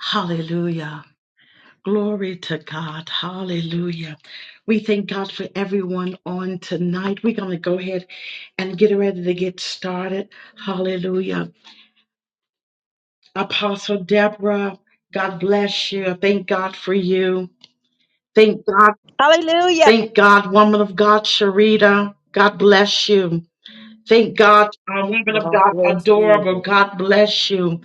Hallelujah. Glory to God. Hallelujah. We thank God for everyone on tonight. We're going to go ahead and get ready to get started. Hallelujah. Apostle Deborah, God bless you. Thank God for you. Thank God. Hallelujah. Thank God, woman of God, Sharita. God bless you. Thank God, uh, woman of God God, bless adorable. you. God bless you.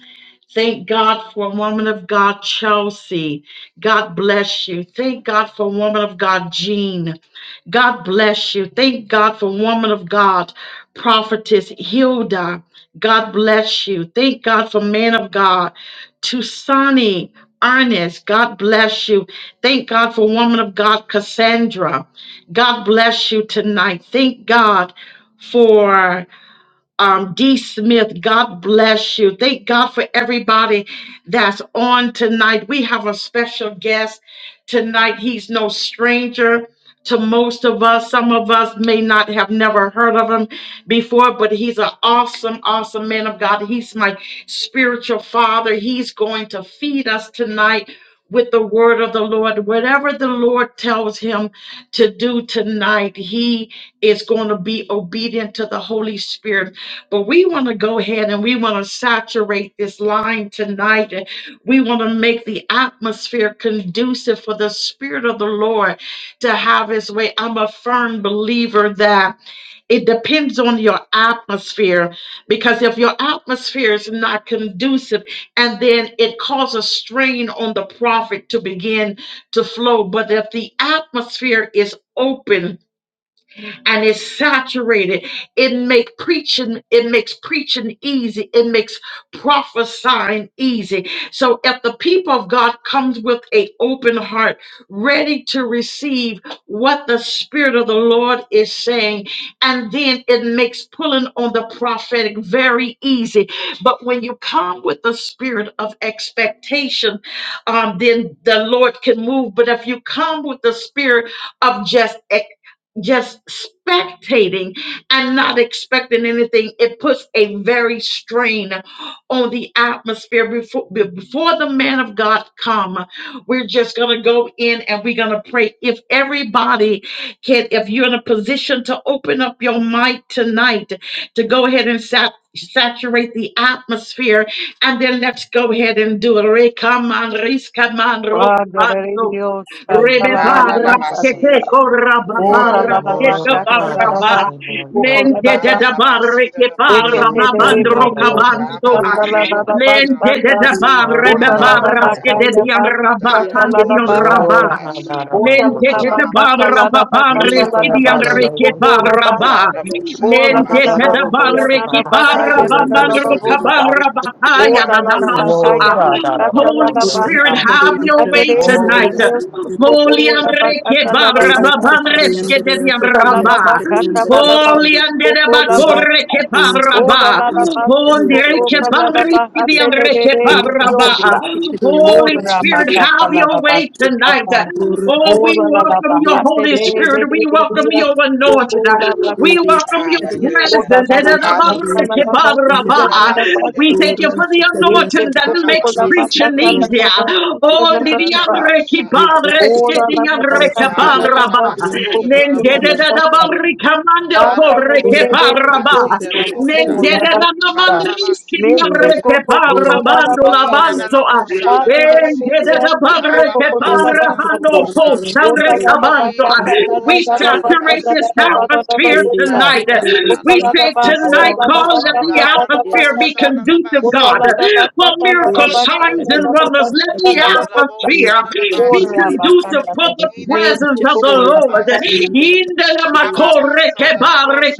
Thank God for woman of God, Chelsea. God bless you. Thank God for woman of God, Jean. God bless you. Thank God for woman of God, prophetess Hilda. God bless you. Thank God for man of God, Tusani Ernest. God bless you. Thank God for woman of God, Cassandra. God bless you tonight. Thank God for um, D. Smith, God bless you. Thank God for everybody that's on tonight. We have a special guest tonight. He's no stranger to most of us. Some of us may not have never heard of him before, but he's an awesome, awesome man of God. He's my spiritual father. He's going to feed us tonight. With the word of the Lord, whatever the Lord tells him to do tonight, he is going to be obedient to the Holy Spirit. But we want to go ahead and we want to saturate this line tonight. And we want to make the atmosphere conducive for the Spirit of the Lord to have His way. I'm a firm believer that it depends on your atmosphere because if your atmosphere is not conducive and then it causes strain on the prophet to begin to flow but if the atmosphere is open and it's saturated. It make preaching, it makes preaching easy. It makes prophesying easy. So if the people of God comes with a open heart, ready to receive what the Spirit of the Lord is saying, and then it makes pulling on the prophetic very easy. But when you come with the spirit of expectation, um, then the Lord can move. But if you come with the spirit of just just spectating and not expecting anything, it puts a very strain on the atmosphere before be- before the man of God come. We're just gonna go in and we're gonna pray. If everybody can, if you're in a position to open up your mic tonight, to go ahead and sat saturate the atmosphere and then let's go ahead and do it Rekaman, riskaman, Ola rokaman, Lord, la la Na na na Rebebabra skete basi, Yes, oh la la korabababra skete bosha la la God, God, la basi, ba babraba. God, God, God, God. Lente da de la da la barre basi la ke la parra bosha, You can, Lord, babandro God, God, yes, God, ba God, ba yes, God, kabanstoa. God. basa la bosha, Lente de da barre God, God, God, bababra God, hallelujah, God, skete di God. anraba da yes, la la tande di bosha la la You anraba. can, basi, God, God, God, God, Lente ma God, de ma God. da ma ma barra basa la babamre You bosha la la can, skidi God, God, God, God, basi, anre yes, God. ke yes, yes, da parraba. la la bosha la la God, Lente God, de basi, God, da God, God, si God. ya barre na la la ke basa, ota la ba ka da parra ya la Lord, la na na na yes, la babandro yes, bosha, bo yes, sa. kabarra yes, Oh, bataya da la da la la da la la God, bosha, batalla, God, God, God, God. Lord, God, God, God, God, God, God. Lord, God, God, God, God. Lord, God, God, God, God. manstoa. matata la yes, Holy la Lord, yes, Spirit, bata. ee yes, da have yes, la your yes, way bosha la Andere, la di di tonight. basi, Dios, yes, poco Holy la Amreke batata la la Babra Lord, yes, bata. yes, yes, yes, Babamreske de Ta la la Diabraba. bacata la la bata, Holy Andeda poco la Bakoreke bata. Ora Babraba. la la basti, Holy poco Reke la la Babriske bata, de de Diabreke de di yes, Dios. Babraba. Holy Ora la Spirit, bacata have la your la way basti, tonight. cama. Lord, Oh, we Ora la la welcome your bata, de Holy de Spirit. de We di welcome Dios, your anointing. poco la bata. We welcome your presence. hallelujah, Ora la la Ededa bacata yes, la Babreke hallelujah, yes, la ooh basti, la la yes, la Babraba. la basi la bata. We la thank you for Ora bosha, the Este anointing that ba ba poco ba con makes la basi la preaching la patata, la easier. bosha. capacita, Oh, la Da da da patata. Nidiandre bosa da da Kipadre basi. Ora la Sketiandre patata, Da na la na na Kapadraba. capacita, masi poco da da con la bosa, patata. Nendedadabarri Kamando Ha da Hasta da la Kodre de de bosa da de da de Kepadraba. Dios, basi da da poco bosa, con la Ba ba patata. ba Nendedadamandriski basi da Mete Diandre bosa, coco coco la la Kepadrabando He patata. na na na Labansoa. bosha da da Padre de basi. Dios, Ah Nendedadabarre ba poco ba con la basi da da patata. Kepadrabando bosa, Koshandre Ota la la He da Kabansoa. da patata, la la We la bosa la da da patata, saturate la this basi. la la la la la atmosphere la. Na na tonight. na na na Glory. We na na say na masi. tonight, God, God, God, cause that God, the God. Da da da atmosphere be bosha da da conducive, basi. God, for miracle signs Hallelujah. and wonders. Let the Da da da atmosphere bosha da da be basi. Gloria, conducive for the He na na presence of the bosha da Shukriya, da Lord. basi. shukriya, Andhra, shukriya, Indalamakorekebare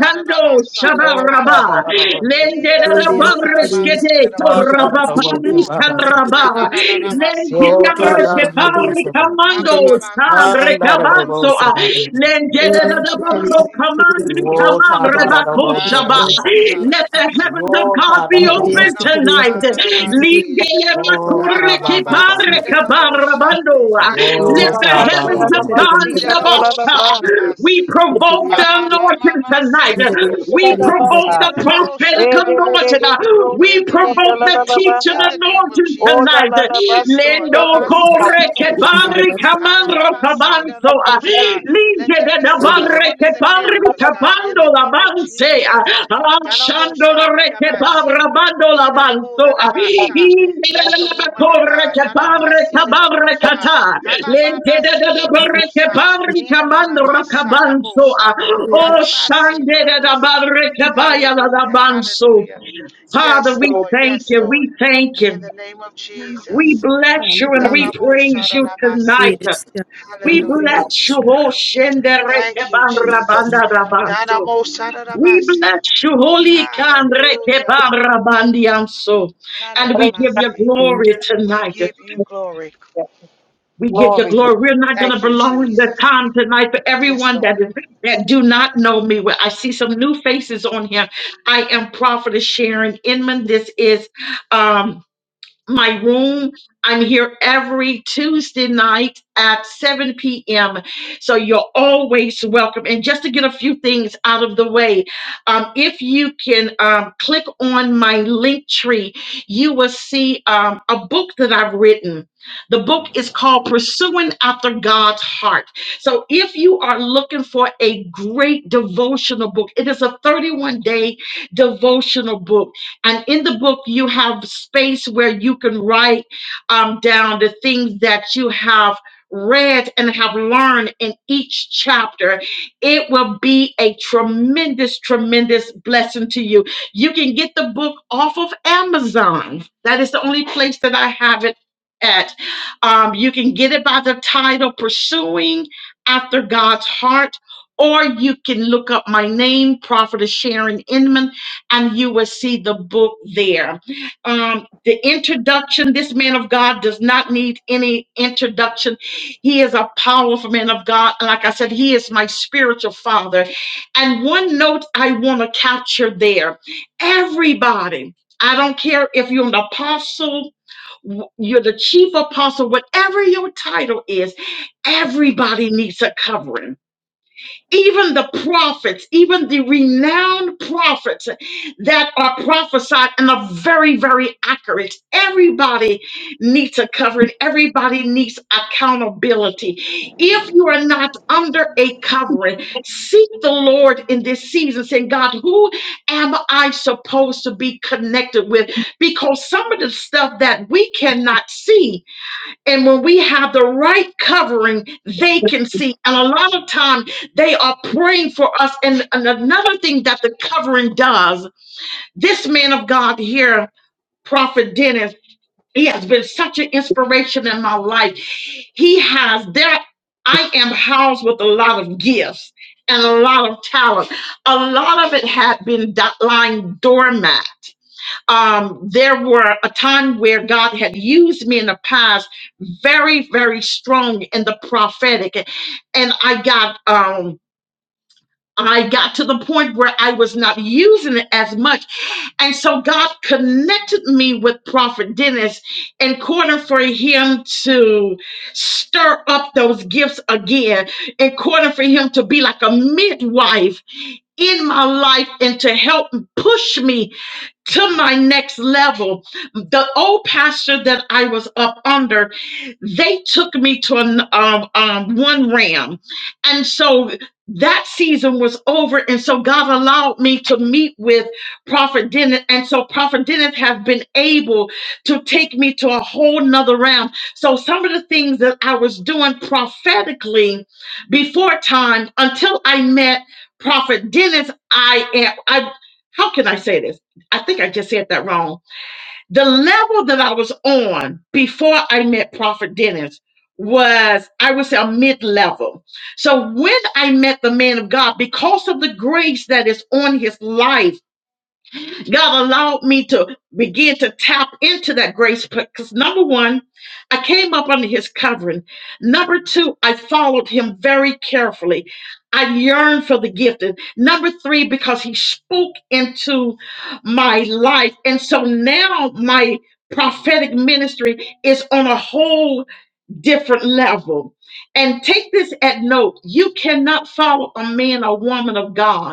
shukriya, Oh, ta da da da bo se Gloria, shukriya, ba. Dee-da-da-bo-da-da-basi-da-da-bosha. Andhra, Ta da da bo se shukriya, shukriya, Mm. ba ba se. Andhra, na na na na na shukriya, masi, da Oh, ta Gloria, da da da shukriya, Andhra, shukriya, Hababababasa-lo-da-da-bosha. let shukriya, Gloria, the shukriya, Da-da-da-basi. shukriya, Andhra, Oh, shukriya, shukriya, Andhra, shukriya, heavens Da-da-da-bosha-da-da-basi. of Oh, God be Andhra, open shukriya, tonight. Let Nina-na-bosha-da-da-basi. Andhra, shukriya, Andhra, Oh, Alalabasi shukriya, da da bosha. Yes, Lord. Gloria, Oh, shukriya, andar the shukriya, Andhra, shukriya, Abasi. heavens of andar God shukriya, be Jida da open. bosha da da basi. we provoke the Mama, mama, anointing mama, see tonight. da bosha. We provoke Andhra, Hida the da da bosha prophetic da da anointing. basi. We In the name of provoke the Jesus. teaching In the name of anointing Jesus. tonight. Yes, Lord. Lendo Abasi da corre da que shukriya, bosha. Andhra, bandri shukriya, camandro Adalabasi da cabanzo da a bosha. Let linge there de be da Glory, signs, bandre che wonders, and bandri miracles, God. In capando the la name of banse Jesus. a Ah, Da da lasciando la bosha da re da che babra basi. bando la Hida da bo banzo da da a basa. inde la Bless the la la woman of corre God. che babre Harabasida da cababre bosa. cata lente de da da Habababasida da bandre che bosa. bandri camandro Hinanamasa da cabanzo a bosa. o glory, shande Harabasida da de da bosa. bandre che baia la da Hallelujah. banzo Hallelujah. Father, Yes, we Lord. thank Yes, you. Lord. We thank In you. the name of We Jesus. bless you and Da we hallelujah. da bosa praise da you tonight. basi. Yes, God. We Thank you, Hallelujah. Lord. bless you, O Thank you, Jesus. Da da Shenderekebanrabandabanso. bosa da We basi. bless you, Holy Hallelujah. Kanrekebanrabandianso. Na na And na we give you masi. Jesus. glory We tonight. give you glory. We give you Lord, glory. We're not going to Thank you, prolong the Jesus. time tonight for Yes, everyone that Lord. is that do not know me. Well, I see some new faces on here. I am Prophetess Sharon Inman. This is um my room. I'm here every Tuesday night at 7 p.m. So you're always welcome. And just to get a few things out of the way, um, if you can um, click on my link tree, you will see um, a book that I've written. The book is called Pursuing After God's Heart. So if you are looking for a great devotional book, it is a 31 day devotional book and in the book, you have space where you can write um, down the things that you have read and have learned in each chapter. It will be a tremendous, tremendous blessing to you. You can get the book off of Amazon. That is the only place that I have it at. Um, you can get it by the title Pursuing After God's Heart. Or you can look up my name, Prophetess Sharon Inman, and you will see the book there. Um, the introduction this man of God does not need any introduction. He is a powerful man of God. And like I said, he is my spiritual father. And one note I want to capture there everybody. I don't care if you're an apostle, w- you're the chief apostle, whatever your title is, everybody needs a covering even the prophets, even the renowned prophets that are prophesied and are very, very accurate. Everybody needs a covering, everybody needs accountability. If you are not under a covering, seek the Lord in this season, saying, God, who am I supposed to be connected with? Because some of the stuff that we cannot see and when we have the right covering, they can see. And a lot of time they are praying for us. And, and another thing that the covering does, this man of God here, Prophet Dennis, he has been such an inspiration in my life. He has that I am housed with a lot of gifts and a lot of talent. A lot of it had been do- lying dormant um, there were a time where God had used me in the past very, very strong in the prophetic. And I got um I got to the point where I was not using it as much. And so God connected me with Prophet Dennis in order for him to stir up those gifts again, in order for him to be like a midwife in my life and to help push me to my next level. The old pastor that I was up under, they took me to an um, um, one ram, and so that season was over. And so God allowed me to meet with Prophet Dennis, and so Prophet Dennis have been able to take me to a whole nother realm. So some of the things that I was doing prophetically before time, until I met Prophet Dennis, I am I. How can I say this? I think I just said that wrong. The level that I was on before I met Prophet Dennis was, I would say, a mid level. So when I met the man of God, because of the grace that is on his life, God allowed me to begin to tap into that grace because number one, I came up under his covering. Number two, I followed him very carefully. I yearned for the gifted. Number three, because he spoke into my life. And so now my prophetic ministry is on a whole different level. And take this at note you cannot follow a man or woman of God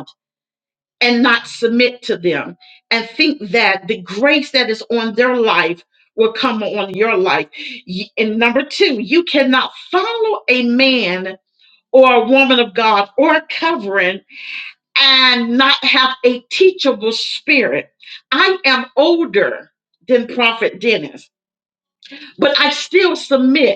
and not submit to them and think that the grace that is on their life will come on your life. Y- And number two, you cannot follow a man or a woman of God or a covering and not have a teachable spirit. I am older than Prophet Dennis, but I still submit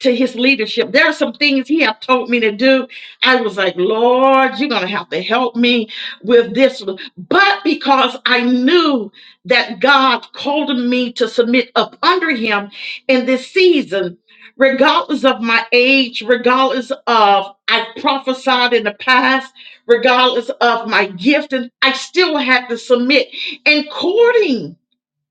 to his leadership. There are some things he have told me to do. I was like, Lord, you're gonna have to help me with this. But because I knew that God called me to submit up under him in this season, regardless of my age, regardless of I prophesied in the past, regardless of my gift, and I still had to submit according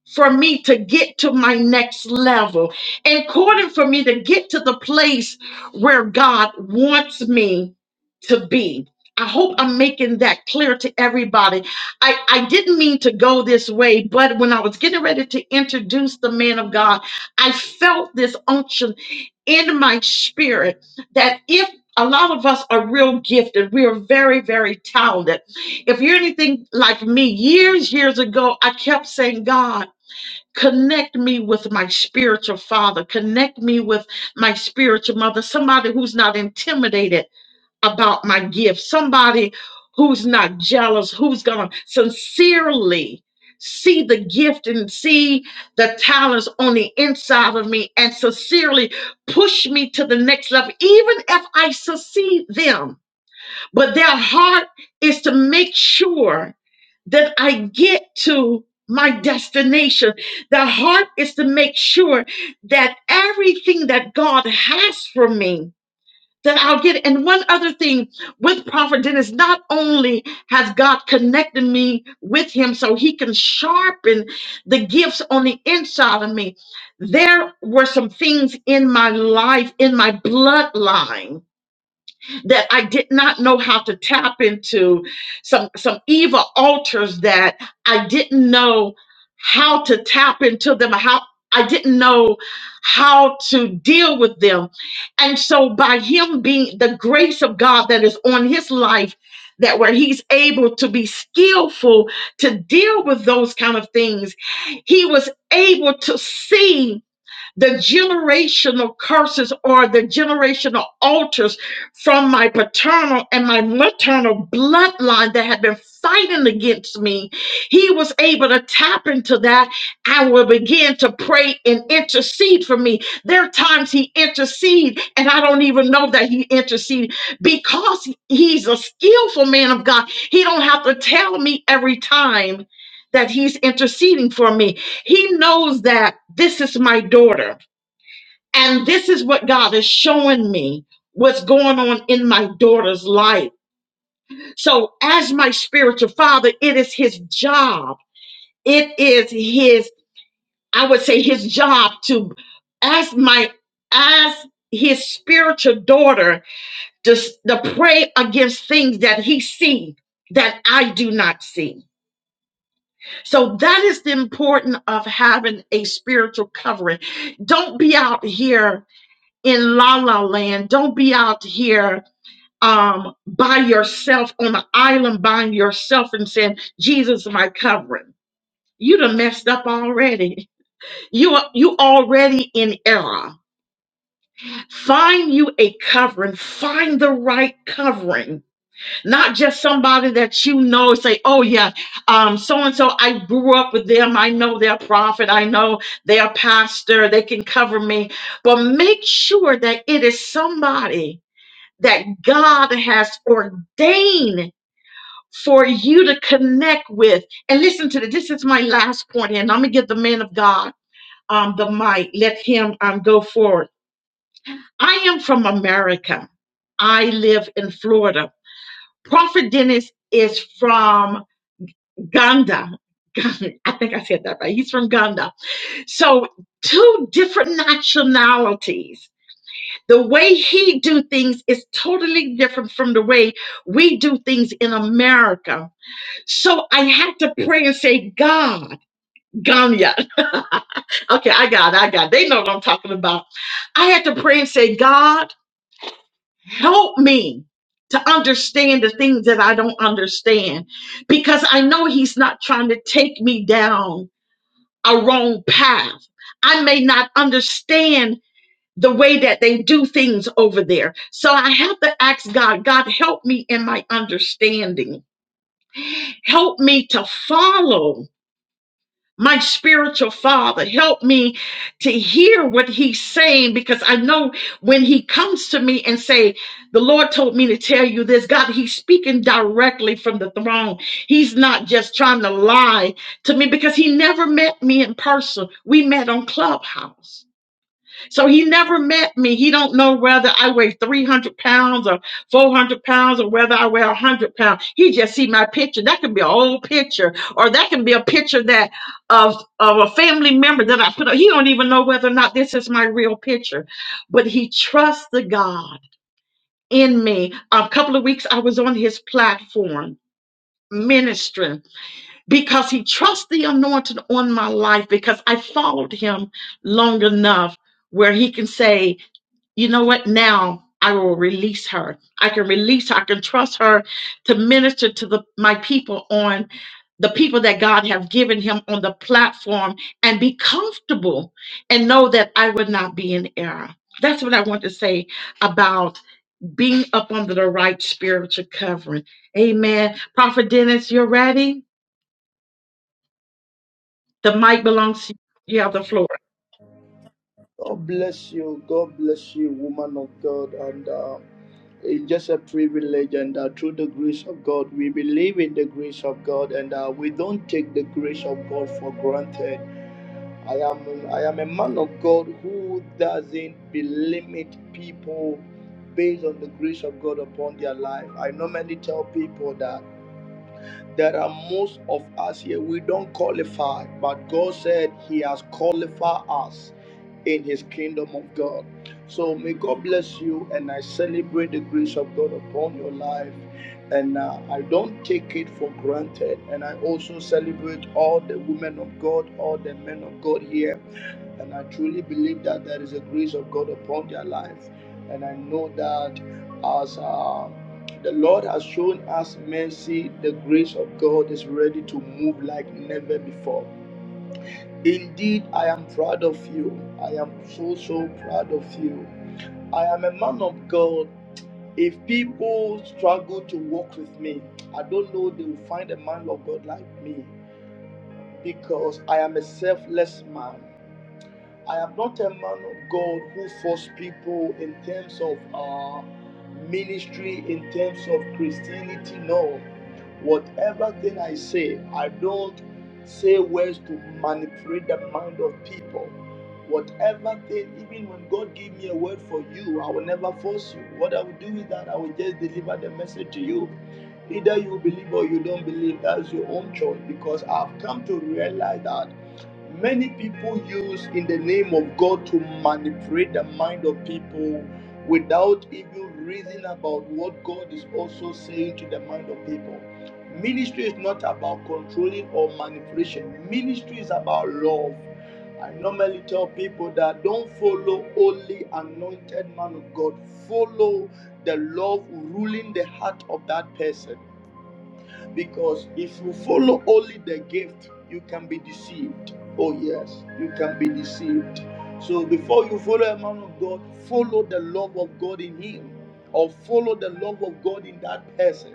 for me to get to my next level, in order for me to get to the place where God wants me to be. I hope I'm making that clear to everybody. I, I didn't mean to go this way, but when I was getting ready to introduce the man of God, I felt this unction in my spirit that if a lot of us are real gifted, we are very, very talented. If you're anything like me, years, years ago, I kept saying, God, Connect me with my spiritual father. Connect me with my spiritual mother. Somebody who's not intimidated about my gift. Somebody who's not jealous, who's going to sincerely see the gift and see the talents on the inside of me and sincerely push me to the next level, even if I succeed them. But their heart is to make sure that I get to my destination. The heart is to make sure that everything that God has for me, that I'll get. it. And one other thing with Prophet Dennis, not only has God connected me with him so he can sharpen the gifts on the inside of me, there were some things in my life, in my bloodline that I did not know how to tap into some some evil altars that I didn't know how to tap into them how I didn't know how to deal with them. And so by him being the grace of God that is on his life that where he's able to be skillful to deal with those kind of things, he was able to see the generational curses or the generational altars from my paternal and my maternal bloodline that had been fighting against me. He was able to tap into that and will begin to pray and intercede for me. There are times he intercede and I don't even know that he intercede because he's a skillful man of God. He don't have to tell me every time that he's interceding for me he knows that this is my daughter, and this is what God is showing me what's going on in my daughter's life. So, as my spiritual father, it is his job. It is his, I would say, his job to, as my, as his spiritual daughter, just to pray against things that he sees that I do not see. So that is the importance of having a spiritual covering. Don't be out here in La La Land. Don't be out here um, by yourself on an island by yourself and saying, Jesus is my covering. You done messed up already. You are you already in error. Find you a covering. Find the right covering. Not just somebody that you know say, oh yeah, um, so and so I grew up with them. I know their prophet. I know their pastor. They can cover me. But make sure that it is somebody that God has ordained for you to connect with. And listen to this. This is my last point, and I'm gonna give the man of God um the mic. Let him um go forward. I am from America. I live in Florida. Prophet Dennis is from Ghana. I think I said that right. He's from Ghana. So two different nationalities The way he do things is totally different from the way we do things in America. So I had to pray and say, God, Ganya. Okay, I got it, I got it. They know what I'm talking about. I had to pray and say, God, help me to understand the things that I don't understand because I know He's not trying to take me down a wrong path. I may not understand the way that they do things over there. So I have to ask God, God, help me in my understanding. Help me to follow my spiritual father. Help me to hear what he's saying because I know when he comes to me and say, the Lord told me to tell you this, God, he's speaking directly from the throne. He's not just trying to lie to me because he never met me in person. We met on Clubhouse. So he never met me. He don't know whether I weigh 300 pounds or 400 pounds or whether I weigh 100 pounds. He just see my picture. That can be an old picture or that can be a picture that of, of a family member that I put up. He don't even know whether or not this is my real picture, but he trusts the God in me. A couple of weeks I was on his platform ministering because he trusts the anointing on my life because I followed him long enough where he can say, you know what, now I will release her. I can release her. I can trust her to minister to the my people on the people that God have given him on the platform and be comfortable and know that I would not be in error. That's what I want to say about being up under the right spiritual covering. Amen. Prophet Dennis, you're ready? The mic belongs to you. You have the floor. God bless you. God bless you, woman of God. And uh, it's just a privilege. And uh, through the grace of God, we believe in the grace of God, and uh, we don't take the grace of God for granted. I am I am a man of God who doesn't limit people based on the grace of God upon their life. I normally tell people that. There are most of us here, we don't qualify, but God said He has qualified us in His kingdom of God. So may God bless you, and I celebrate the grace of God upon your life. And uh, I don't take it for granted. And I also celebrate all the women of God, all the men of God here and I truly believe that there is a grace of God upon their life. And I know that as uh, the Lord has shown us mercy, the grace of God is ready to move like never before. Indeed, I am proud of you. I am so, so proud of you. I am a man of God. If people struggle to walk with me, I don't know they will find a man of God like me because I am a selfless man. I am not a man of God who force people in terms of uh, ministry, in terms of Christianity. No. Whatever thing I say, I don't say words to manipulate the mind of people. Whatever thing, even when God gave me a word for you, I will never force you. What I will do is that I will just deliver the message to you. Either you believe or you don't believe, that's your own choice. Because I've come to realize that. Many people use in the name of God to manipulate the mind of people without even reason about what God is also saying to the mind of people. Ministry is not about controlling or manipulation. Ministry is about love. I normally tell people that don't follow only anointed man of God. Follow the love ruling the heart of that person. Because if you follow only the gift, you can be deceived. Oh, yes, you can be deceived. So before you follow a man of God, follow the love of God in him or follow the love of God in that person.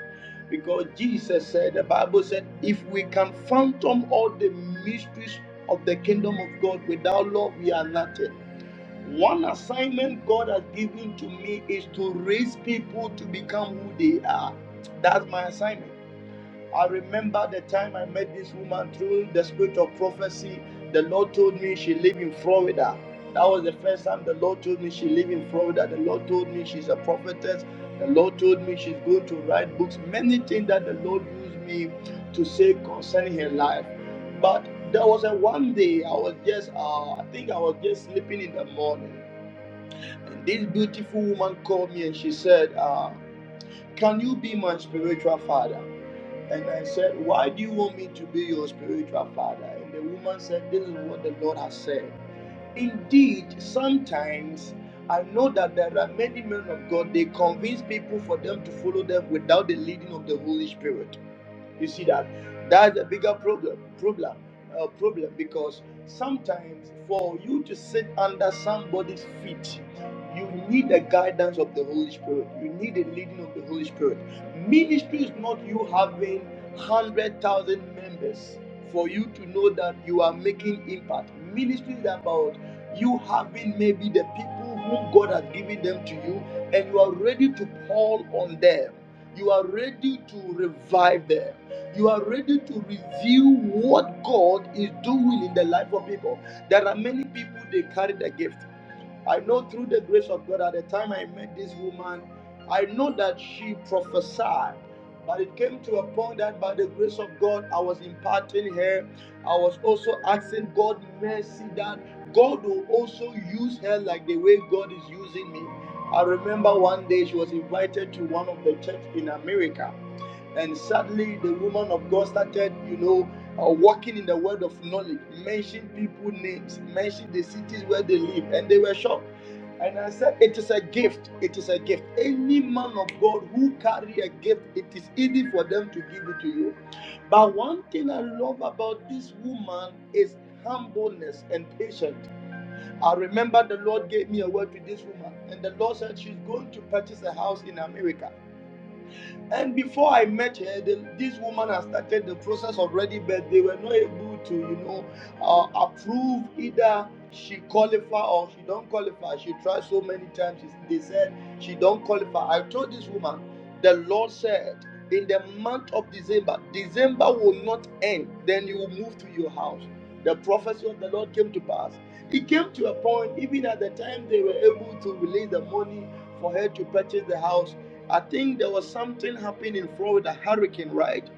Because Jesus said, the Bible said, if we can fathom all the mysteries of the kingdom of God without love, we are nothing. One assignment God has given to me is to raise people to become who they are. That's my assignment. I remember the time I met this woman through the spirit of prophecy. The Lord told me she lived in Florida. That was the first time the Lord told me she lived in Florida. The Lord told me she's a prophetess. The Lord told me she's going to write books. Many things that the Lord used me to say concerning her life. But there was a one day I was just, uh, I think I was just sleeping in the morning. And this beautiful woman called me and she said, uh, Can you be my spiritual father? And I said, Why do you want me to be your spiritual father? And the woman said, This is what the Lord has said. Indeed, sometimes I know that there are many men of God, they convince people for them to follow them without the leading of the Holy Spirit. You see that that's a bigger problem. Problem. Uh, problem because sometimes for you to sit under somebody's feet, you need the guidance of the Holy Spirit. You need the leading of the Holy Spirit. Ministry is not you having hundred thousand members for you to know that you are making impact. Ministry is about you having maybe the people whom God has given them to you, and you are ready to call on them. You are ready to revive them. You are ready to review what God is doing in the life of people. There are many people they carry the gift. I know through the grace of God, at the time I met this woman, I know that she prophesied. But it came to a point that by the grace of God, I was imparting her. I was also asking God mercy that God will also use her like the way God is using me. I remember one day she was invited to one of the church in America. And sadly, the woman of God started, you know, uh, walking in the word of knowledge, mentioning people names, mentioning the cities where they live, and they were shocked. And I said, it is a gift. It is a gift. Any man of God who carry a gift, it is easy for them to give it to you. But one thing I love about this woman is humbleness and patience. I remember the Lord gave me a word to this woman, and the Lord said she's going to purchase a house in America. And before I met her, the, this woman has started the process already, but they were not able to, you know, uh, approve either she qualify or she don't qualify. She tried so many times. They said she don't qualify. I told this woman, the Lord said, in the month of December, December will not end. Then you will move to your house. The prophecy of the Lord came to pass. It came to a point, even at the time they were able to release the money for her to purchase the house I think there was something happening in Florida, hurricane, right?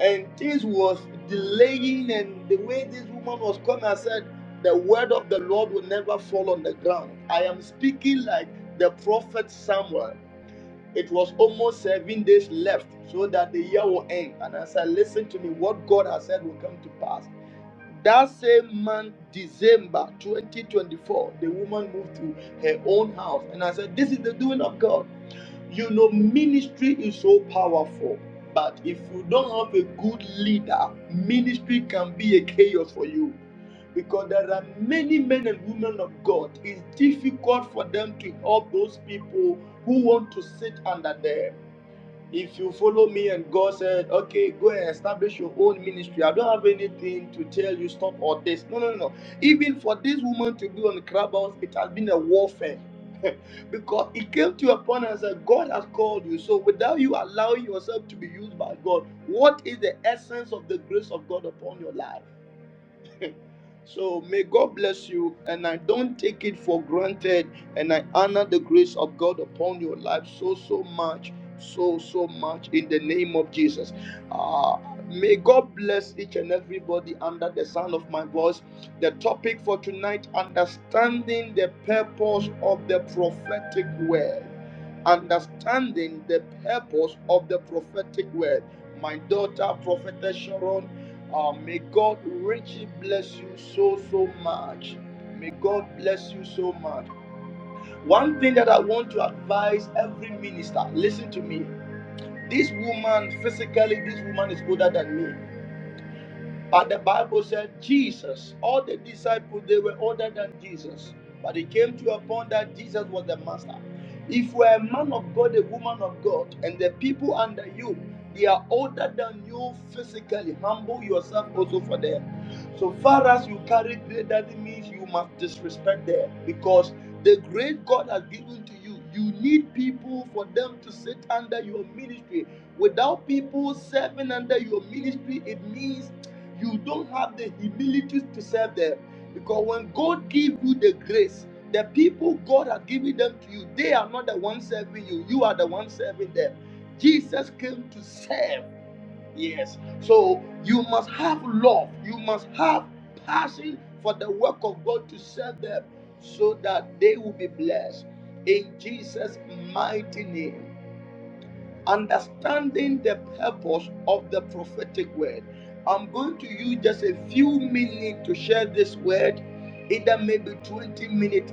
And things was delaying, and the way this woman was coming, I said, the word of the Lord will never fall on the ground. I am speaking like the prophet Samuel. It was almost seven days left so that the year will end. And I said, listen to me, what God has said will come to pass. That same month, December 2024, the woman moved to her own house. And I said, This is the doing of God. You know, ministry is so powerful, but if you don't have a good leader, ministry can be a chaos for you. Because there are many men and women of God, it's difficult for them to help those people who want to sit under them. If you follow me and God said, okay, go and establish your own ministry, I don't have anything to tell you, stop or this. No, no, no. no. Even for this woman to be on the Clubhouse, it has been a warfare. because it came to a point and said, God has called you. So without you allowing yourself to be used by God, what is the essence of the grace of God upon your life? So may God bless you, and I don't take it for granted, and I honor the grace of God upon your life so so much, so so much in the name of Jesus. Uh, may God bless each and everybody under the sound of my voice. The topic for tonight: understanding the purpose of the prophetic word. Understanding the purpose of the prophetic word. My daughter, Prophetess Sharon. Oh may God richly bless you so, so much. May God bless you so much. One thing that I want to advise every minister listen to me. This woman, physically, this woman is older than me. But the Bible said Jesus, all the disciples, they were older than Jesus. But it came to a point that Jesus was the master. If you are a man of God, a woman of God, and the people under you, they are older than you physically, humble yourself also for them. So far as you carry great, that means you must disrespect them because the great God has given to you, you need people for them to sit under your ministry. Without people serving under your ministry, it means you don't have the humility to serve them because when god gives you the grace the people god has given them to you they are not the ones serving you you are the one serving them jesus came to serve yes so you must have love you must have passion for the work of god to serve them so that they will be blessed in jesus mighty name understanding the purpose of the prophetic word. I'm going to use just a few minutes to share this word, either maybe 20 minutes,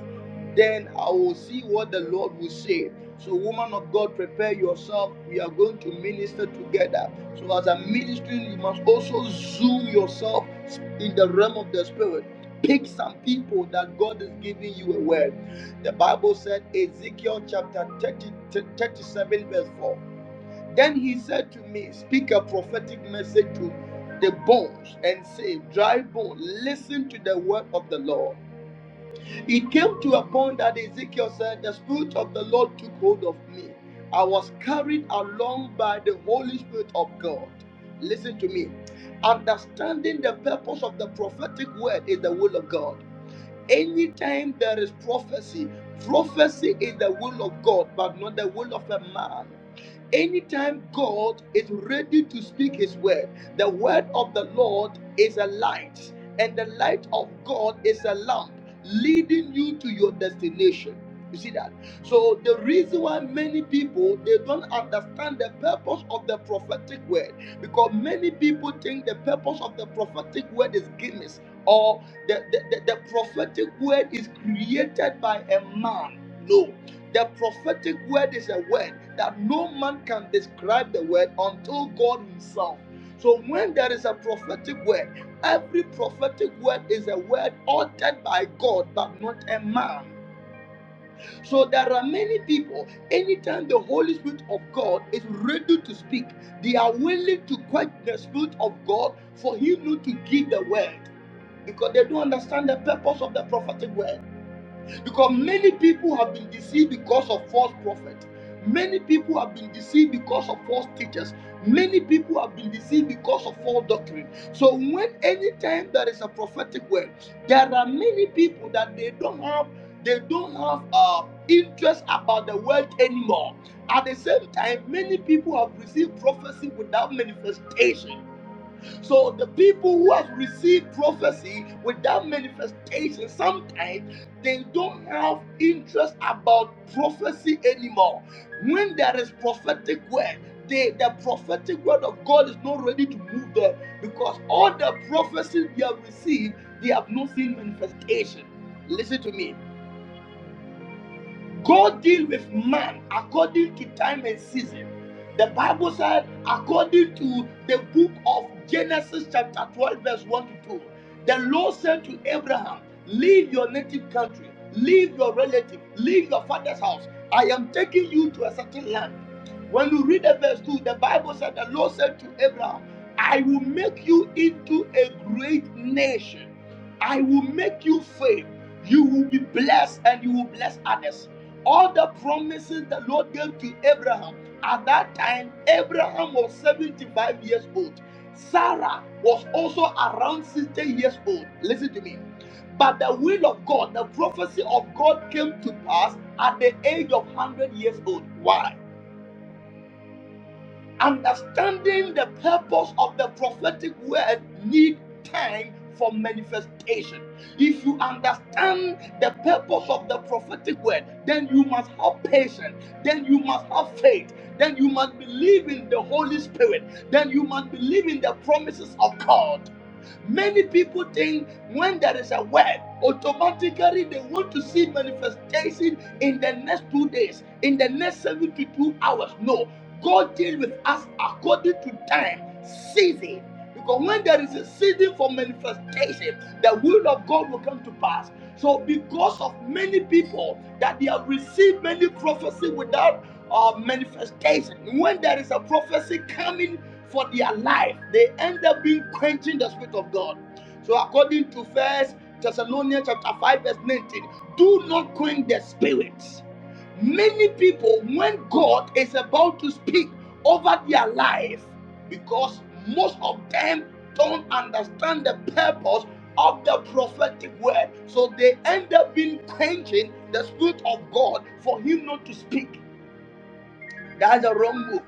then I will see what the Lord will say. So, woman of God, prepare yourself. We are going to minister together. So, as I'm ministering, you must also zoom yourself in the realm of the spirit. Pick some people that God is giving you a word. The Bible said, Ezekiel chapter 30, 37, verse 4. Then he said to me, Speak a prophetic message to the bones and say, Dry bone, listen to the word of the Lord. It came to a point that Ezekiel said, The Spirit of the Lord took hold of me. I was carried along by the Holy Spirit of God. Listen to me. Understanding the purpose of the prophetic word is the will of God. Anytime there is prophecy, prophecy is the will of God, but not the will of a man. Anytime God is ready to speak his word, the word of the Lord is a light, and the light of God is a lamp leading you to your destination. You see that? So the reason why many people they don't understand the purpose of the prophetic word because many people think the purpose of the prophetic word is Guinness or the, the, the, the prophetic word is created by a man. No, the prophetic word is a word that no man can describe the word until God Himself. So when there is a prophetic word, every prophetic word is a word uttered by God, but not a man. So there are many people, anytime the Holy Spirit of God is ready to speak, they are willing to quench the Spirit of God for Him not to give the word because they don't understand the purpose of the prophetic word. Because many people have been deceived because of false prophets. Many people have been deceived because of false teachers. Many people have been deceived because of false doctrine. So when any time there is a prophetic word, there are many people that they don't have they don't have uh, interest about the word anymore. At the same time, many people have received prophecy without manifestation. So the people who have received prophecy without manifestation, sometimes they don't have interest about prophecy anymore. When there is prophetic word, they, the prophetic word of God is not ready to move them because all the prophecies they have received, they have not seen manifestation. Listen to me. God deal with man according to time and season. The Bible said, according to the book of Genesis, chapter 12, verse 1 to 2, the Lord said to Abraham, Leave your native country, leave your relative, leave your father's house. I am taking you to a certain land. When you read the verse 2, the Bible said, The Lord said to Abraham, I will make you into a great nation. I will make you famous. You will be blessed and you will bless others. All the promises the Lord gave to Abraham at that time, Abraham was 75 years old. Sarah was also around 60 years old. Listen to me. But the will of God, the prophecy of God came to pass at the age of 100 years old. Why? Understanding the purpose of the prophetic word need time for manifestation. If you understand the purpose of the prophetic word, then you must have patience, then you must have faith, then you must believe in the Holy Spirit, then you must believe in the promises of God. Many people think when there is a word, automatically they want to see manifestation in the next two days, in the next seven to two hours. No, God deal with us according to time, season. Because when there is a season for manifestation, the will of God will come to pass. So, because of many people that they have received many prophecy without uh, manifestation, when there is a prophecy coming for their life, they end up being quenching the spirit of God. So, according to First Thessalonians chapter five verse nineteen, do not quench the spirit. Many people, when God is about to speak over their life, because most of them don't understand the purpose of the prophetic word, so they end up being quenching the spirit of God for Him not to speak. That's a wrong move.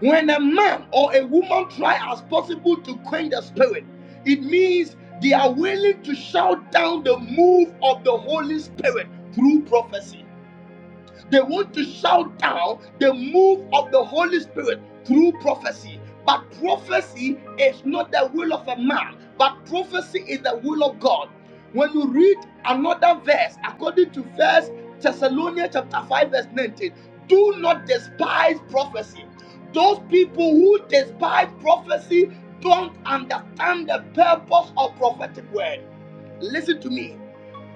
When a man or a woman try as possible to quench the spirit, it means they are willing to shout down the move of the Holy Spirit through prophecy. They want to shout down the move of the Holy Spirit through prophecy. But prophecy is not the will of a man, but prophecy is the will of God. When you read another verse, according to First Thessalonians chapter 5, verse 19, do not despise prophecy. Those people who despise prophecy don't understand the purpose of prophetic word. Listen to me.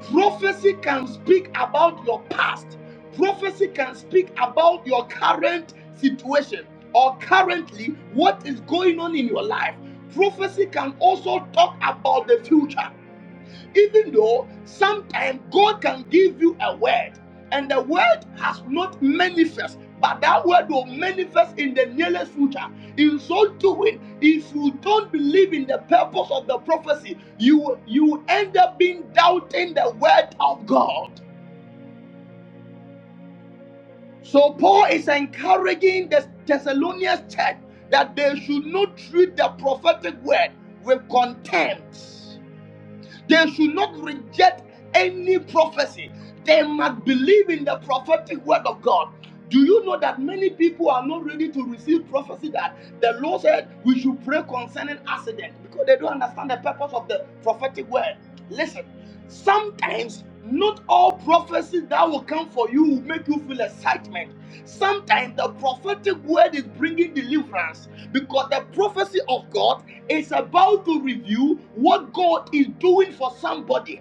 Prophecy can speak about your past. Prophecy can speak about your current situation or currently what is going on in your life. Prophecy can also talk about the future. Even though sometimes God can give you a word and the word has not manifested, but that word will manifest in the nearest future. In so doing, if you don't believe in the purpose of the prophecy, you you end up being doubting the word of God. So Paul is encouraging the Thessalonians church that they should not treat the prophetic word with contempt. They should not reject any prophecy. They must believe in the prophetic word of God. Do you know that many people are not ready to receive prophecy that the Lord said we should pray concerning accident because they don't understand the purpose of the prophetic word? Listen, Sometimes, not all prophecy that will come for you will make you feel excitement. Sometimes the prophetic word is bringing deliverance because the prophecy of God is about to reveal what God is doing for somebody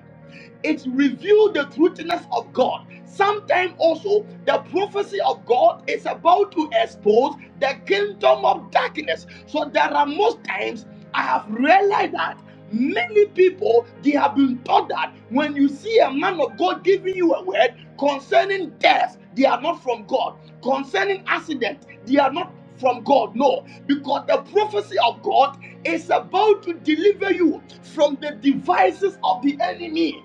it reveals the truthiness of God. Sometimes also the prophecy of God is about to expose the kingdom of darkness. So there are most times I have realized that many people they have been taught that when you see a man of God giving you a word concerning death, they are not from God. Concerning accident, they are not from God. No, because the prophecy of God is about to deliver you from the devices of the enemy.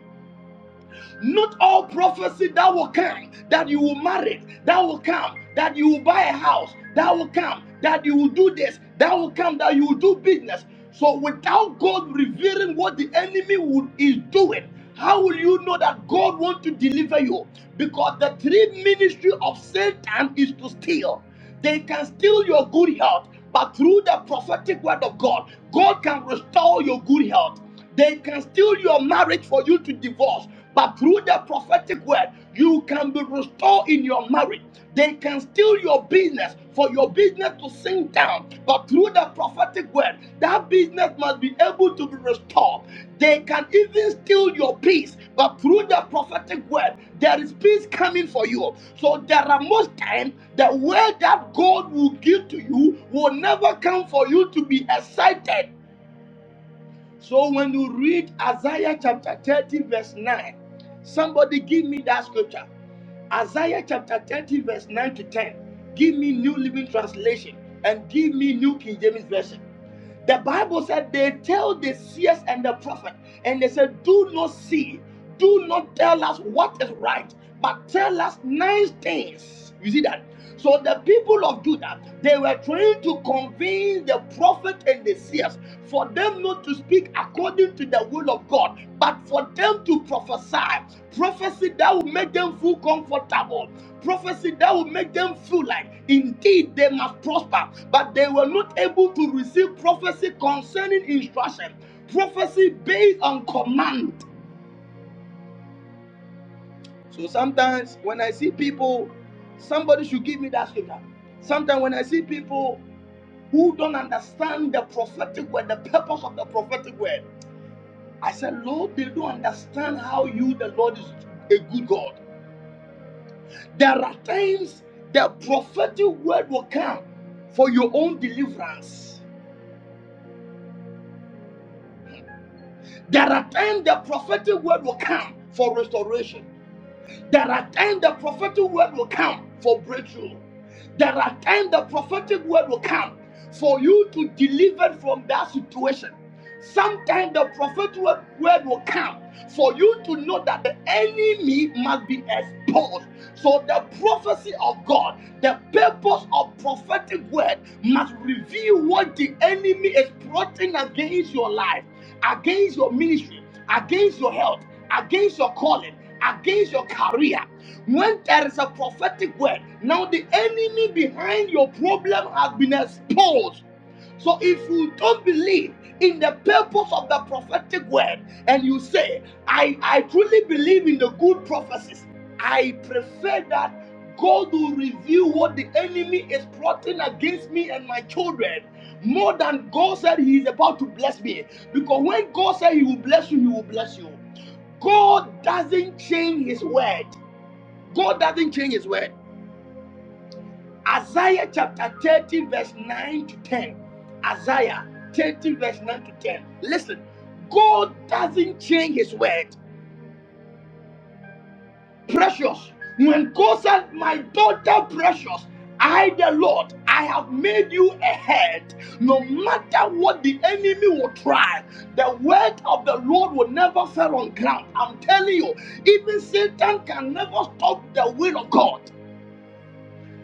Not all prophecy that will come, that you will marry, that will come, that you will buy a house, that will come, that you will do this, that will come, that you will do business. So without God revealing what the enemy would, is doing, how will you know that God wants to deliver you? Because the three ministry of Satan is to steal. They can steal your good health, but through the prophetic word of God, God can restore your good health. They can steal your marriage for you to divorce, but through the prophetic word, you can be restored in your marriage. They can steal your business for your business to sink down, but through the prophetic word, that business must be able to be restored. They can even steal your peace but through the prophetic word, there is peace coming for you. So there are most times the word that God will give to you will never come for you to be excited. So when you read Isaiah chapter 30, verse 9, somebody give me that scripture. Isaiah chapter 30, verse 9 to 10. Give me New Living Translation and give me New King James Version. The Bible said they tell the seers and the prophet, and they said, Do not see, do not tell us what is right, but tell us nice things. You see that? So the people of Judah, they were trying to convince the prophet and the seers for them not to speak according to the will of God, but for them to prophesy. Prophecy that will make them feel comfortable prophecy that will make them feel like indeed they must prosper, but they were not able to receive prophecy concerning instruction, prophecy based on command. So sometimes when I see people, somebody should give me that scripture. Sometimes when I see people who don't understand the prophetic word, the purpose of the prophetic word, I said, Lord, they don't understand how you, the Lord, is a good God. There are times the prophetic word will come for your own deliverance. There are times the prophetic word will come for restoration. There are times the prophetic word will come for breakthrough. There are times the prophetic word will come for you to deliver from that situation. Sometimes the prophetic word will come for you to know that the enemy must be exposed. So the prophecy of God, the purpose of prophetic word must reveal what the enemy is plotting against your life against your ministry, against your health, against your calling, against your career. When there is a prophetic word, now the enemy behind your problem has been exposed. So if you don't believe in the purpose of the prophetic word and you say, I, I truly believe in the good prophecies, I prefer that God will reveal what the enemy is plotting against me and my children more than God said He is about to bless me. Because when God says He will bless you, He will bless you. God doesn't change His word. God doesn't change His word. Isaiah chapter 30, verse 9 to 10. Isaiah 30, verse 9 to 10. Listen, God doesn't change His word. precious. When God said, My daughter, precious, I, the Lord, I have made you a head. No matter what the enemy will try, the word of the Lord will never fall on ground. I'm telling you, even Satan can never stop the will of God.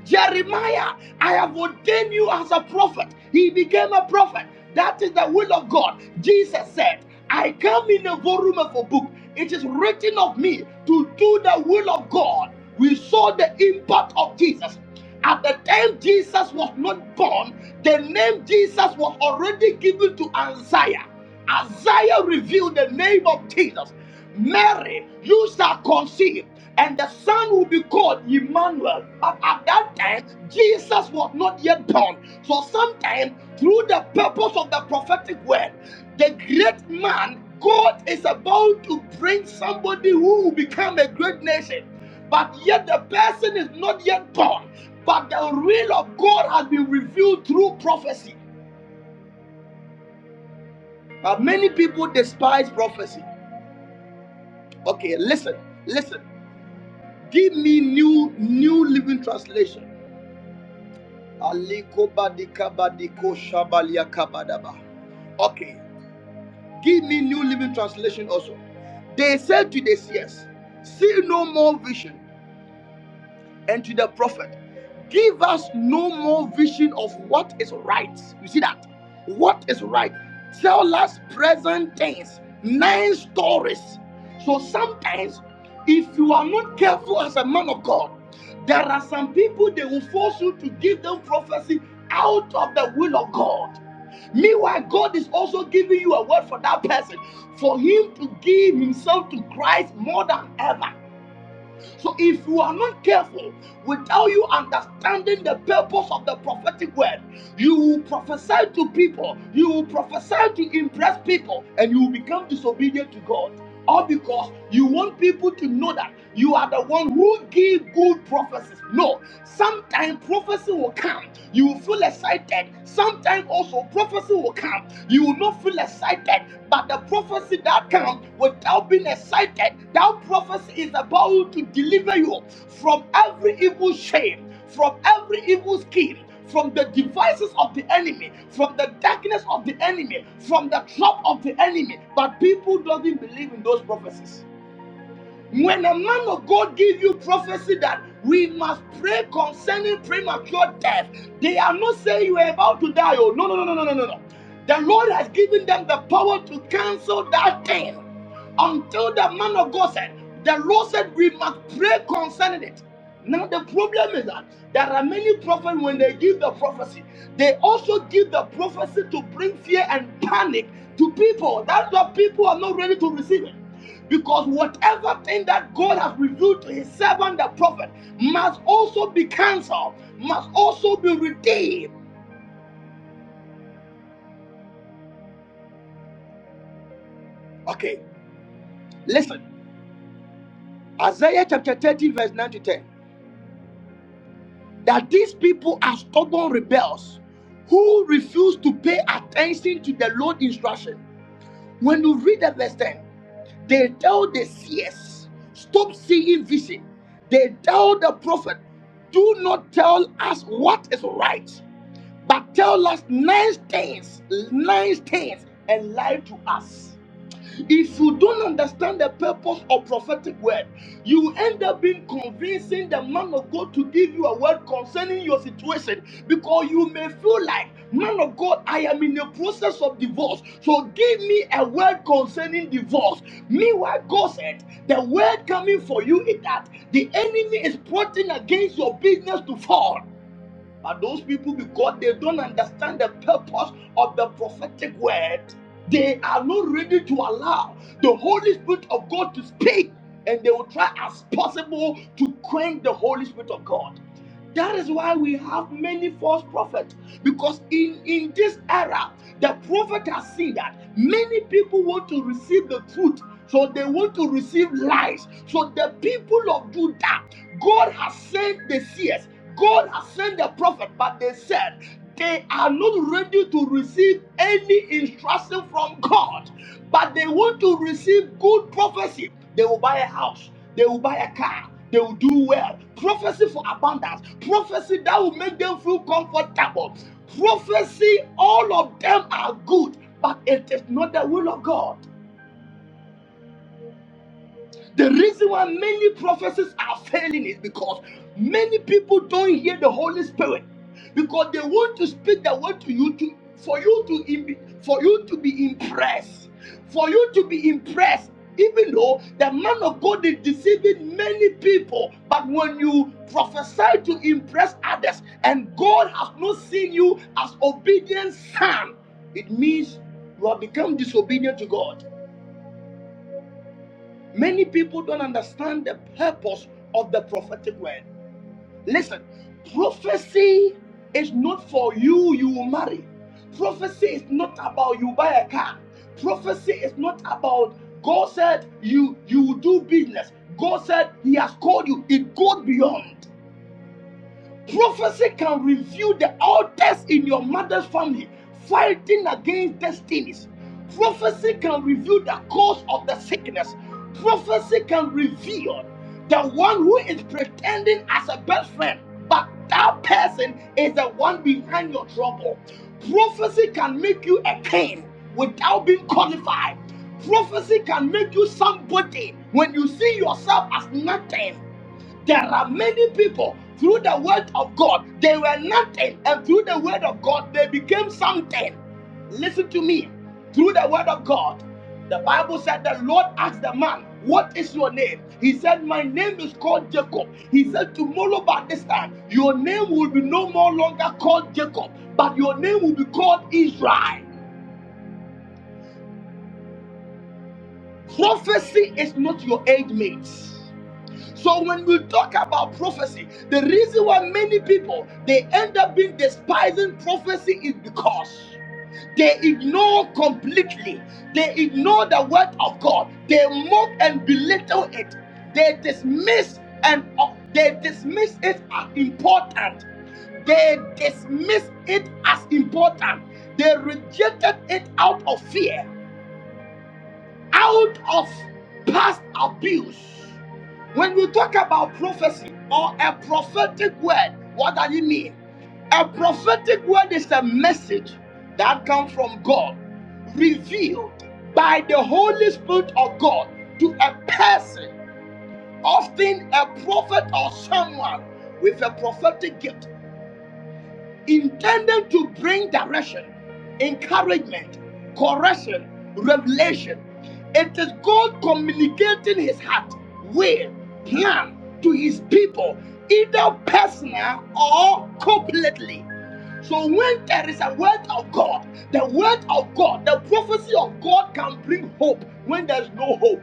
Jeremiah, I have ordained you as a prophet. He became a prophet. That is the will of God. Jesus said, I come in the volume of a book. It is written of me to do the will of God. We saw the impact of Jesus. At the time Jesus was not born, the name Jesus was already given to Isaiah. Isaiah revealed the name of Jesus. Mary, you shall conceive and the son will be called Emmanuel. But at that time, Jesus was not yet born. So sometimes, through the purpose of the prophetic word, the great man, God is about to bring somebody who will become a great nation. But yet the person is not yet born. But the will of God has been revealed through prophecy. But many people despise prophecy. Okay, listen, listen. Give me new new living translation. Aliko badika badiko shabalia kabadaba. Okay, give me New Living Translation also. They said to the seers, See no more vision, and to the prophet, Give us no more vision of what is right. You see that? What is right? Tell us present tense, nine stories. So sometimes, if you are not careful as a man of God, there are some people they will force you to give them prophecy out of the will of God. Meanwhile, God is also giving you a word for that person, for him to give himself to Christ more than ever. So if you are not careful, without you understanding the purpose of the prophetic word, you will prophesy to people, you will prophesy to impress people, and you will become disobedient to God. All because you want people to know that you are the one who give good prophecies. No, sometimes prophecy will come. You will feel excited. Sometimes sometimes also prophecy will come. You will not feel excited, but the prophecy that comes without being excited, that prophecy is about to deliver you from every evil shame, from every evil scheme. From the devices of the enemy, from the darkness of the enemy, from the trap of the enemy, but people don't even believe in those prophecies. When a man of God give you prophecy that we must pray concerning premature death, they are not saying you are about to die. Oh, no, no, no, no, no, no, no. no. The Lord has given them the power to cancel that thing until the man of God said, the Lord said we must pray concerning it. Now the problem is that there are many prophets when they give the prophecy, they also give the prophecy to bring fear and panic to people. That's why people are not ready to receive it. Because whatever thing that God has revealed to his servant, the prophet, must also be cancelled, must also be redeemed. Okay, listen. Isaiah chapter 30, verse 9 to 10. That these people are stubborn rebels who refuse to pay attention to the Lord's instruction. When you read the verse 10, they tell the seers, stop seeing vision. They tell the prophet, do not tell us what is right. But tell us nine things, nine things, and lie to us. If you don't understand the purpose of prophetic word, you end up being convincing the man of God to give you a word concerning your situation because you may feel like, man of God, I am in the process of divorce, so give me a word concerning divorce. Meanwhile, God said, the word coming for you is that the enemy is plotting against your business to fall. But those people, because they don't understand the purpose of the prophetic word, they are not ready to allow the Holy Spirit of God to speak, and they will try as possible to quench the Holy Spirit of God. That is why we have many false prophets. Because in, in this era, the prophet has seen that many people want to receive the truth. So they want to receive lies. So the people of Judah, God has sent the seers, God has sent the prophet, but they said they are not ready to receive any instruction from God, but they want to receive good prophecy. They will buy a house. They will buy a car. They will do well. Prophecy for abundance. Prophecy that will make them feel comfortable. Prophecy, all of them are good, but it is not the will of God. The reason why many prophecies are failing is because many people don't hear the Holy Spirit because they want to speak the word to you to for you to im- for you to be impressed, for you to be impressed. Even though the man of God is deceiving many people, but when you prophesy to impress others, and God has not seen you as obedient son, it means you have become disobedient to God. Many people don't understand the purpose of the prophetic word. Listen, prophecy is not for you, you will marry. Prophecy is not about you buy a car. Prophecy is not about God said you you will do business. God said He has called you. It goes beyond. Prophecy can reveal the altars in your mother's family fighting against destinies. Prophecy can reveal the cause of the sickness. Prophecy can reveal the one who is pretending as a best friend, but that person is the one behind your trouble. Prophecy can make you a king without being qualified. Prophecy can make you somebody when you see yourself as nothing. There are many people through the word of God, they were nothing, and through the word of God, they became something. Listen to me. Through the word of God, the Bible said the Lord asked the man, What is your name? He said, My name is called Jacob. He said, Tomorrow by this time, your name will be no more longer called Jacob, but your name will be called Israel. Prophecy is not your age mate. So when we talk about prophecy, the reason why many people they end up being despising prophecy is because they ignore completely. They ignore the word of God. They mock and belittle it. They dismiss and uh, they dismiss it as important. They dismiss it as important. They rejected it out of fear out of past abuse. When we talk about prophecy or a prophetic word, what does it mean? A prophetic word is a message that comes from God, revealed by the Holy Spirit of God to a person, often a prophet or someone with a prophetic gift intended to bring direction, encouragement, correction, revelation. It is God communicating his heart, will, plan to his people, either personal or completely. So when there is a word of God, the word of God, the prophecy of God can bring hope when there's no hope.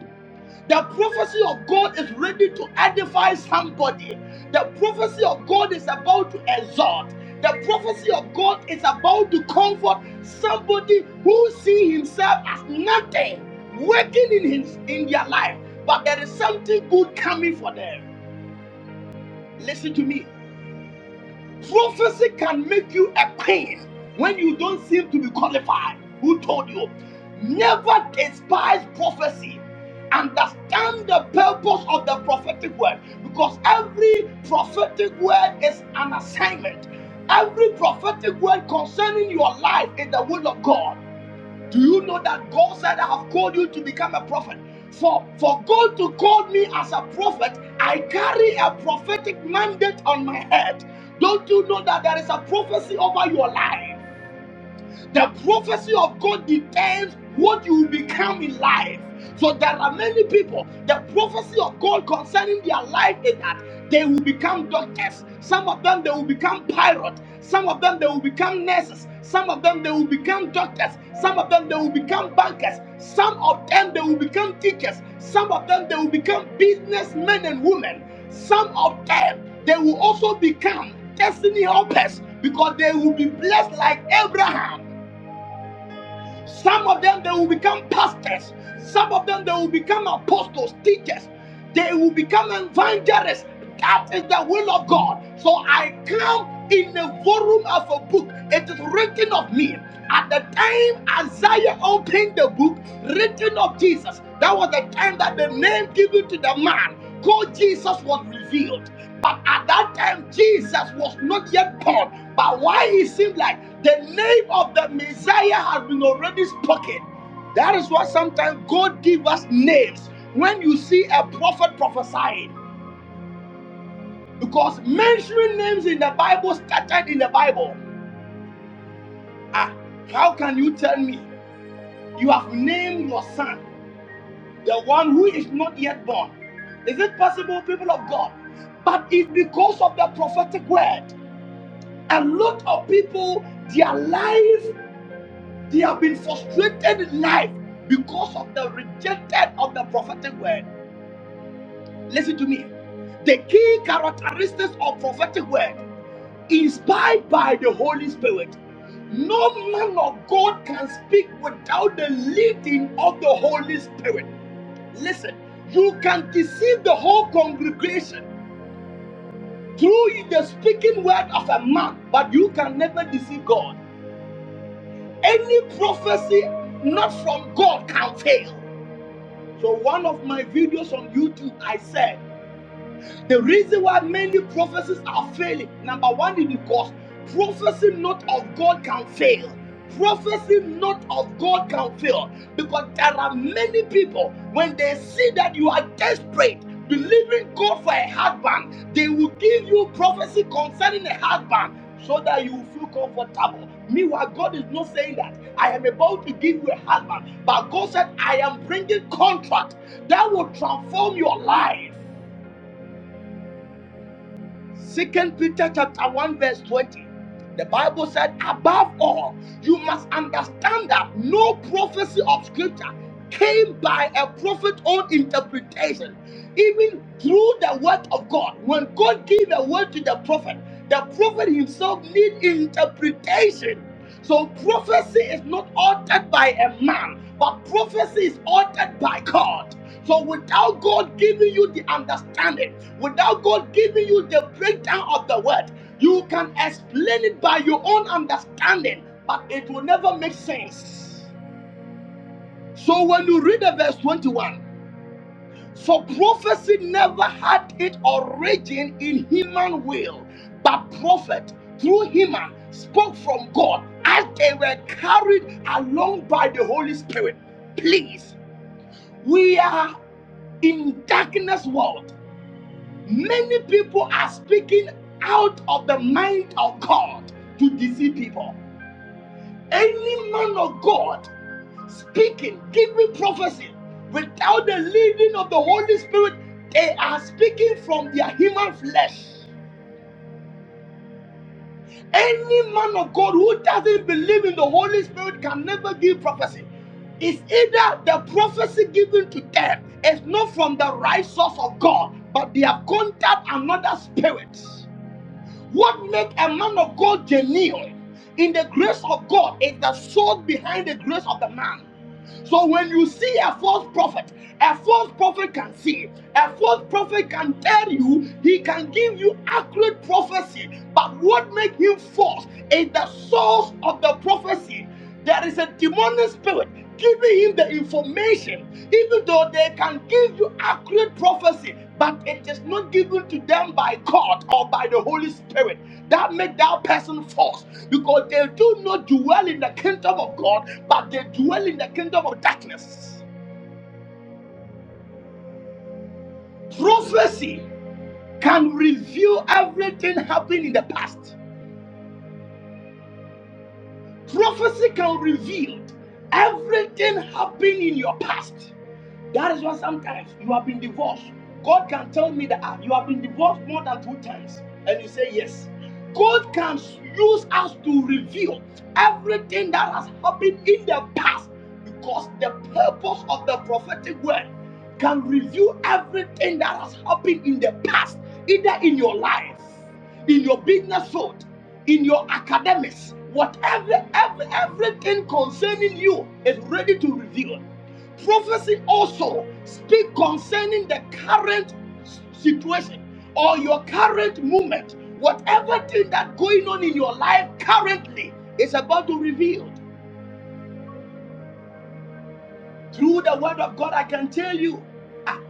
The prophecy of God is ready to edify somebody. The prophecy of God is about to exhort. The prophecy of God is about to comfort somebody who see himself as nothing working in his in their life, but there is something good coming for them. Listen to me. Prophecy can make you a pain when you don't seem to be qualified. Who told you? Never despise prophecy. Understand the purpose of the prophetic word because every prophetic word is an assignment. Every prophetic word concerning your life is the will of God. Do you know that God said, I have called you to become a prophet? For, for God to call me as a prophet, I carry a prophetic mandate on my head. Don't you know that there is a prophecy over your life? The prophecy of God determines what you will become in life. So there are many people, the prophecy of God concerning their life is that they will become doctors. Some of them, they will become pilots. Some of them, they will become nurses. Some of them, they will become doctors. Some of them, they will become bankers. Some of them, they will become teachers. Some of them, they will become businessmen and women. Some of them, they will also become destiny helpers because they will be blessed like Abraham. Some of them they will become pastors. Some of them they will become apostles, teachers. They will become evangelists. That is the will of God. So I come in the volume of a book. It is written of me. At the time Isaiah opened the book, written of Jesus. That was the time that the name given to the man called Jesus was revealed. But at that time, Jesus was not yet born. But why it seemed like the name of the Messiah has been already spoken. That is why sometimes God give us names when you see a prophet prophesying. Because mentioning names in the Bible started in the Bible. Ah, how can you tell me you have named your son, the one who is not yet born? Is it possible, people of God? But it's because of the prophetic word. A lot of people, their life, they have been frustrated in life because of the rejection of the prophetic word. Listen to me. The key characteristics of prophetic word, inspired by the Holy Spirit. No man of God can speak without the leading of the Holy Spirit. Listen, you can deceive the whole congregation through the speaking word of a man, but you can never deceive God. Any prophecy not from God can fail. So, one of my videos on YouTube, I said, the reason why many prophecies are failing, number one, is because prophecy not of God can fail. Prophecy not of God can fail because there are many people when they see that you are desperate, believing God for a husband, they will give you prophecy concerning a husband so that you feel comfortable. Meanwhile, God is not saying that I am about to give you a husband, but God said, I am bringing contract that will transform your life. Second Peter chapter 1, verse 20. The Bible said, above all, you must understand that no prophecy of scripture came by a prophet's own interpretation. Even through the word of God, when God gave a word to the prophet, the prophet himself need interpretation so prophecy is not altered by a man, but prophecy is altered by God. So without God giving you the understanding, without God giving you the breakdown of the word, you can explain it by your own understanding, but it will never make sense. So when you read the verse 21, for prophecy never had its origin in human will, but prophet through human spoke from God as they were carried along by the Holy Spirit. Please, we are in darkness world. Many people are speaking out of the mind of God to deceive people. Any man of God speaking, giving prophecy without the leading of the Holy Spirit, they are speaking from their human flesh. Any man of God who doesn't believe in the Holy Spirit can never give prophecy. It's either the prophecy given to them is not from the right source of God, but they have contact another spirit. What makes a man of God genuine in the grace of God is the soul behind the grace of the man. So when you see a false prophet, a false prophet can see, a false prophet can tell you, he can give you accurate prophecy. But what makes him false is the source of the prophecy. There is a demonic spirit giving him the information, even though they can give you accurate prophecy, but it is not given to them by God or by the Holy Spirit that make that person false because they do not dwell in the kingdom of God, but they dwell in the kingdom of darkness. Prophecy can reveal everything happened in the past. Prophecy can reveal everything happened in your past. That is why sometimes you have been divorced. God can tell me that ah, you have been divorced more than two times, and you say yes. God can use us to reveal everything that has happened in the past because the purpose of the prophetic word can reveal everything that has happened in the past, either in your life, in your business world, in your academics, whatever, every, everything concerning you is ready to reveal. Prophecy also speak concerning the current situation or your current moment, Whatever thing that going on in your life currently is about to reveal through the word of God. I can tell you, ah,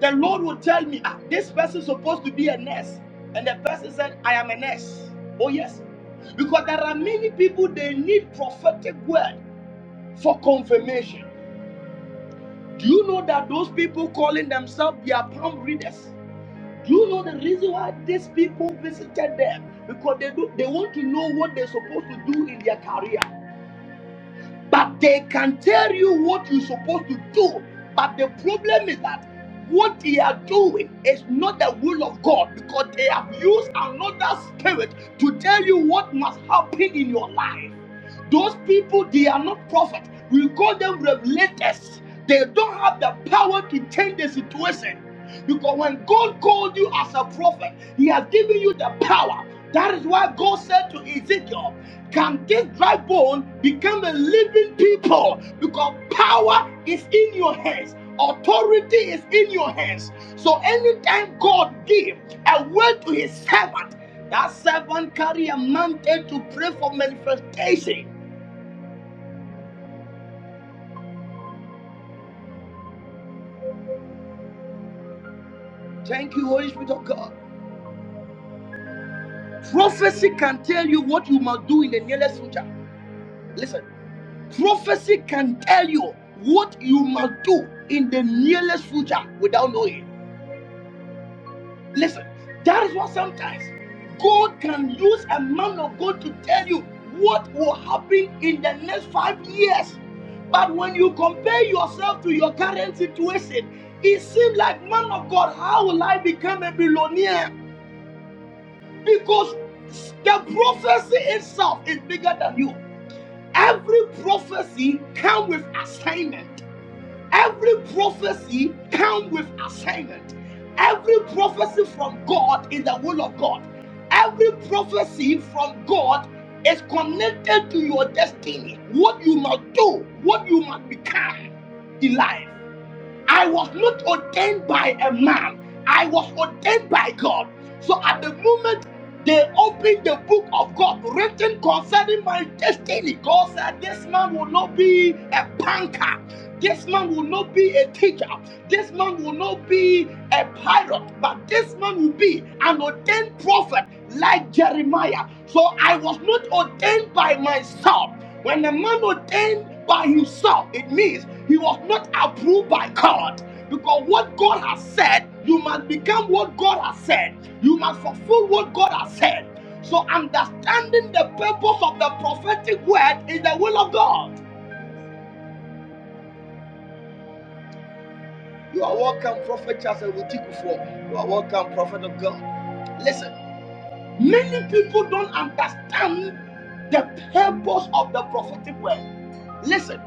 the Lord will tell me, ah, this person is supposed to be a nurse, and the person said, I am a nurse. Oh yes, because there are many people they need prophetic word for confirmation. Do you know that those people calling themselves their palm readers? Do you know the reason why these people visited them? Because they do, they want to know what they're supposed to do in their career. But they can tell you what you're supposed to do. But the problem is that what they are doing is not the will of God because they have used another spirit to tell you what must happen in your life. Those people, they are not prophets. We call them revelators. They don't have the power to change the situation. Because when God called you as a prophet, He has given you the power. That is why God said to Ezekiel, Can this dry bone become a living people? Because power is in your hands, authority is in your hands. So anytime God gave a word to his servant, that servant carry a mantle to pray for manifestation. Thank you, Holy Spirit of God. Prophecy can tell you what you must do in the nearest future. Listen. Prophecy can tell you what you must do in the nearest future without knowing. Listen, that is why sometimes God can use a man of God to tell you what will happen in the next five years. But when you compare yourself to your current situation, it seems like, man of God, how will I become a billionaire? Because the prophecy itself is bigger than you. Every prophecy comes with assignment. Every prophecy comes with assignment. Every prophecy from God is the will of God. Every prophecy from God is connected to your destiny. What you must do, what you must become in life. I was not ordained by a man, I was ordained by God. So at the moment they opened the book of God written concerning my destiny, God said, This man will not be a banker, this man will not be a teacher, this man will not be a pilot, but this man will be an ordained prophet like Jeremiah. So I was not ordained by myself. When a man ordained by himself, it means he was not approved by God. Because what God has said, you must become what God has said. You must fulfill what God has said. So understanding the purpose of the prophetic word is the will of God. You are welcome, Prophet Charles Awitikufu. You are welcome, Prophet of God. Listen. Many people don't understand the purpose of the prophetic word. Listen,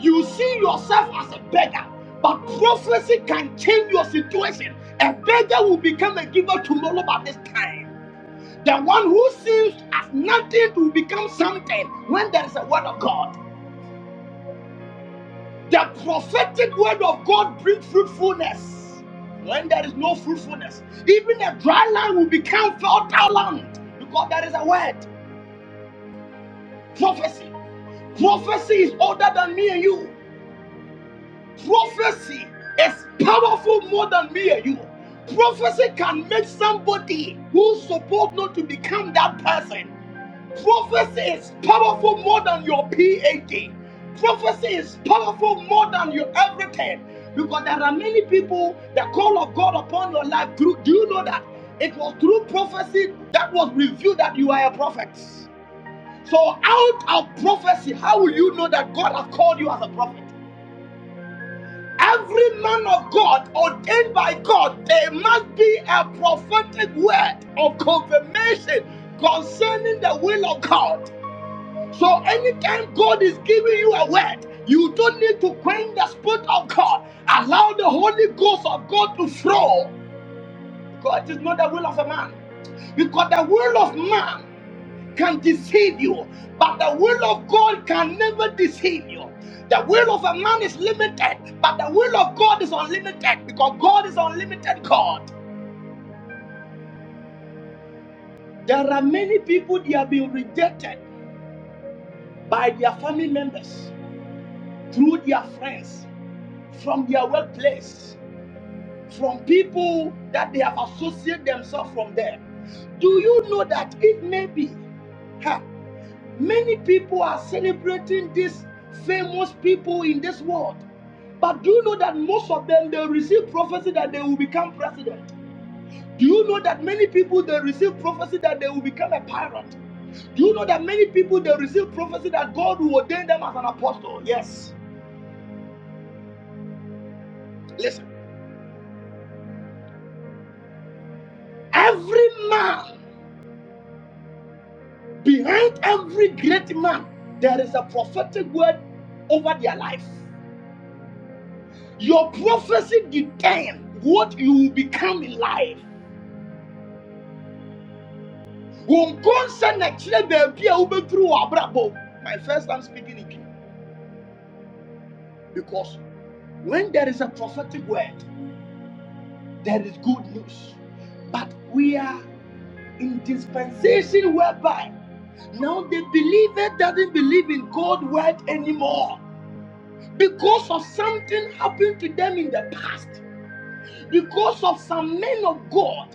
you see yourself as a beggar, but prophecy can change your situation. A beggar will become a giver tomorrow by this time. The one who seems as nothing will become something when there is a word of God. The prophetic word of God brings fruitfulness when there is no fruitfulness. Even a dry land will become fertile land because there is a word. Prophecy. Prophecy is older than me and you. Prophecy is powerful more than me and you. Prophecy can make somebody who's supposed not to become that person. Prophecy is powerful more than your PhD. Prophecy is powerful more than your everything. Because there are many people, the call of God upon your life, through, do you know that? It was through prophecy that was revealed that you are a prophet. So, out of prophecy, how will you know that God has called you as a prophet? Every man of God ordained by God, there must be a prophetic word of confirmation concerning the will of God. So, anytime God is giving you a word, you don't need to quench the spirit of God. Allow the Holy Ghost of God to flow. God is not the will of a man because the will of man can deceive you, but the will of God can never deceive you. The will of a man is limited, but the will of God is unlimited because God is unlimited God. There are many people they have been rejected by their family members, through their friends, from their workplace, from people that they have associated themselves from there. Do you know that it may be? ha, Many people are celebrating these famous people in this world. But do you know that most of them they receive prophecy that they will become president? Do you know that many people they receive prophecy that they will become a pirate? Do you know that many people they receive prophecy that God will ordain them as an apostle? Yes. Listen, every man behind every great man, there is a prophetic word over their life. Your prophecy determines what you will become in life. wo nkɔnsɛ na kyerɛ baabi a wobɛduru wɔ abrabɔ my first time speaking in Kenya because when there is a prophetic word there is good news but we are in dispensation whereby now the believer doesn't believe in God's word anymore because of something happened to them in the past because of some men of God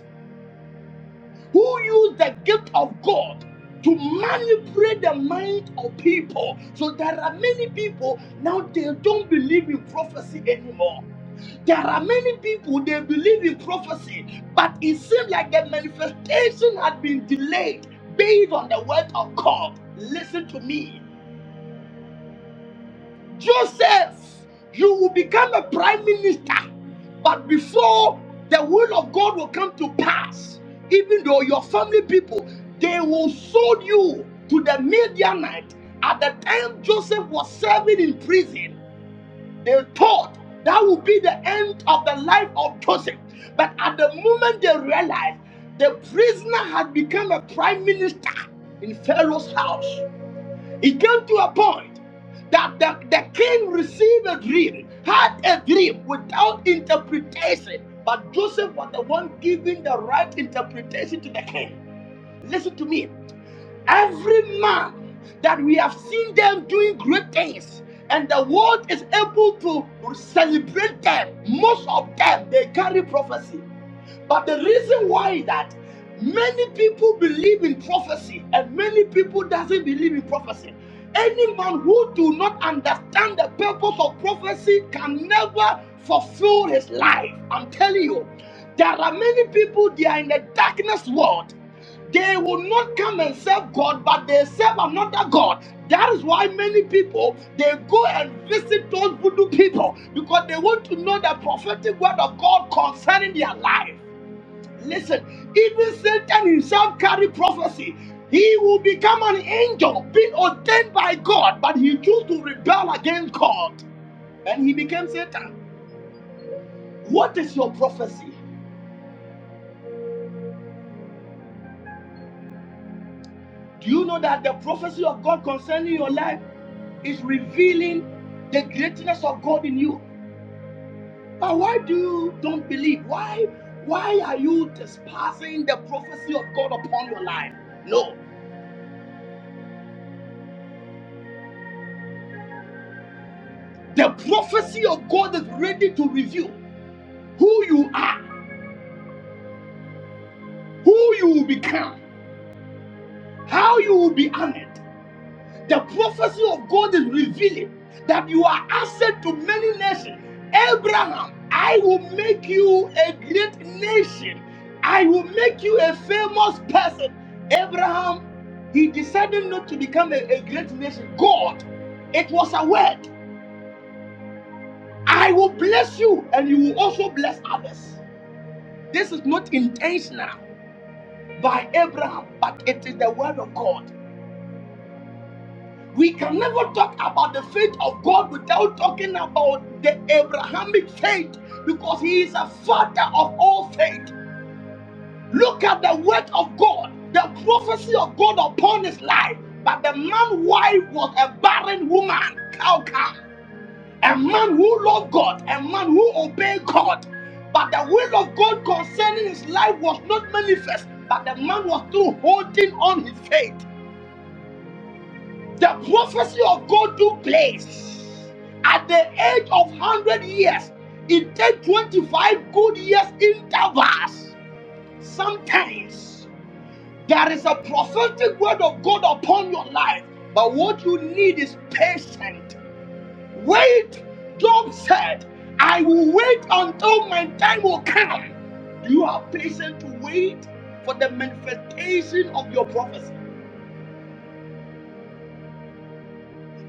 who used the gift of God to manipulate the mind of people. So there are many people now they don't believe in prophecy anymore. There are many people they believe in prophecy, but it seems like the manifestation had been delayed based on the word of God. Listen to me. Joseph, you will become a prime minister, but before the will of God will come to pass, even though your family people they will sold you to the Midianite. At the time Joseph was serving in prison, they thought that would be the end of the life of Joseph. But at the moment they realized the prisoner had become a prime minister in Pharaoh's house, it came to a point that the, the king received a dream, had a dream without interpretation, but Joseph was the one giving the right interpretation to the king. Listen to me. Every man that we have seen them doing great things, and the world is able to celebrate them, most of them they carry prophecy. But the reason why that many people believe in prophecy and many people doesn't believe in prophecy. Any man who do not understand the purpose of prophecy can never fulfill his life. I'm telling you, there are many people they are in the darkness world. They will not come and serve God, but they serve another God. That is why many people they go and visit those voodoo people because they want to know the prophetic word of God concerning their life. Listen, even Satan himself carry prophecy. He will become an angel, being ordained by God, but he chose to rebel against God, and he became Satan. What is your prophecy? Do you know that the prophecy of God concerning your life is revealing the greatness of God in you? But why do you don't believe? Why, why are you despising the prophecy of God upon your life? No, the prophecy of God is ready to reveal who you are who you will become, how you will be honored. The prophecy of God is revealing that you are asset to many nations. Abraham, I will make you a great nation. I will make you a famous person. Abraham, he decided not to become a, a great nation. God, it was a word. I will bless you and you will also bless others. This is not intentional by Abraham, but it is the word of God. We can never talk about the faith of God without talking about the Abrahamic faith because he is a father of all faith. Look at the word of God, the prophecy of God upon his life. But the man's wife was a barren woman, Calcam, a man who loved God, a man who obeyed God. But the will of God concerning his life was not manifest, but the man was still holding on his faith. The prophecy of God took place at the age of 100 years It takes 25 good years intervals. Sometimes there is a prophetic word of God upon your life, but what you need is patience. Wait, Job said, I will wait until my time will come. Do you have patience to wait for the manifestation of your prophecy?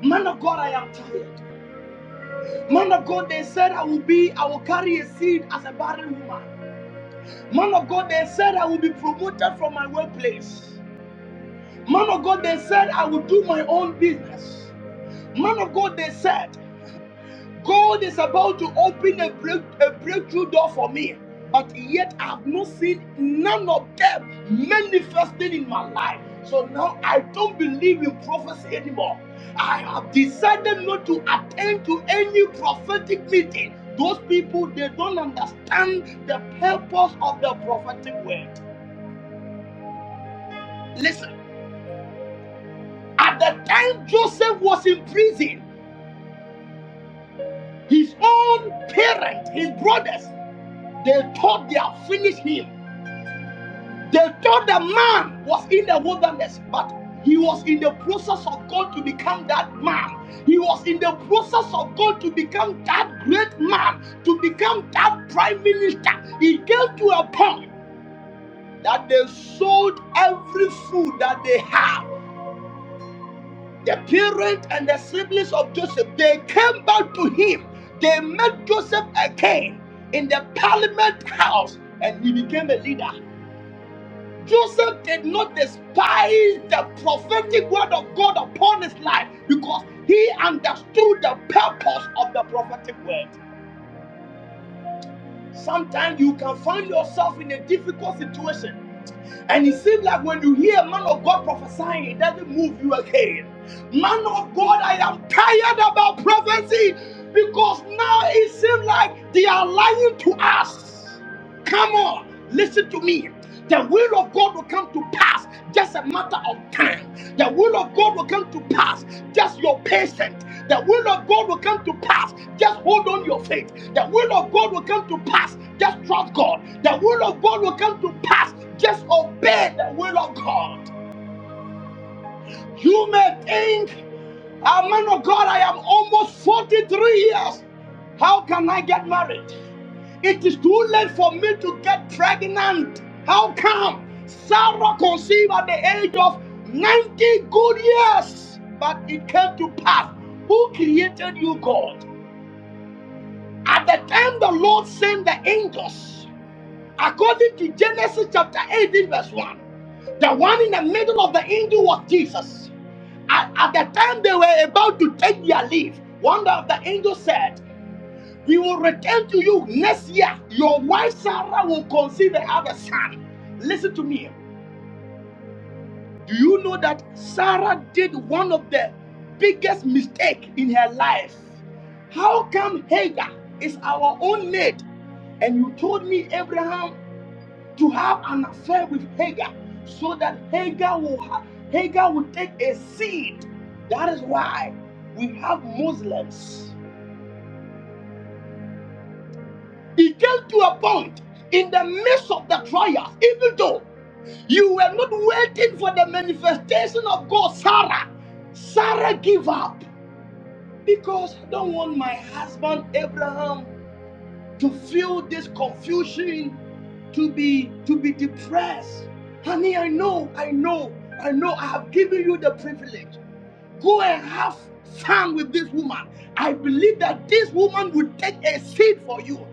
Man of God, I am tired. Man of God, they said I will be, I will carry a seed as a barren woman. Man of God, they said I will be promoted from my workplace. Man of God, they said I will do my own business. Man of God, they said. God is about to open a, break, a breakthrough door for me, but yet I have not seen none of them manifesting in my life. So now I don't believe in prophecy anymore. I have decided not to attend to any prophetic meeting. Those people, they don't understand the purpose of the prophetic word. Listen, at the time Joseph was in prison, his own parents, his brothers, they thought they had finished him. They thought the man was in the wilderness, but he was in the process of God to become that man. He was in the process of God to become that great man, to become that prime minister. He came to a point that they sold every food that they have. The parents and the siblings of Joseph, they came back to him. They made Joseph a king in the parliament house, and he became a leader. Joseph did not despise the prophetic word of God upon his life because he understood the purpose of the prophetic word. Sometimes you can find yourself in a difficult situation, and it seems like when you hear a man of God prophesying, it doesn't move you again. Man of God, I am tired about prophecy because now it seems like they are lying to us. Come on, listen to me. The will of God will come to pass, just a matter of time. The will of God will come to pass, just your patience. The will of God will come to pass, just hold on your faith. The will of God will come to pass, just trust God. The will of God will come to pass, just obey the will of God. You may think, "Ah, man of God, I am almost 43 years. How can I get married? It is too late for me to get pregnant. How come? Sarah conceived at the age of 90 good years, but it came to pass. Who created you, God? At the time the Lord sent the angels, according to Genesis chapter 18, verse 1, the one in the middle of the angel was Jesus. At, at the time they were about to take their leave, one of the angels said, he will return to you next year. Your wife Sarah will conceive and have a son. Listen to me. Do you know that Sarah did one of the biggest mistake in her life? How come Hagar is our own maid? And you told me Abraham to have an affair with Hagar so that Hagar will ha- Hagar will take a seed. That is why we have Muslims. It came to a point in the midst of the trial, even though you were not waiting for the manifestation of God, Sarah. Sarah gave up because I don't want my husband Abraham to feel this confusion, to be to be depressed. Honey, I know, I know, I know I have given you the privilege. Go and have fun with this woman. I believe that this woman would take a seat for you.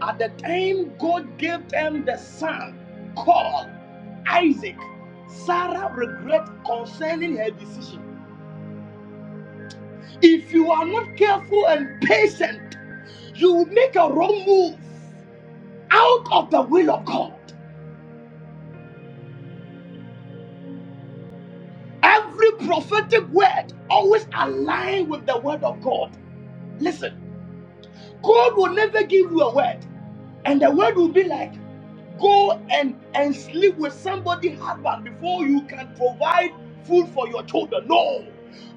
At the time God gave them the son called Isaac, Sarah regret concerning her decision. If you are not careful and patient, you will make a wrong move out of the will of God. Every prophetic word always align with the word of God. Listen, God will never give you a word, and the word will be like Go and, and sleep with somebody husband before you can provide food for your children. No.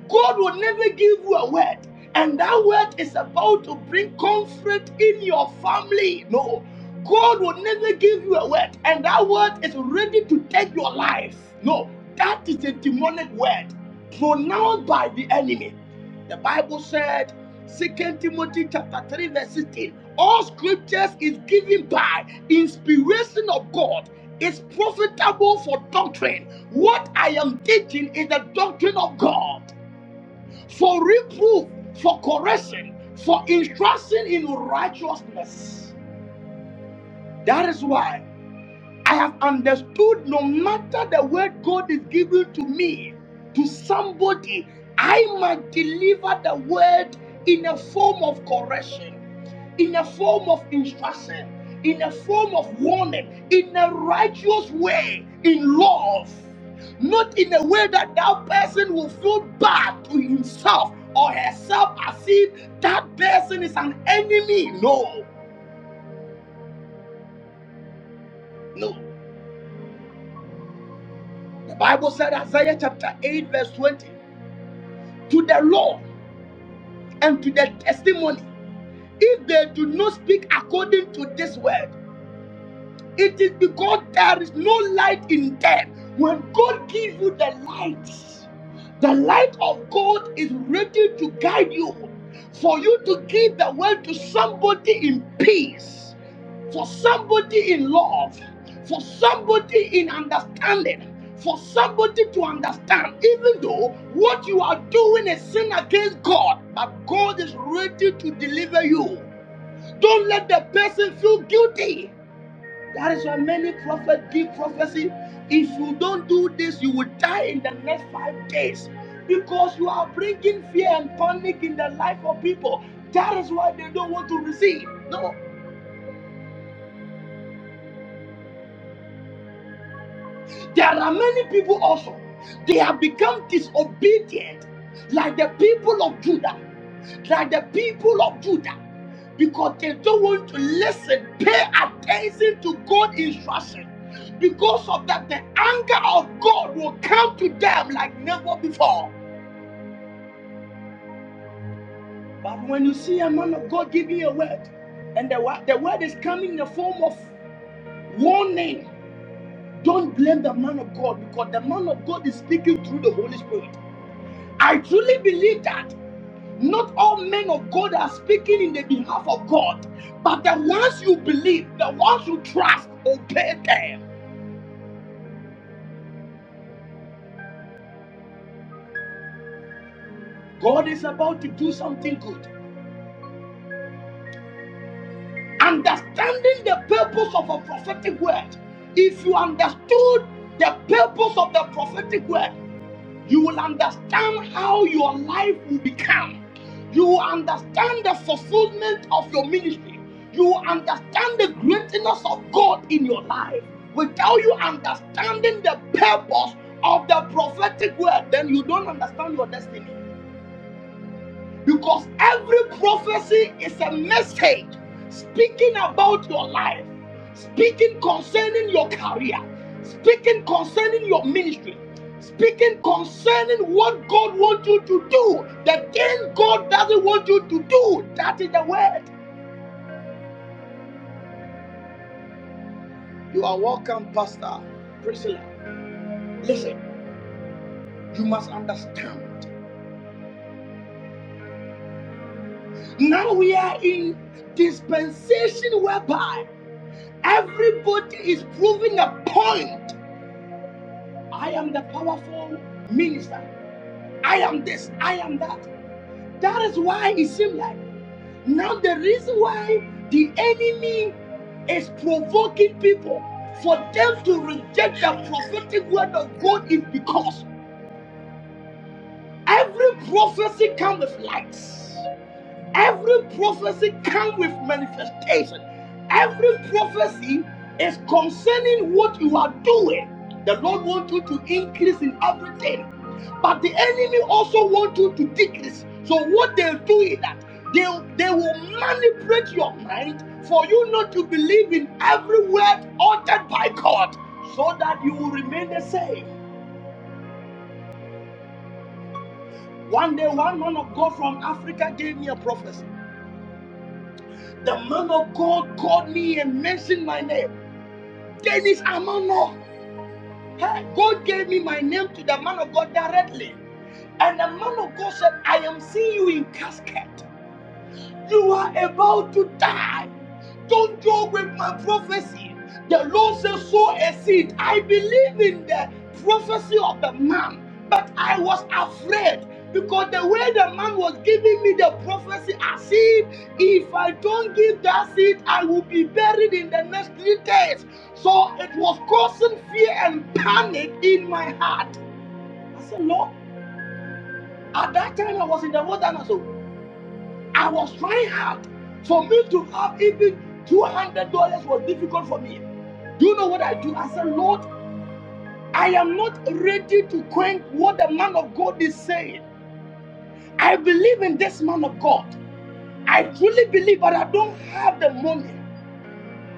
God will never give you a word. And that word is about to bring comfort in your family. No. God will never give you a word. And that word is ready to take your life. No. That is a demonic word pronounced by the enemy. The Bible said, Second Timothy chapter 3, verse 16, all scriptures is given by inspiration of God, is profitable for doctrine. What I am teaching is the doctrine of God for reproof, for correction, for instruction in righteousness. That is why. I have understood no matter the word God is giving to me, to somebody, I must deliver the word in a form of correction, in a form of instruction, in a form of warning, in a righteous way, in love. Not in a way that that person will feel bad to himself or herself as if that person is an enemy. No, no. The Bible said, Isaiah chapter 8, verse 20. to the law and to the testimony if they do not speak according to this word it is because there is no light in death. When God gives you the light, the light of God is ready to guide you for you to give the word to somebody in peace, for somebody in love, for somebody in understanding. For somebody to understand, even though what you are doing is sin against God, but God is ready to deliver you. Don't let the person feel guilty. That is why many prophets give prophecy. If you don't do this, you will die in the next five days because you are bringing fear and panic in the life of people. That is why they don't want to receive. No, There are many people also, they have become disobedient, like the people of Judah, like the people of Judah, because they don't want to listen, pay attention to God's instruction. Because of that, the anger of God will come to them like never before. But when you see a man of God giving a word, and the, wo- the word is coming in the form of warning, don't blame the man of God because the man of God is speaking through the Holy Spirit. I truly believe that not all men of God are speaking in the behalf of God, but the ones you believe, the ones you trust, obey them. God is about to do something good. Understanding the purpose of a prophetic word. If you understood the purpose of the prophetic word, you will understand how your life will become. You will understand the fulfillment of your ministry. You will understand the greatness of God in your life. Without you understanding the purpose of the prophetic word, then you don't understand your destiny. Because every prophecy is a message speaking about your life, speaking concerning your career, speaking concerning your ministry, speaking concerning what God wants you to do, the thing God doesn't want you to do. That is the word. You are welcome, Pastor Priscilla. Listen, you must understand. Now we are in dispensation whereby everybody is proving a point I am the powerful minister. I am this. I am that. That is why it seems like now the reason why the enemy is provoking people for them to reject the prophetic word of God is because every prophecy comes with lights. Every prophecy comes with manifestation. Every prophecy is concerning what you are doing. The Lord wants you to increase in everything. But the enemy also wants you to decrease. So what they'll do is that they they will manipulate your mind for you not to believe in every word uttered by God, so that you will remain the same. One day, one man of God from Africa gave me a prophecy. The man of God called me and mentioned my name, Dennis Amano. Hey, God gave me my name to the man of God directly. And the man of God said, I am seeing you in casket. You are about to die. Don't joke with my prophecy. The Lord says, sow a seed. I believe in the prophecy of the man, but I was afraid because the way the man was giving me the prophecy, I said, if I don't give that seed, I will be buried in the next three days. So it was causing fear and panic in my heart. I said, Lord, at that time I was in the wilderness. So I was trying hard. For me to have even $200 was difficult for me. Do you know what I do? I said, Lord, I am not ready to quench what the man of God is saying. I believe in this man of God. I truly believe, but I don't have the money.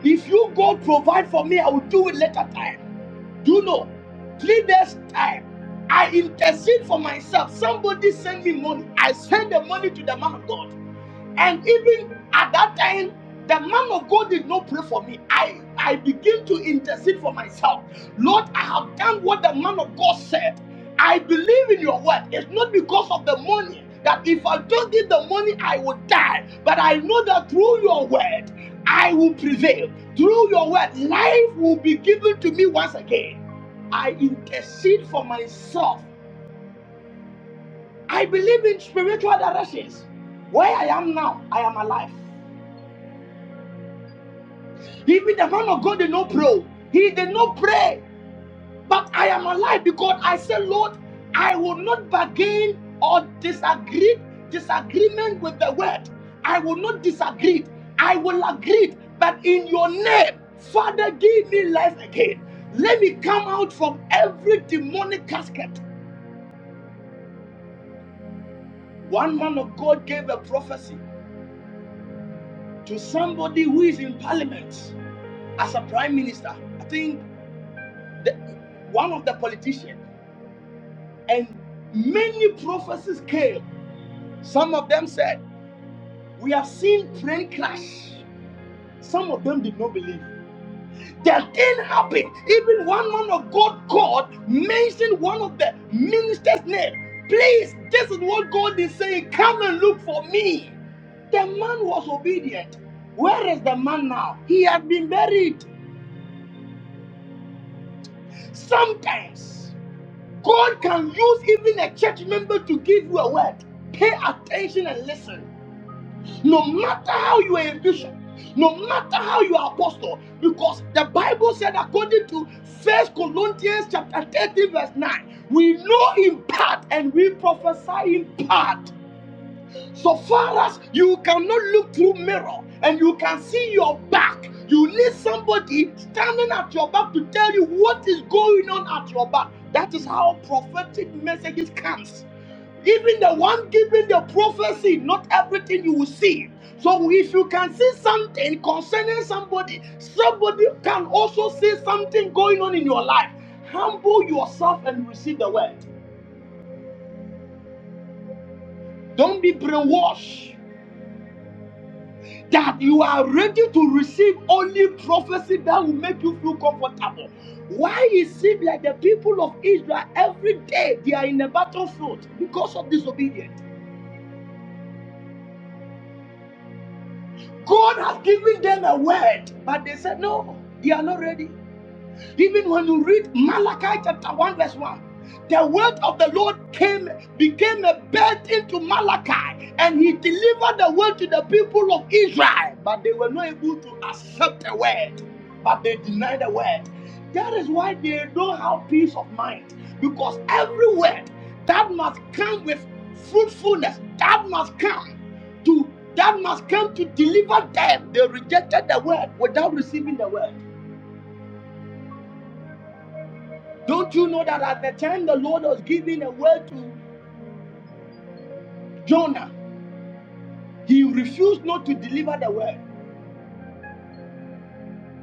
If you God provide for me, I will do it later time. Do you know? Three days time. I intercede for myself. Somebody send me money. I send the money to the man of God. And even at that time, the man of God did not pray for me. I, I begin to intercede for myself. Lord, I have done what the man of God said. I believe in your word. It's not because of the money that if I don't get the money, I will die. But I know that through your word, I will prevail. Through your word, life will be given to me once again. I intercede for myself. I believe in spiritual directions. Where I am now, I am alive. Even the man of God did not pray. He did not pray. But I am alive because I said, Lord, I will not bargain or disagree disagreement with the word. I will not disagree. I will agree. But in your name, Father, give me life again. Let me come out from every demonic casket. One man of God gave a prophecy to somebody who is in parliament as a prime minister. I think the, one of the politicians. And many prophecies came. Some of them said, We have seen plane crash. Some of them did not believe. The thing happened. Even one man of God called, mentioned one of the minister's name. Please, this is what God is saying. Come and look for me. The man was obedient. Where is the man now? He had been buried. Sometimes God can use even a church member to give you a word. Pay attention and listen. No matter how you are a bishop, no matter how you are apostle, because the Bible said according to First Corinthians chapter 13, verse 9, we know in part and we prophesy in part. So far as you cannot look through mirror and you can see your back, you need somebody standing at your back to tell you what is going on at your back. That is how prophetic messages comes even the one giving the prophecy, not everything you will see. So if you can see something concerning somebody, somebody can also see something going on in your life. Humble yourself and receive the word. Don't be brainwashed that you are ready to receive only prophecy that will make you feel comfortable. Why it seems like the people of Israel every day they are in the battlefield because of disobedience. God has given them a word, but they said, No, they are not ready. Even when you read Malachi chapter 1, verse 1, the word of the Lord came, became a birth into Malachi, and he delivered the word to the people of Israel, but they were not able to accept the word, but they denied the word. That is why they don't have peace of mind, because every word that must come with fruitfulness, that must come to that must come to deliver them. They rejected the word without receiving the word. Don't you know that at the time the Lord was giving a word to Jonah, he refused not to deliver the word.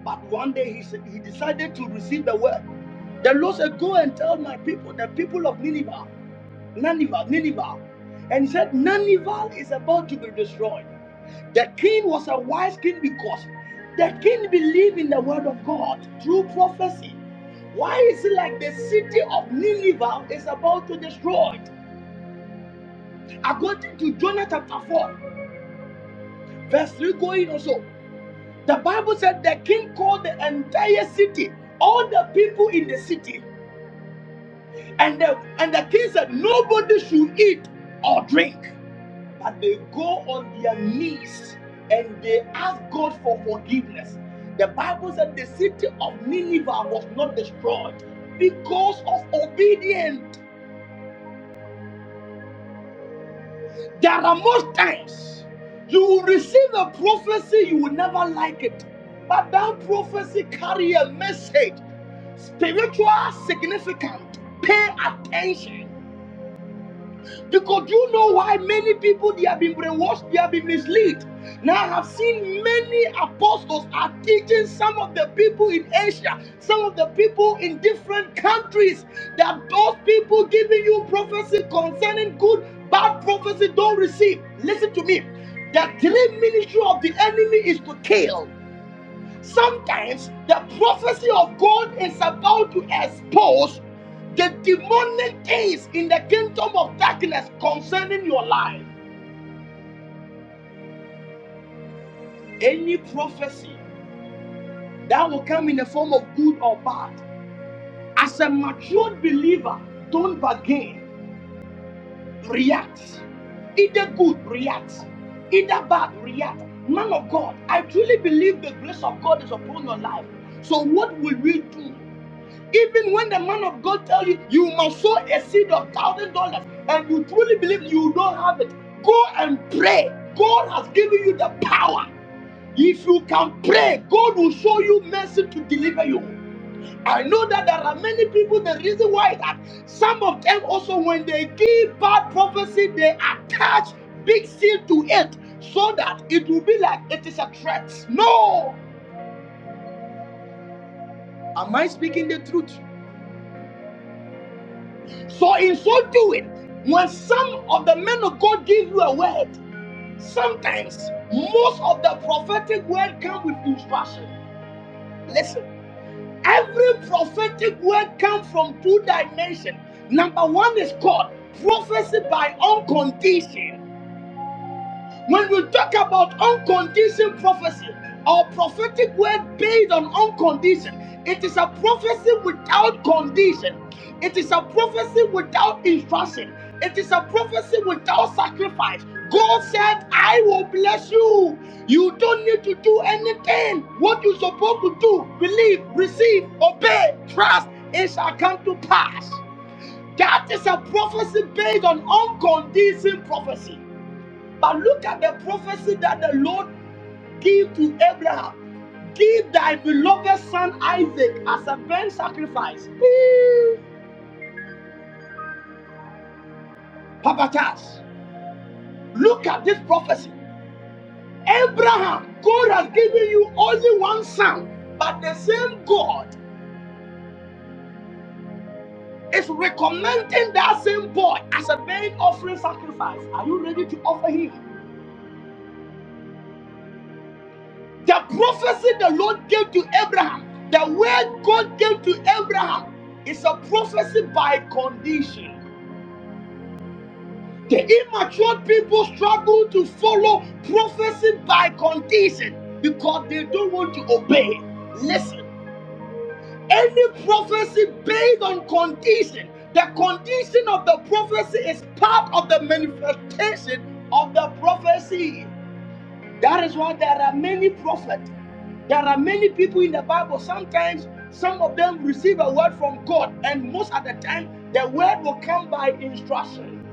But one day he, said- he decided to receive the word. The Lord said, Go and tell my people, the people of Nineveh, Nineveh, Nineveh. And he said, Nineveh is about to be destroyed. The king was a wise king because the king believed in the word of God through prophecy. Why is it like the city of Nineveh is about to be destroyed? According to Jonah chapter 4, verse 3 going also the bible said the king called the entire city all the people in the city and the and the king said nobody should eat or drink but they go on their knees and they ask god for forgiveness the bible said the city of nineveh was not destroyed because of obedience There are most times you will receive a prophecy, you will never like it. But that prophecy carry a message, spiritual significant. Pay attention. Because you know why many people they have been brainwashed, they have been misled. Now I have seen many apostles are teaching some of the people in Asia, some of the people in different countries, that those people giving you prophecy concerning good, bad prophecy don't receive. Listen to me. The three ministry of the enemy is to kill. Sometimes the prophecy of God is about to expose the demonic things in the kingdom of darkness concerning your life. Any prophecy that will come in the form of good or bad, as a matured believer, don't bargain, react. Either good, react. Either bad, react. Man of God, I truly believe the grace of God is upon your life. So, what will we do? Even when the man of God tell you you must sow a seed of thousand dollars and you truly believe you don't have it, go and pray. God has given you the power. If you can pray, God will show you mercy to deliver you. I know that there are many people. The reason why is that some of them also, when they give bad prophecy, they attach big seal to it so that it will be like it is a threat. No, am I speaking the truth? So, in so doing, when some of the men of God give you a word, sometimes most of the prophetic word come with instruction. Listen, every prophetic word comes from two dimensions. Number one is called prophecy by uncondition. When we talk about unconditioned prophecy or prophetic word based on unconditioned, it is a prophecy without condition. It is a prophecy without instruction. It is a prophecy without sacrifice. God said, I will bless you. You don't need to do anything. What you're supposed to do, believe, receive, obey, trust, it shall come to pass. That is a prophecy based on unconditioned prophecy. But look at the prophecy that the Lord gave to Abraham. Give thy beloved son Isaac as a burnt sacrifice. Beep. Papa Charles, look at this prophecy. Abraham, God has given you only one son, but the same God is recommending that same boy as a burnt offering sacrifice. Are you ready to offer him? The prophecy the Lord gave to Abraham, the word God gave to Abraham, is a prophecy by condition. The immature people struggle to follow prophecy by condition because they don't want to obey. Listen, any prophecy based on condition, the condition of the prophecy is part of the manifestation of the prophecy. That is why there are many prophets. There are many people in the Bible. Sometimes some of them receive a word from God, and most of the time, the word will come by instruction.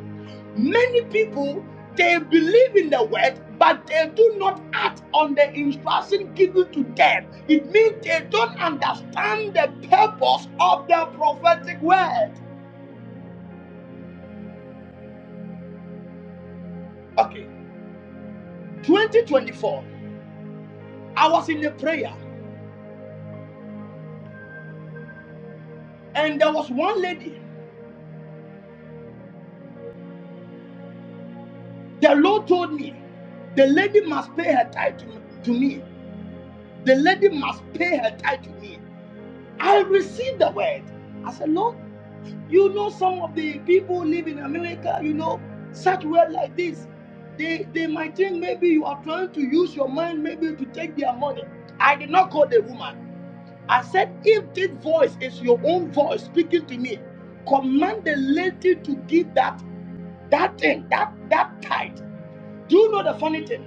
Many people they believe in the word, but they do not act on the instruction given to them. It means they don't understand the purpose of the prophetic word. Okay, 2024. I was in a prayer, and there was one lady. The Lord told me, the lady must pay her tithe to, to me. The lady must pay her tithe to me. I received the word. I said, Lord, you know some of the people who live in America, you know, such word like this. They, they might think maybe you are trying to use your mind maybe to take their money. I did not call the woman. I said, if this voice is your own voice speaking to me, command the lady to give that that thing, that that tithe. Do you know the funny thing?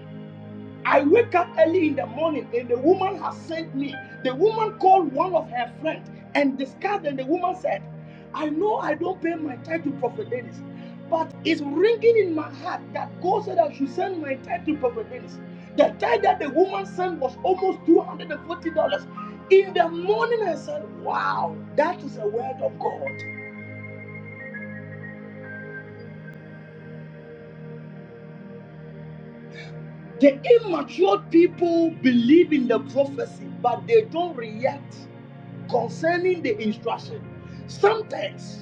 I wake up early in the morning, and the woman has sent me. The woman called one of her friends and discussed, and the woman said, I know I don't pay my tithe to Prophet Dennis, but it's ringing in my heart that God said I should send my tithe to Prophet Dennis. The tithe that the woman sent was almost $240. In the morning, I said, Wow, that is a word of God. The immature people believe in the prophecy, but they don't react. concerning the instruction. Sometimes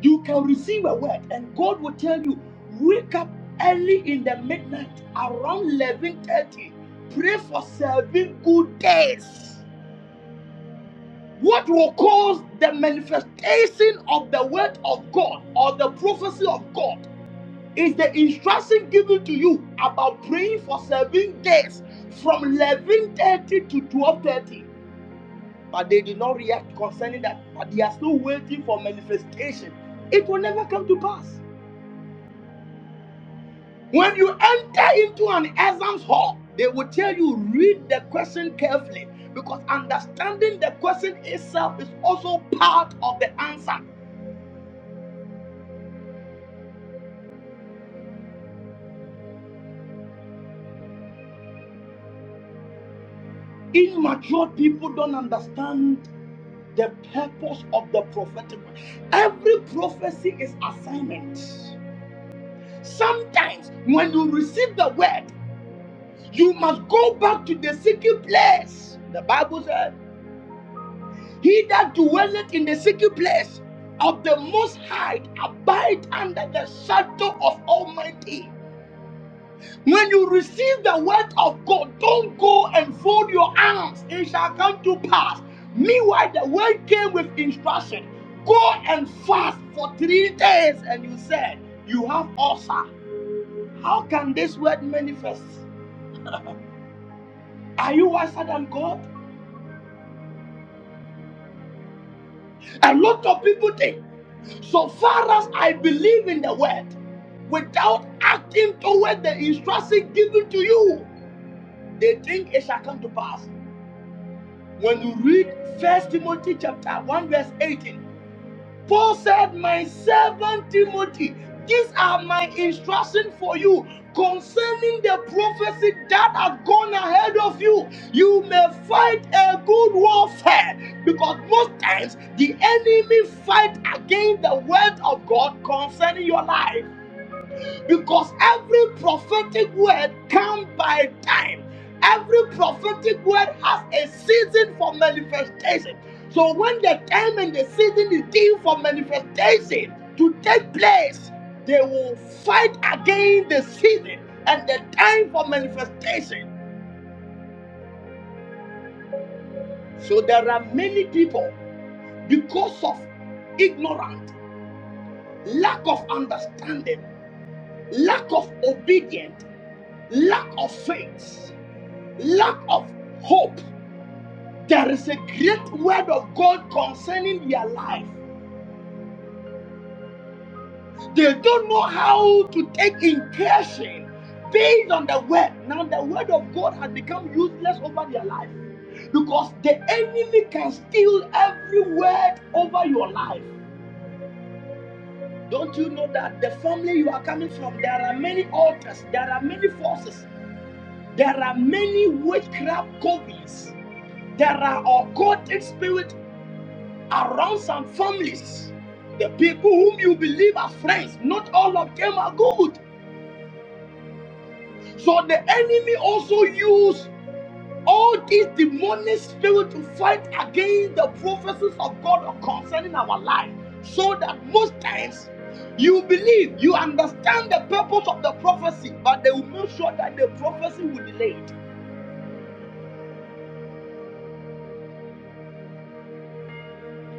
you can receive a word and God will tell you, wake up early in the midnight around 11:30. Pray for seven good days. What will cause the manifestation of the word of God or the prophecy of God is the instruction given to you about praying for seven days from 11:30 to 12:30 but they did not react concerning that. But they are still waiting for manifestation. It will never come to pass. When you enter into an exams hall, they will tell you read the question carefully because understanding the question itself is also part of the answer. Immature people don't understand the purpose of the prophetic. Every prophecy is assignment. Sometimes when you receive the word, You must go back to the secret place. The Bible said, He that dwelleth in the secret place of the Most High abide under the shadow of Almighty. When you receive the word of God, don't go and fold your arms. It shall come to pass. Meanwhile, the word came with instruction. Go and fast for three days, and you said, You have ulcer. How can this word manifest? Are you wiser than God? A lot of people think. So far as I believe in the word, without acting toward the instruction given to you, they think it shall come to pass. When you read First Timothy chapter 1, verse 18, Paul said, My servant Timothy, these are my instructions for you concerning the prophecy that have gone ahead of you. You may fight a good warfare because most times the enemy fight against the word of God concerning your life because every prophetic word comes by time. Every prophetic word has a season for manifestation. So when the time and the season is due for manifestation to take place, they will fight against the season and the time for manifestation. So there are many people because of ignorance, lack of understanding, lack of obedience, lack of faith. lack of hope. There is a great word of God concerning their life. They don't know how to take intention based on the word. Now, the word of God has become useless over their life because the enemy can steal every word over your life. Don't you know that the family you are coming from, there are many altars, there are many forces, there are many witchcraft covens, there are occultic spirit. around some families, the people whom you believe are friends, not all of them are good. So the enemy also used all these demonic spirit to fight against the prophecies of God concerning our life. So that most times you believe, you understand the purpose of the prophecy, but they will make sure that the prophecy will delay it.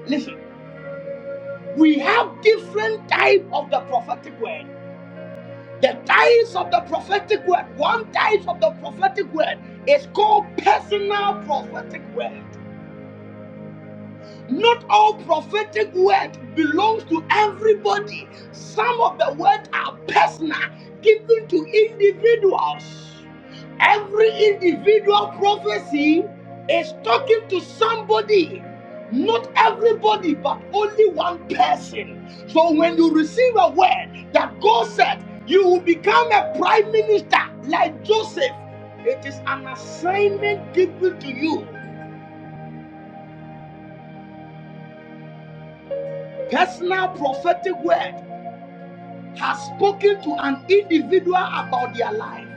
Listen, we have different type of the prophetic word. The tithes of the prophetic word, one tithe of the prophetic word is called personal prophetic word. Not all prophetic word belongs to everybody. Some of the words are personal, given to individuals. Every individual prophecy is talking to somebody. Not everybody, but only one person. So when you receive a word that God said, you will become a prime minister like Joseph. It is an assignment given to you. Personal prophetic word has spoken to an individual about their life,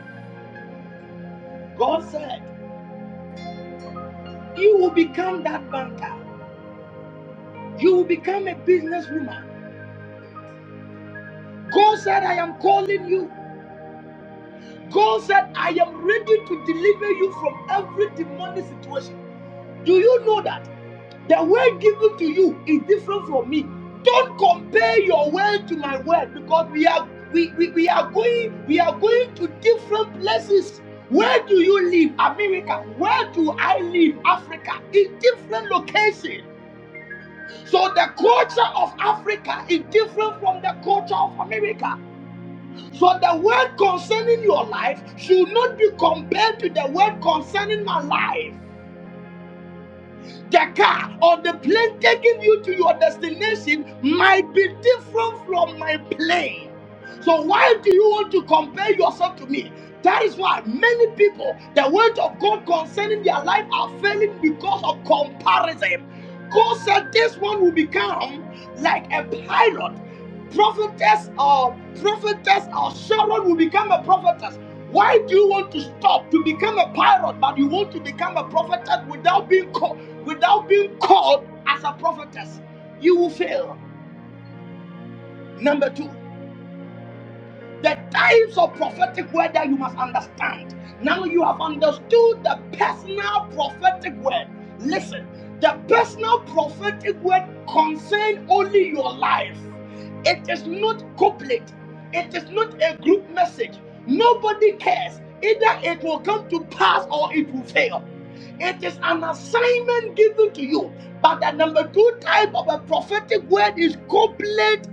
God said, You will become that banker. You will become a businesswoman. God said, I am calling you. God said, I am ready to deliver you from every demonic situation. Do you know that the word given to you is different from me? Don't compare your word to my word because we are we, we, we are going we are going to different places. Where do you live? America. Where do I live? Africa. In different locations. So the culture of Africa is different from the culture of America. So the word concerning your life should not be compared to the word concerning my life. the car or the plane taking you to your destination might be different from my plane. So why do you want to compare yourself to me? That is why many people, the word of God concerning their life are failing because of comparison. God said this one will become like a pilot prophetess or prophetess or Sharon will become a prophetess. Why do you want to stop to become a pirate, but you want to become a prophetess without being called without being called as a prophetess? You will fail. Number two. The types of prophetic word that you must understand. Now you have understood the personal prophetic word. Listen, the personal prophetic word concerns only your life. It is not corporate. It is not a group message. Nobody cares. Either it will come to pass or it will fail. It is an assignment given to you. But the number two type of a prophetic word is complete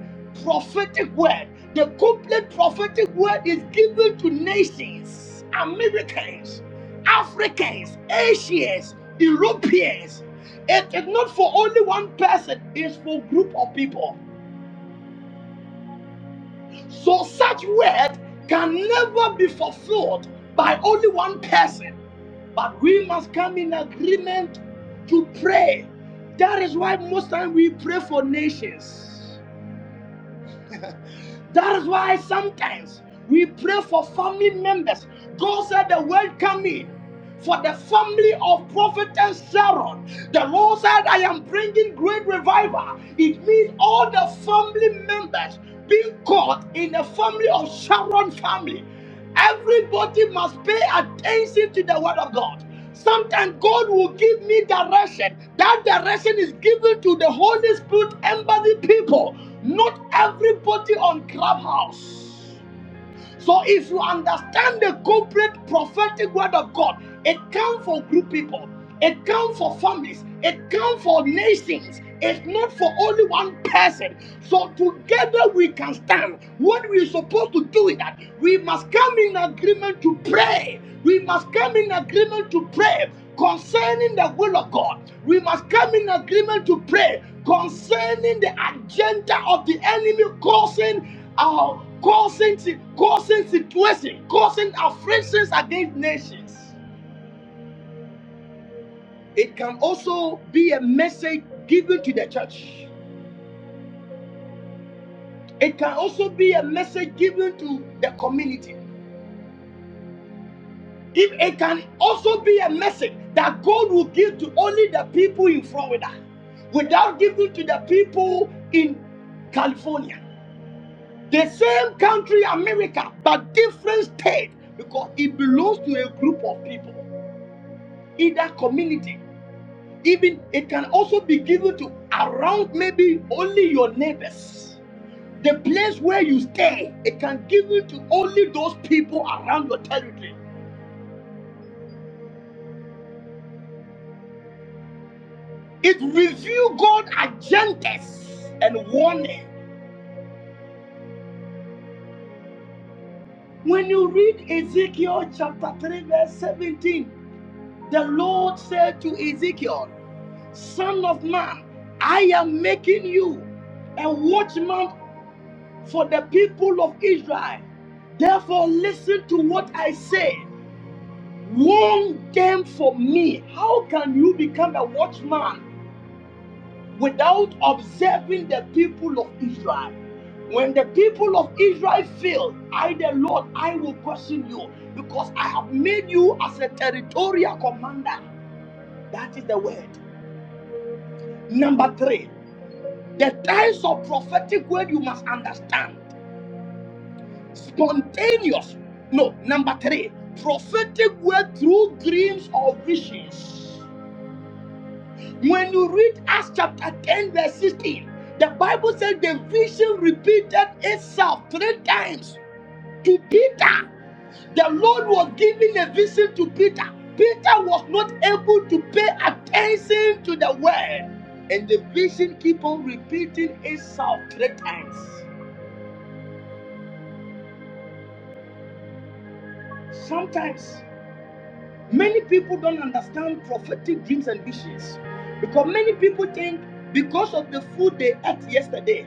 prophetic word. The complete prophetic word is given to nations, Americans, Africans, Asians, Europeans. It is not for only one person, it's for a group of people. So such word can never be fulfilled by only one person. But we must come in agreement to pray. That is why most time we pray for nations. That is why sometimes we pray for family members. God said the word come in for the family of prophetess Sharon. The Lord said, I am bringing great revival. It means all the family members being caught in the family of Sharon family. Everybody must pay attention to the word of God. Sometimes God will give me direction. That direction is given to the Holy Spirit embodied people, not everybody on Clubhouse. So if you understand the complete prophetic word of God, it comes for group people, it comes for families, it comes for nations. It's not for only one person. So together we can stand. What we're supposed to do is that we must come in agreement to pray. We must come in agreement to pray concerning the will of God. We must come in agreement to pray concerning the agenda of the enemy causing our causing, si- causing situation, causing afflictions against nations. It can also be a message given to the church. It can also be a message given to the community. If it can also be a message that God will give to only the people in Florida without giving to the people in California. The same country, America, but different state because it belongs to a group of people, in that community Even it can also be given to around maybe only your neighbors. The place where you stay, it can give it to only those people around your territory. It reveals God agendas and warning. When you read Ezekiel chapter 3, verse 17, the Lord said to Ezekiel, Son of man, I am making you a watchman for the people of Israel. Therefore, listen to what I say. Warn them for me. How can you become a watchman without observing the people of Israel? When the people of Israel fail, I, the Lord, I will question you because I have made you as a territorial commander. That is the word. Number three, the types of prophetic word you must understand. Spontaneous. No, number three, prophetic word through dreams or visions. When you read Acts chapter 10, verse 16, the Bible says the vision repeated itself three times to Peter. The Lord was giving a vision to Peter. Peter was not able to pay attention to the word. And the vision keep on repeating itself three times. Sometimes Many people don't understand prophetic dreams and visions because many people think because of the food they ate yesterday,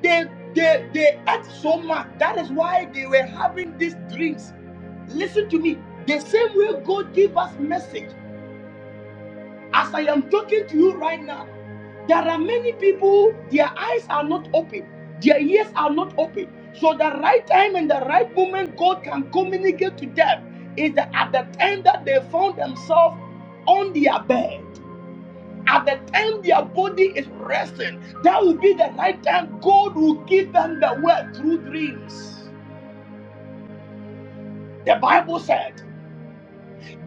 they they they ate so much. That is why they were having these dreams. Listen to me. The same way God gave us message. As I am talking to you right now, there are many people, their eyes are not open, their ears are not open. So the right time and the right moment God can communicate to them is that at the time that they found themselves on their bed, at the time their body is resting, that will be the right time God will give them the word through dreams. The Bible said.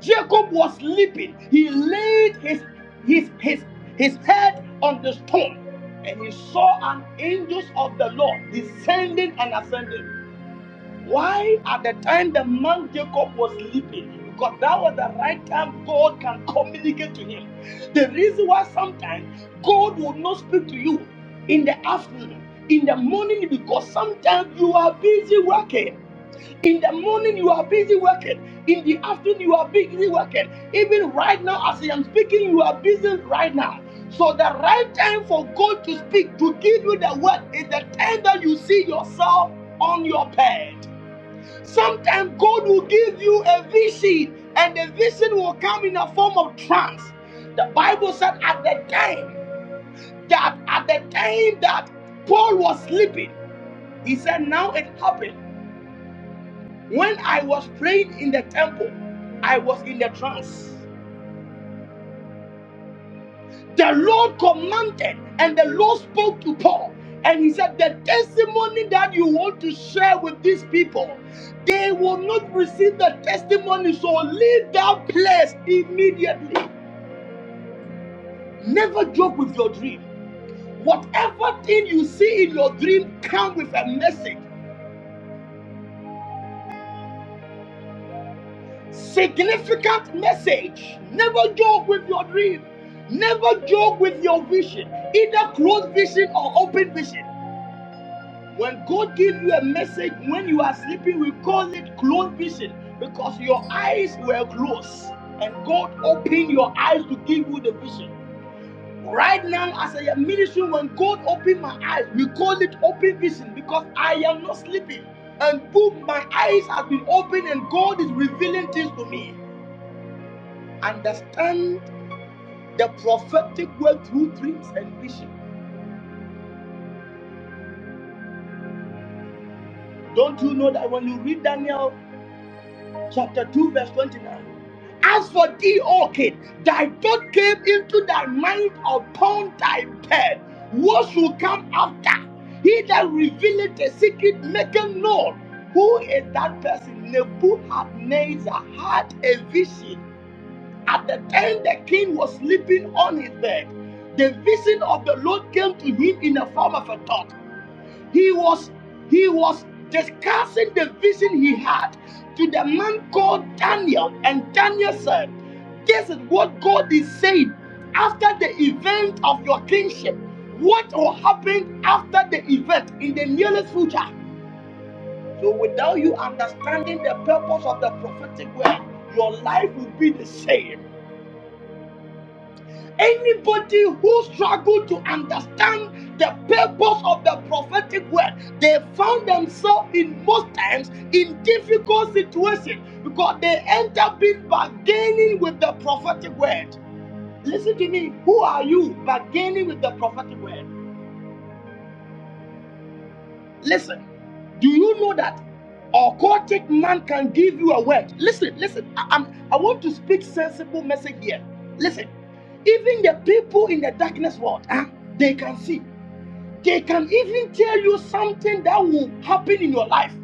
Jacob was sleeping. He laid his his his his head on the stone, and he saw an angel of the Lord descending and ascending. Why at the time the man Jacob was sleeping? Because that was the right time God can communicate to him. The reason why sometimes God will not speak to you in the afternoon, in the morning, because sometimes you are busy working. In the morning, you are busy working. In the afternoon, you are busy working. Even right now, as I am speaking, you are busy right now. So, the right time for God to speak, to give you the word, is the time that you see yourself on your bed. Sometimes God will give you a vision, and the vision will come in a form of trance. The Bible said at the time that at the time that Paul was sleeping, he said, Now it happened when I was praying in the temple, I was in the trance. The Lord commanded and the Lord spoke to Paul. And he said, The testimony that you want to share with these people, they will not receive the testimony. So leave that place immediately. Never joke with your dream. Whatever thing you see in your dream, come with a message. Significant message. Never joke with your dream. Never joke with your vision, either closed vision or open vision. When God gives you a message when you are sleeping, we call it closed vision because your eyes were closed and God opened your eyes to give you the vision. Right now, as I am ministering, when God opened my eyes, we call it open vision because I am not sleeping. And boom, my eyes have been opened and God is revealing things to me. Understand the prophetic word through dreams and vision. Don't you know that when you read Daniel chapter 2, verse 29? As for thee, O king, thy thought came into thy mind upon thy bed. What shall come after? He that revealeth the secret maketh known. Who is that person? Nebuchadnezzar had a vision. At the time the king was sleeping on his bed, the vision of the Lord came to him in the form of a thought. he was he was discussing the vision he had to the man called daniel and daniel said this is what god is saying after the event of your kingship what will happen after the event in the nearest future so without you understanding the purpose of the prophetic word your life will be the same Anybody who struggled to understand the purpose of the prophetic word, they found themselves in most times in difficult situations because they end up being bargaining with the prophetic word. Listen to me. Who are you bargaining with the prophetic word? Listen, do you know that a cultic man can give you a word? Listen, listen, I, I'm, I want to speak sensible message here. Listen, even the people in the darkness world, ah, they can see. They can even tell you something that will happen in your life.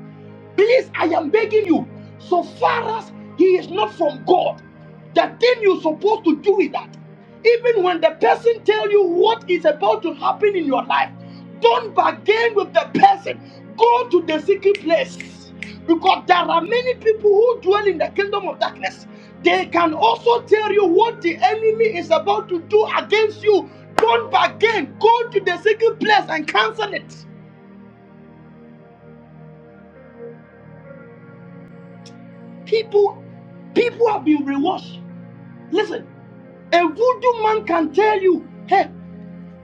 Please, I am begging you, so far as he is not from God, the thing you're supposed to do is that even when the person tell you what is about to happen in your life, don't bargain with the person. Go to the secret place. Because there are many people who dwell in the kingdom of darkness. They can also tell you what the enemy is about to do against you. Don't bargain. Go to the secret place and cancel it. People, people have been rewashed. Listen, a voodoo man can tell you, hey,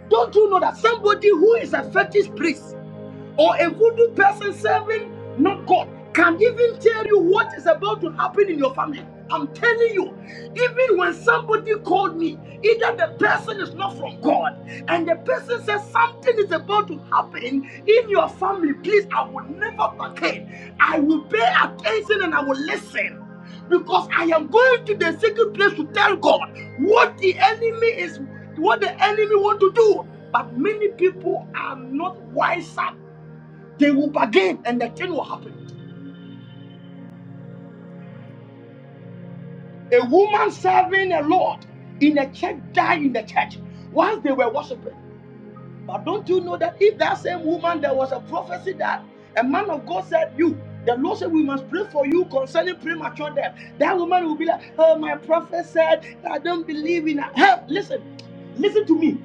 don't you know that somebody who is a fetish priest or a voodoo person serving not God can even tell you what is about to happen in your family. I'm telling you, even when somebody called me, either the person is not from God and the person says something is about to happen in your family, please, I will never forget. I will pay attention and I will listen because I am going to the secret place to tell God what the enemy is, what the enemy want to do. But many people are not wiser they will bargain and the thing will happen. A woman serving a Lord in a church died in the church whilst they were worshiping. But don't you know that if that same woman, there was a prophecy that a man of God said, You, the Lord said, We must pray for you concerning premature death. That woman will be like, Oh, my prophet said, that I don't believe in her. Hey, listen, listen to me.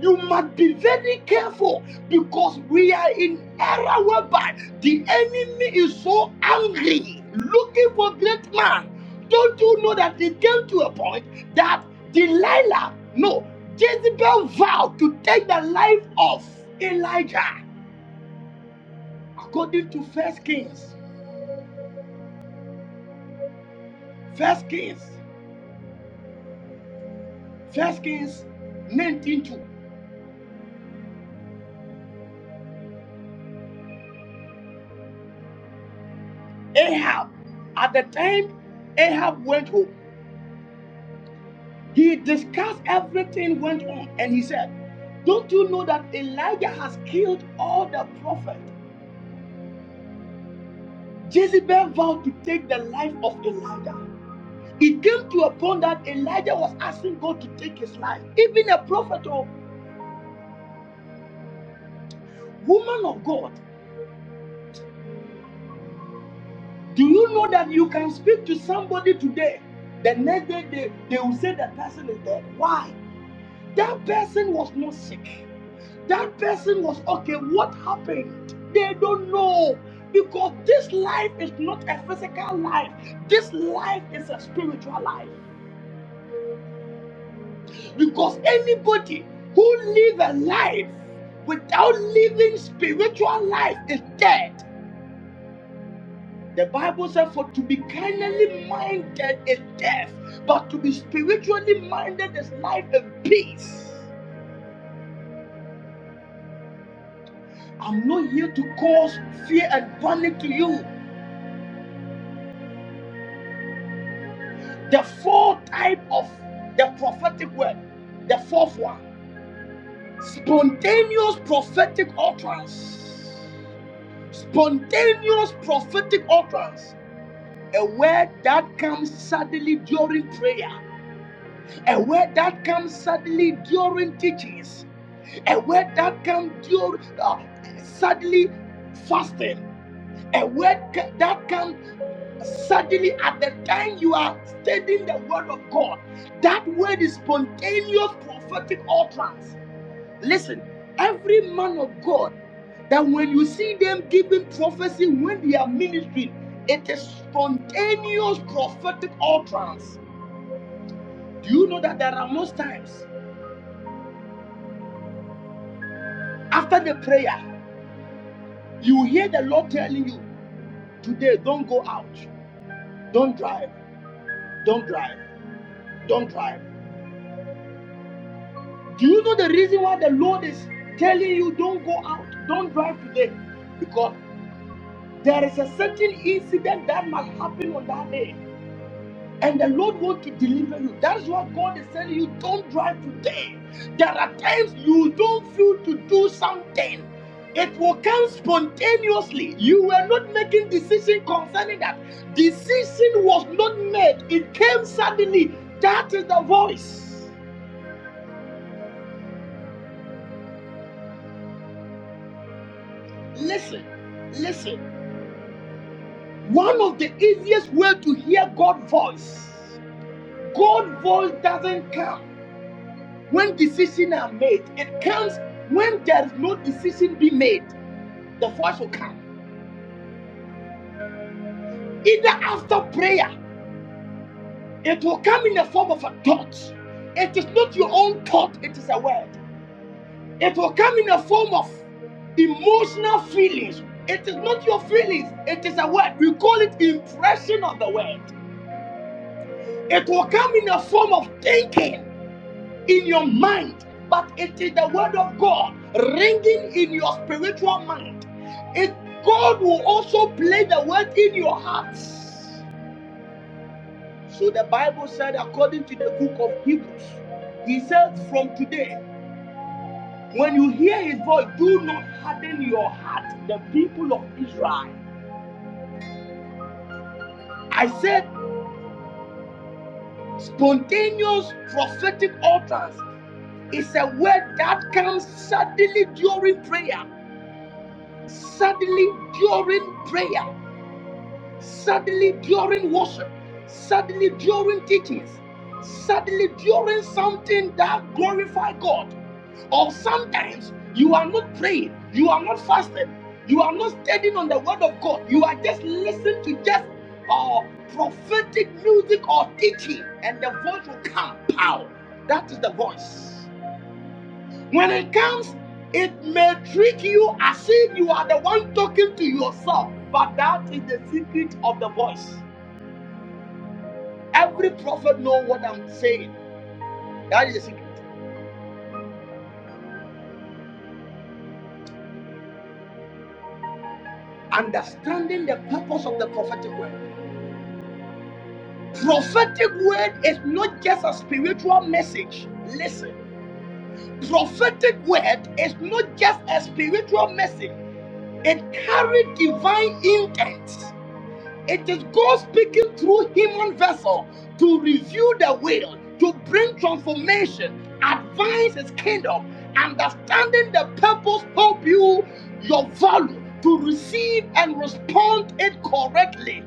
You must be very careful because we are in era whereby the enemy is so angry, looking for great man. Don't you know that it came to a point? that Delilah, no, Jezebel vowed to take the life of Elijah according to First Kings, First Kings, First Kings nineteen two. Ahab. At the time, Ahab went home. He discussed everything went on and he said, Don't you know that Elijah has killed all the prophets? Jezebel vowed to take the life of Elijah. It came to a point that Elijah was asking God to take his life. Even a prophet or woman of God, do you know that you can speak to somebody today? The next day they, they will say that person is dead. Why? That person was not sick. That person was okay. What happened? They don't know. Because this life is not a physical life, this life is a spiritual life. Because anybody who lives a life without living spiritual life is dead. The Bible says, for to be carnally minded is death, but to be spiritually minded is life and peace. I'm not here to cause fear and panic to you. The fourth type of the prophetic word, the fourth one, spontaneous prophetic utterance. Spontaneous prophetic utterance. A word that comes suddenly during prayer. A word that comes suddenly during teachings. A word that comes during uh, suddenly fasting. A word that comes suddenly at the time you are studying the word of God. That word is spontaneous prophetic utterance. Listen, every man of God, that when you see them giving prophecy when they are ministering, it is spontaneous prophetic utterance. Do you know that there are most times after the prayer, you hear the Lord telling you, Today, don't go out, don't drive, don't drive, don't drive. Do you know the reason why the Lord is telling you, Don't go out, don't drive today? Because there is a certain incident that must happen on that day and the Lord want to deliver you. That is what God is telling you. Don't drive today. There are times you don't feel to do something. It will come spontaneously. You were not making decision concerning that. Decision was not made. It came suddenly. That is the voice. Listen, listen. One of the easiest way to hear God's voice. God's voice doesn't come. When decisions are made, it comes when there is no decision being made, the voice will come. Either after prayer, it will come in the form of a thought. It is not your own thought, it is a word. It will come in the form of emotional feelings. It is not your feelings, it is a word. We call it impression of the word. It will come in the form of thinking. in your mind, but it is the word of God ringing in your spiritual mind. It God will also play the word in your hearts. So the Bible said, according to the book of Hebrews, he says, From today, when you hear his voice, do not harden your heart, the people of Israel. I said, spontaneous prophetic utterance is a word that comes suddenly during prayer. suddenly during prayer, suddenly during worship, suddenly during teachings, suddenly during something that glorify God. Or sometimes you are not praying, you are not fasting, you are not standing on the word of God, you are just listening to just uh, prophetic music or teaching, and the voice will come. Pow! That is the voice. When it comes, it may trick you as if you are the one talking to yourself, but that is the secret of the voice. Every prophet knows what I'm saying. That is the secret. Understanding the purpose of the prophetic word. Prophetic word is not just a spiritual message. Listen, prophetic word is not just a spiritual message. It carries divine intent. It is God speaking through human vessel to reveal the will, to bring transformation, advance His kingdom, understanding the purpose, help you, your value, to receive and respond it correctly.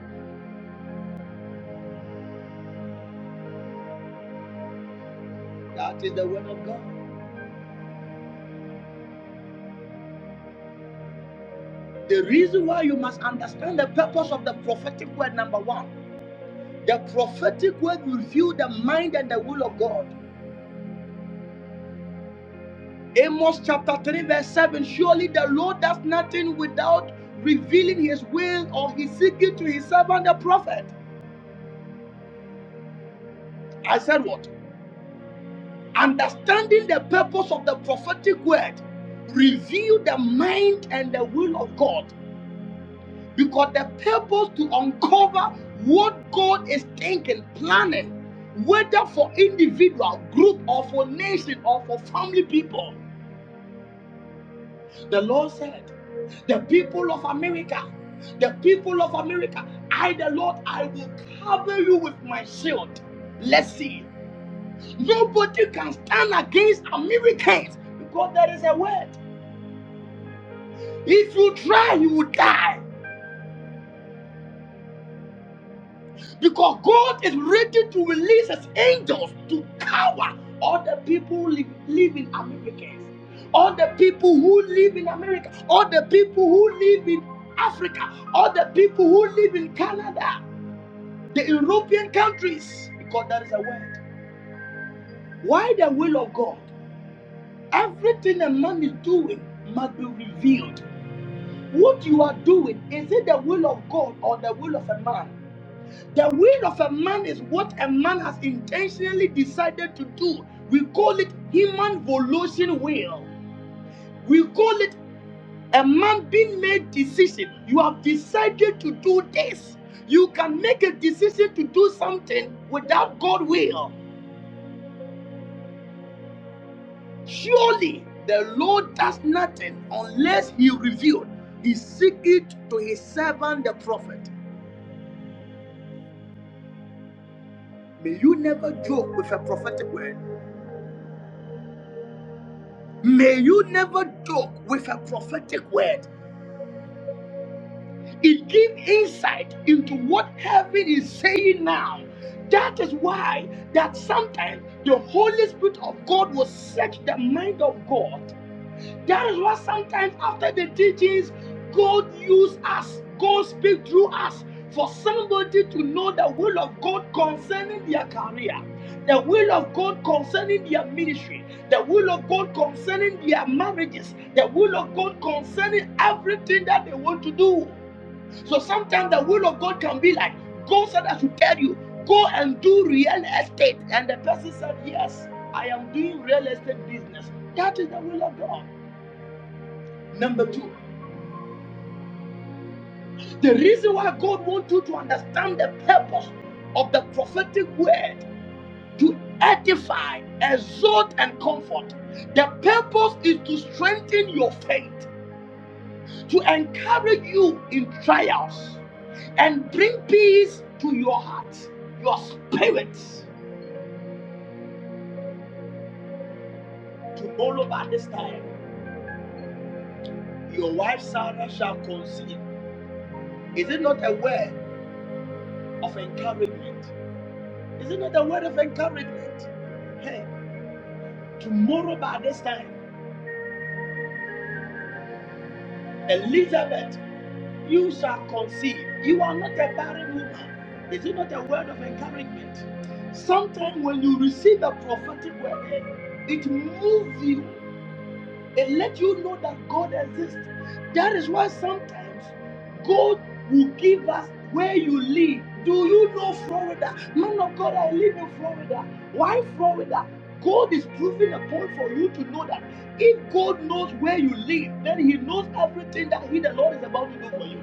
That is the word of God. The reason why you must understand the purpose of the prophetic word, number one, the prophetic word reveals the mind and the will of God. Amos chapter 3, verse 7 Surely the Lord does nothing without revealing his will or his secret to his servant the prophet. I said, What? Understanding the purpose of the prophetic word, reveal the mind and the will of God. Because the purpose to uncover what God is thinking, planning, whether for individual, group, or for nation, or for family people. The Lord said, The people of America, the people of America, I, the Lord, I will cover you with my shield. Let's see. Nobody can stand against Americans because there is a word. If you try, you will die. Because God is ready to release his angels to cover all the people who live, live in America, all the people who live in America, all the people who live in Africa, all the people who live in Canada, the European countries, because that is a word. Why the will of God? Everything a man is doing must be revealed. What you are doing, is it the will of God or the will of a man? The will of a man is what a man has intentionally decided to do. We call it human volition will. We call it a man being made decision. You have decided to do this. You can make a decision to do something without God will. Surely the Lord does nothing unless he revealed. He seek it to his servant the prophet. May you never joke with a prophetic word. May you never joke with a prophetic word. It gives insight into what heaven is saying now. That is why that sometimes the Holy Spirit of God will search the mind of God that is why sometimes after the teachings, God use us, God speak through us for somebody to know the will of God concerning their career, the will of God concerning their ministry, the will of God concerning their marriages, the will of God concerning everything that they want to do. So sometimes the will of God can be like, God said I should tell you, go and do real estate. And the person said, Yes, I am doing real estate business. That is the will of God. Number two, the reason why God wants you to understand the purpose of the prophetic word to edify, exhort, and comfort. The purpose is to strengthen your faith, to encourage you in trials, and bring peace to your heart, your spirit. Tomorrow by this time, your wife Sarah shall conceive. Is it not a word of encouragement? Is it not a word of encouragement? Hey. Tomorrow by this time, Elizabeth, you shall conceive. You are not a barren woman. Is it not a word of encouragement? Sometimes when you receive a prophetic word, it moves you It let you know that God exists. That is why sometimes God will give us where you live. Do you know Florida? Man of God, I live in Florida. Why Florida? God is proving a point for you to know that if God knows where you live, then He knows everything that He, the Lord, is about to do for you.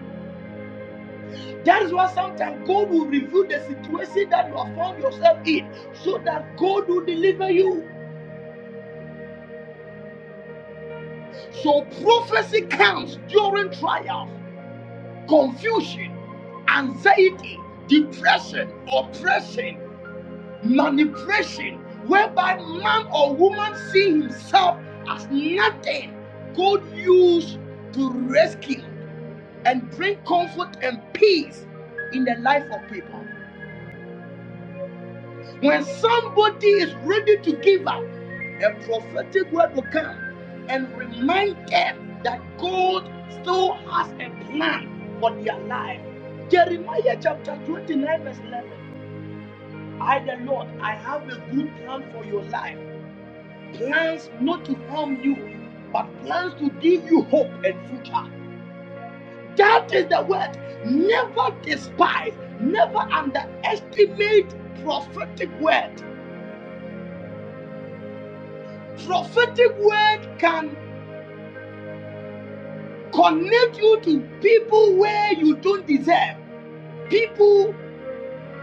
That is why sometimes God will reveal the situation that you have found yourself in so that God will deliver you. So prophecy comes during trials. confusion, anxiety, depression, oppression, manipulation, whereby man or woman see himself as nothing God used to rescue and bring comfort and peace in the life of people. When somebody is ready to give up, a prophetic word will come and remind them that God still has a plan for their life. Jeremiah chapter 29, verse 11. I, the Lord, I have a good plan for your life. Plans not to harm you, but plans to give you hope and future. That is the word. Never despise, never underestimate prophetic word. Prophetic word can connect you to people where you don't deserve, people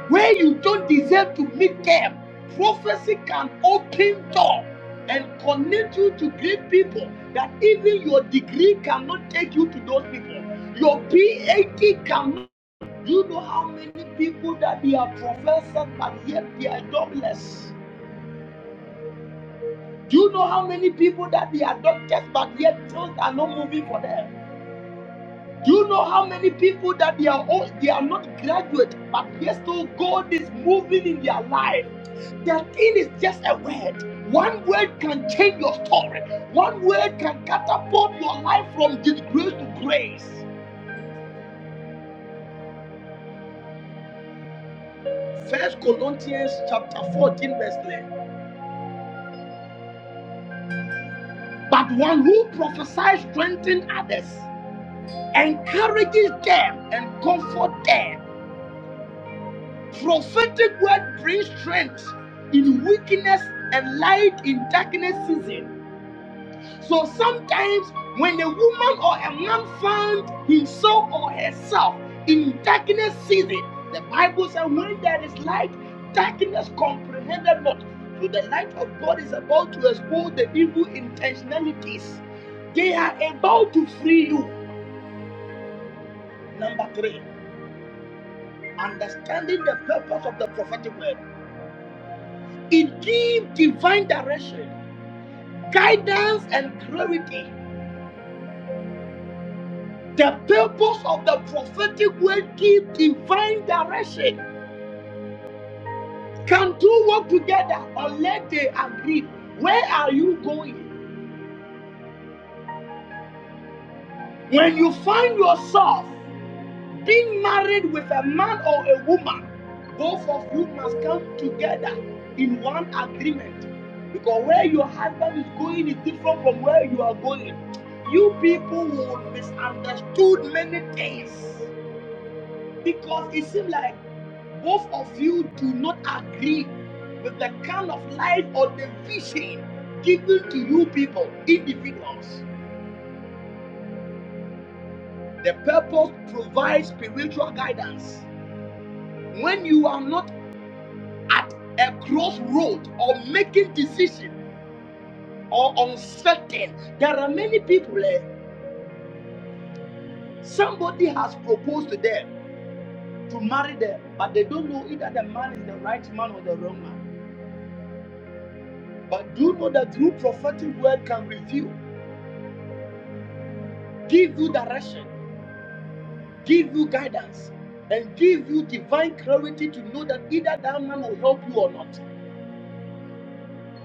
where you don't deserve to meet them. Prophecy can open door and connect you to great people that even your degree cannot take you to those people. Your PhD cannot. Do you know how many people that they are professors but yet they are jobless? Do you know how many people that they are doctors but yet things are not moving for them? Do you know how many people that they are all, they are not graduate, but yes, still God is moving in their life. That thing is just a word. One word can change your story. One word can catapult your life from disgrace to grace. First Corinthians chapter 14, verse 11. But one who prophesies strengthens others, encourages them, and comforts them. Prophetic word brings strength in weakness and light in darkness season. So sometimes when a woman or a man found himself or herself in darkness season, the Bible says when there is light, darkness comprehended not. So the light of God is about to expose the evil intentionalities. They are about to free you. Number three, understanding the purpose of the prophetic word. It gives divine direction, guidance, and clarity. The purpose of the prophetic word gives divine direction. Can two work together unless they agree? Where are you going? When you find yourself being married with a man or a woman, both of you must come together in one agreement. Because where your husband is going is different from where you are going. You people will misunderstood many things because it seems like both of you do not agree with the kind of life or the vision given to you people, individuals. The purpose provides spiritual guidance. When you are not at a crossroad or making decision or uncertain. There are many people eh, somebody has proposed to them to marry them, but they don't know either the man is the right man or the wrong man. But do you know that through prophetic word can reveal, give you direction, give you guidance, and give you divine clarity to know that either that man will help you or not.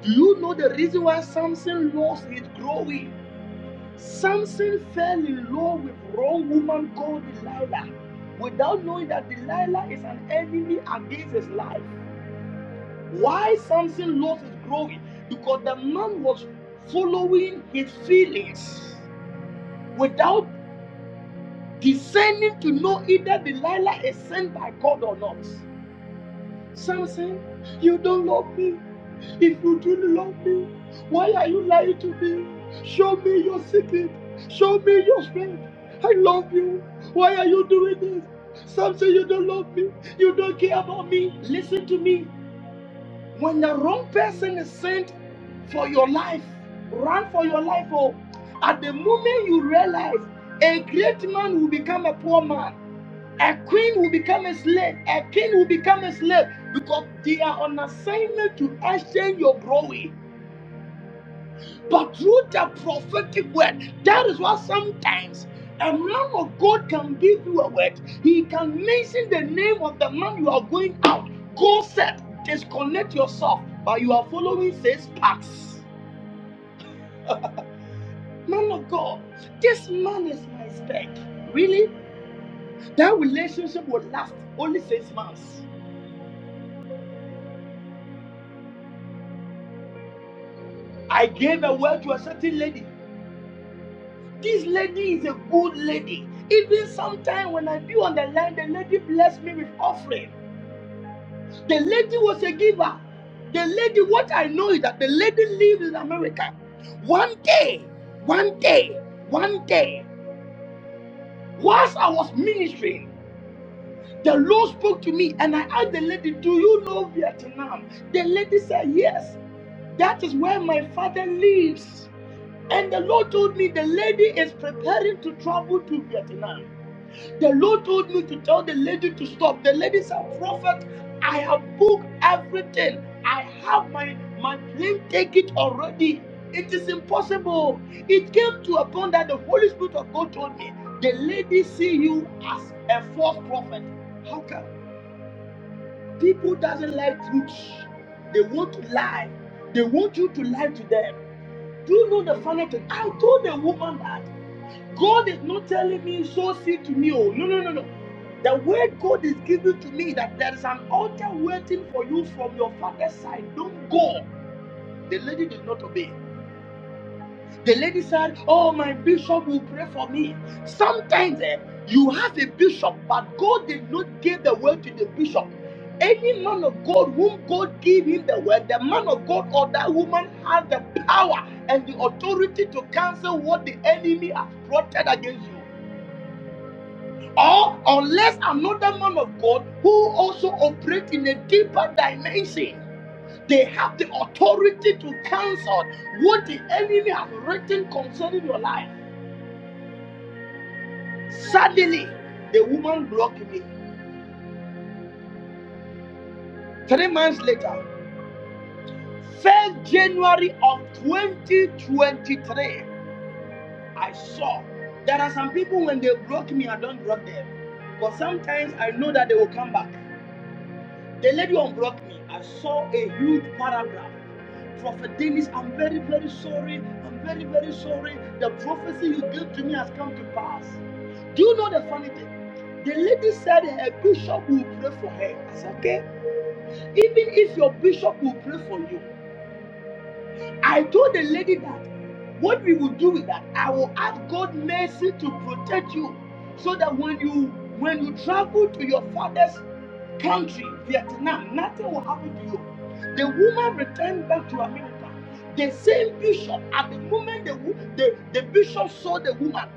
Do you know the reason why Samson lost his glory? Samson fell in love with wrong woman called Delilah without knowing that Delilah is an enemy against his life. Why Samson lost his glory? Because the man was following his feelings without discerning to know either Delilah is sent by God or not. Samson, you don't love me. If you do love me, why are you lying to me? Show me your secret. Show me your strength. I love you. Why are you doing this? Samson, you don't love me. You don't care about me. Listen to me. When the wrong person is sent for your life, run for your life. Oh, at the moment you realize a great man will become a poor man. A queen will become a slave. A king will become a slave because they are on assignment to exchange your glory. But through the prophetic word, that is why sometimes a man of God can give you a word. He can mention the name of the man you are going out. Go set, disconnect yourself, but you are following six paths. Man of God, this man is my spec. Really? That relationship will last only six months. I gave a word to a certain lady. This lady is a good lady. Even sometimes when I be on the line, the lady blessed me with offering. The lady was a giver. The lady, what I know is that the lady lives in America. One day, one day, one day, whilst I was ministering, the Lord spoke to me and I asked the lady, Do you know Vietnam? The lady said, Yes, that is where my father lives. And the Lord told me the lady is preparing to travel to Vietnam. The Lord told me to tell the lady to stop. The lady said, Prophet, I have booked everything. I have my, my plane ticket already. It is impossible. It came to a point that the Holy Spirit of God told me, the lady see you as a false prophet. How come? People doesn't like truth. They want to lie. They want you to lie to them. Do you know the funny thing? I told the woman that. God is not telling me so see to me. Oh, no, no, no, no. The word God is giving to me that there is an altar waiting for you from your father's side. Don't go. The lady did not obey. The lady said, Oh, my bishop will pray for me. Sometimes eh, you have a bishop, but God did not give the word to the bishop. Any man of God whom God gave him the word, the man of God or that woman has the power and the authority to cancel what the enemy has plotted against you. or unless another man of God who also operates in a deeper dimension, they have the authority to cancel what the enemy has written concerning your life. Suddenly, the woman blocked me. Three months later, 1st January of 2023, I saw there are some people when they block me, I don't block them. but sometimes I know that they will come back. The lady unblocked me. I saw a huge paragraph. Prophet Dennis, I'm very, very sorry. I'm very, very sorry. The prophecy you gave to me has come to pass. Do you know the funny thing? The lady said her bishop will pray for her. I said, okay. Even if your bishop will pray for you, I told the lady that what we will do with that I will ask God mercy to protect you so that when you when you travel to your father's country, Vietnam, nothing will happen to you. The woman returned back to America. The same bishop, at the moment the, wo- the, the bishop saw the woman,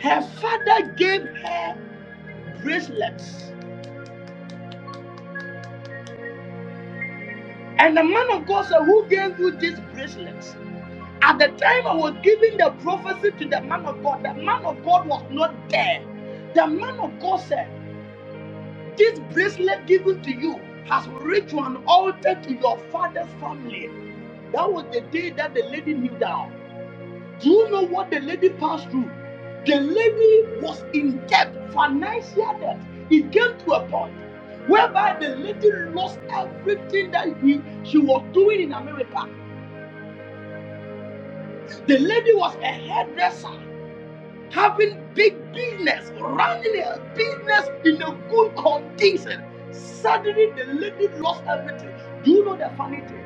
her father gave her bracelets. And the man of God said, Who gave you these bracelets? At the time I was giving the prophecy to the man of God, the man of God was not there. The man of God said, This bracelet given to you has reached to an altar to your father's family. That was the day that the lady knew down. Do you know what the lady passed through? The lady was in debt, financial debt. It came to a point whereby the lady lost everything that he, she was doing in America. The lady was a hairdresser. having big business, running a business in a good condition. Suddenly the lady lost everything. Do you know the funny thing?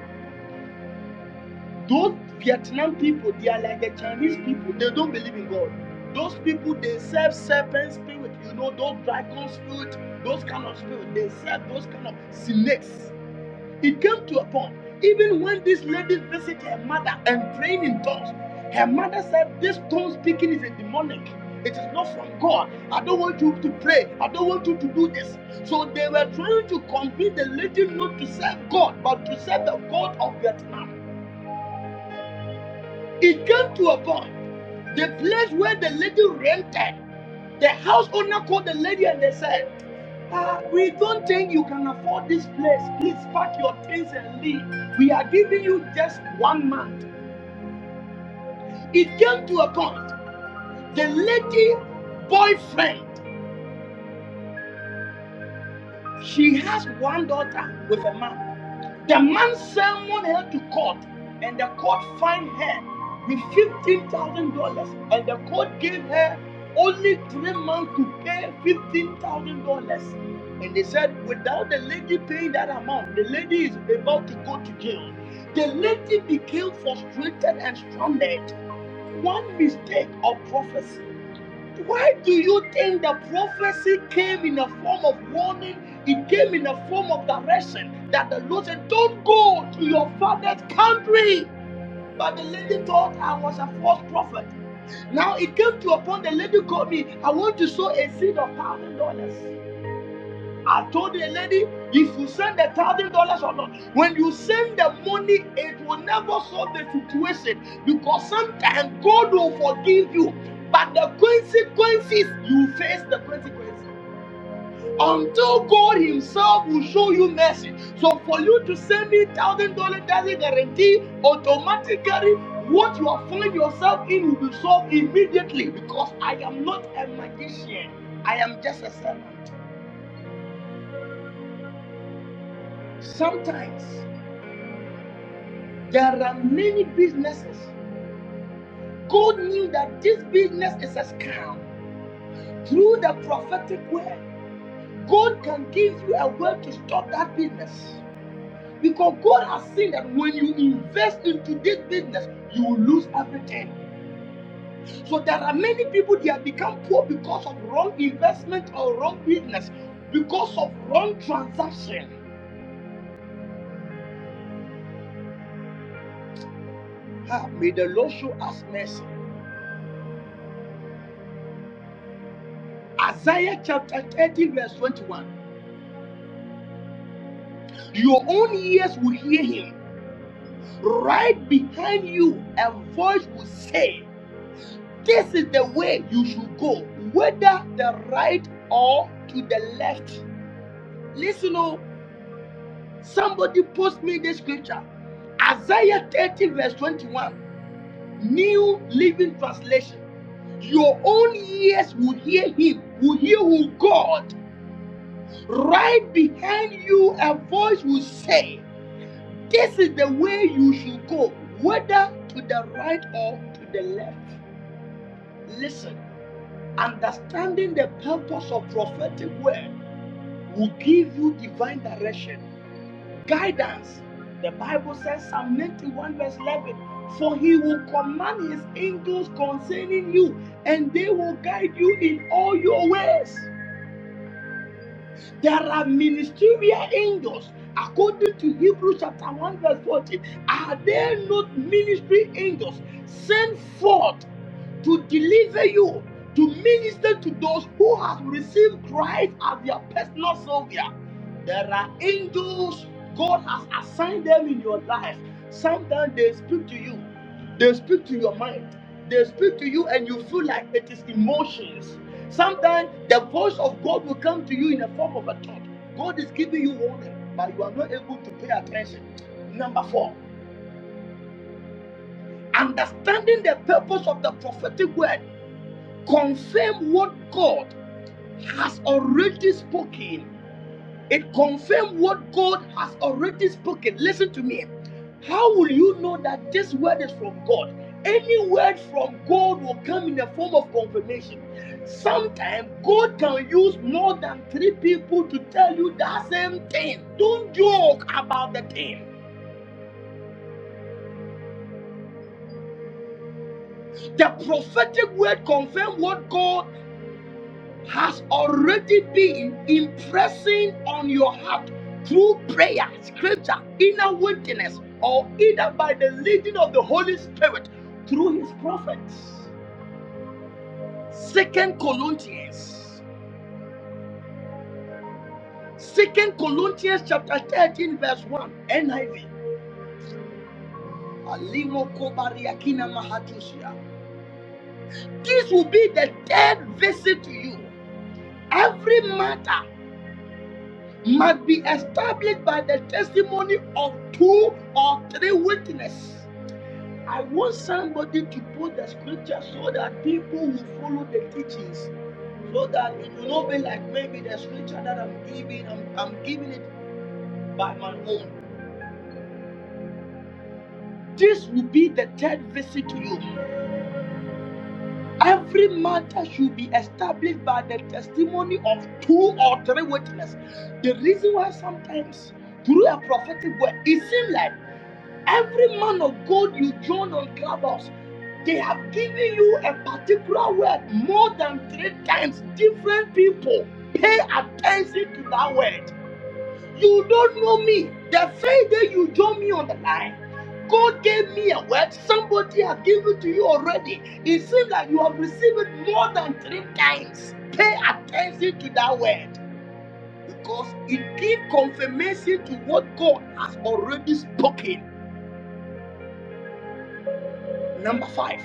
Those Vietnam people, they are like the Chinese people. They don't believe in God. Those people, they serve serpent spirit, you know, those dragon spirit, those kind of spirit. They serve those kind of snakes. It came to a point, even when this lady visited her mother and praying in tongues, her mother said, This tongue speaking is a demonic. It is not from God. I don't want you to pray. I don't want you to do this. So they were trying to convince the lady not to serve God, but to serve the God of Vietnam. It came to a point, the place where the lady rented, the house owner called the lady and they said, "Ah, We don't think you can afford this place. Please pack your things and leave. We are giving you just one month. It came to a point, the lady boyfriend, she has one daughter with a man. The man summoned her to court, and the court fined her with fifteen thousand dollars, and the court gave her only three months to pay fifteen thousand dollars. And they said, without the lady paying that amount, the lady is about to go to jail. The lady became frustrated and stranded. One mistake of prophecy. Why do you think the prophecy came in the form of warning? It came in the form of direction that the Lord said, Don't go to your father's country. But the lady thought I was a false prophet. Now it came to a point the lady called me, I want to sow a seed of one thousand dollars. I told the lady, if you send a thousand dollars or not, when you send the money, it will never solve the situation because sometimes God will forgive you, but the consequences you face the consequences until God Himself will show you mercy. So for you to send me thousand dollars doesn't guarantee automatically what you are finding yourself in will be solved immediately because I am not a magician. I am just a servant. Sometimes. There are many businesses. God knew that this business is a scam. Through the prophetic word, God can give you a word to stop that business. Because God has seen that when you invest into this business, you will lose everything. So there are many people they have become poor because of wrong investment or wrong business, because of wrong transaction. Ah, may the Lord show us mercy. Isaiah chapter 30, verse 21. Your own ears will hear him right behind you, a voice will say, This is the way you should go, whether the right or to the left. Listen, oh, somebody post me this scripture Isaiah 30, verse 21, New Living Translation. Your own ears will hear him, will hear who God. Right behind you, a voice will say, This is the way you should go, whether to the right or to the left. Listen, understanding the purpose of prophetic word will give you divine direction, guidance. The Bible says, Psalm 91, verse 11, for he will command his angels concerning you, and they will guide you in all your ways. There are ministerial angels. According to Hebrews chapter 1, verse 14, are there not ministry angels sent forth to deliver you, to minister to those who have received Christ as their personal Savior. There are angels God has assigned them in your life. Sometimes they speak to you, they speak to your mind, they speak to you, and you feel like it is emotions. Sometimes the voice of God will come to you in the form of a thought. God is giving you warning, but you are not able to pay attention. Number four, understanding the purpose of the prophetic word confirm what God has already spoken. It confirm what God has already spoken. Listen to me. How will you know that this word is from God? Any word from God will come in the form of confirmation. Sometimes God can use more than three people to tell you that same thing. Don't joke about the thing. The prophetic word confirm what God has already been impressing on your heart through prayer, scripture, inner witness, or either by the leading of the Holy Spirit through his prophets. Second Corinthians, Second Corinthians chapter 13, verse 1, NIV. This will be the third visit to you. Every matter must be established by the testimony of two or three witnesses. I want somebody to put the scripture so that people will follow the teachings, so that it will not be like maybe the scripture that I'm giving, I'm, I'm giving it by my own. This will be the third visit to you. Every matter should be established by the testimony of two or three witnesses. The reason why sometimes through a prophetic word, it seems like Every man of God you join on Clubhouse, they have given you a particular word more than three times. Different people pay attention to that word. You don't know me. The first day you join me on the line, God gave me a word. Somebody has given it to you already. It seems like you have received it more than three times. Pay attention to that word because it gives confirmation to what God has already spoken. Number five.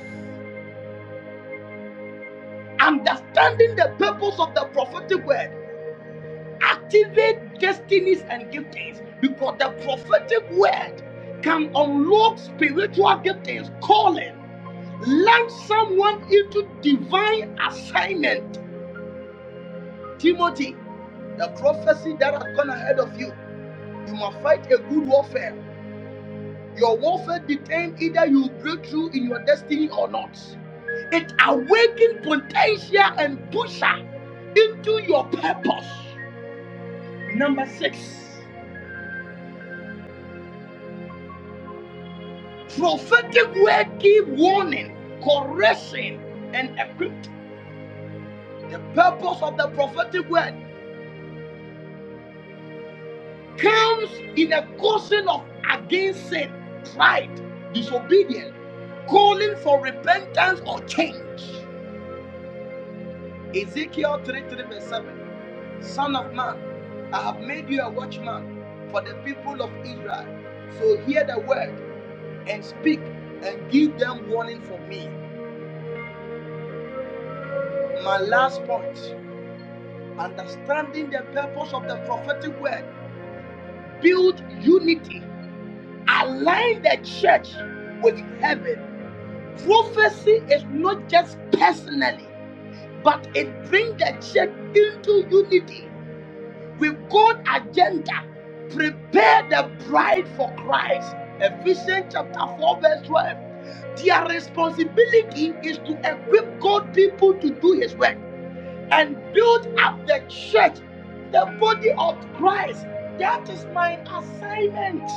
Understanding the purpose of the prophetic word activate destinies and giftings because the prophetic word can unlock spiritual giftings, calling, launch someone into divine assignment. Timothy, the prophecy that has gone ahead of you. You must fight a good warfare. Your warfare determines either you break through in your destiny or not. It awakens potential and pusher into your purpose. Number six, prophetic word give warning, correction, and equipped. The purpose of the prophetic word comes in a caution of against sin, pride, disobedience, calling for repentance or change. Ezekiel three, three, verse 7. Son of man, I have made you a watchman for the people of Israel. So hear the word and speak and give them warning from me. My last point. understanding the purpose of the prophetic word, build unity, align the church with heaven. Prophecy is not just personally, but it brings the church into unity with God agenda. Prepare the bride for Christ. Ephesians chapter 4, verse 12. Their responsibility is to equip God people to do his work. and build up the church, the body of Christ. That is my assignment.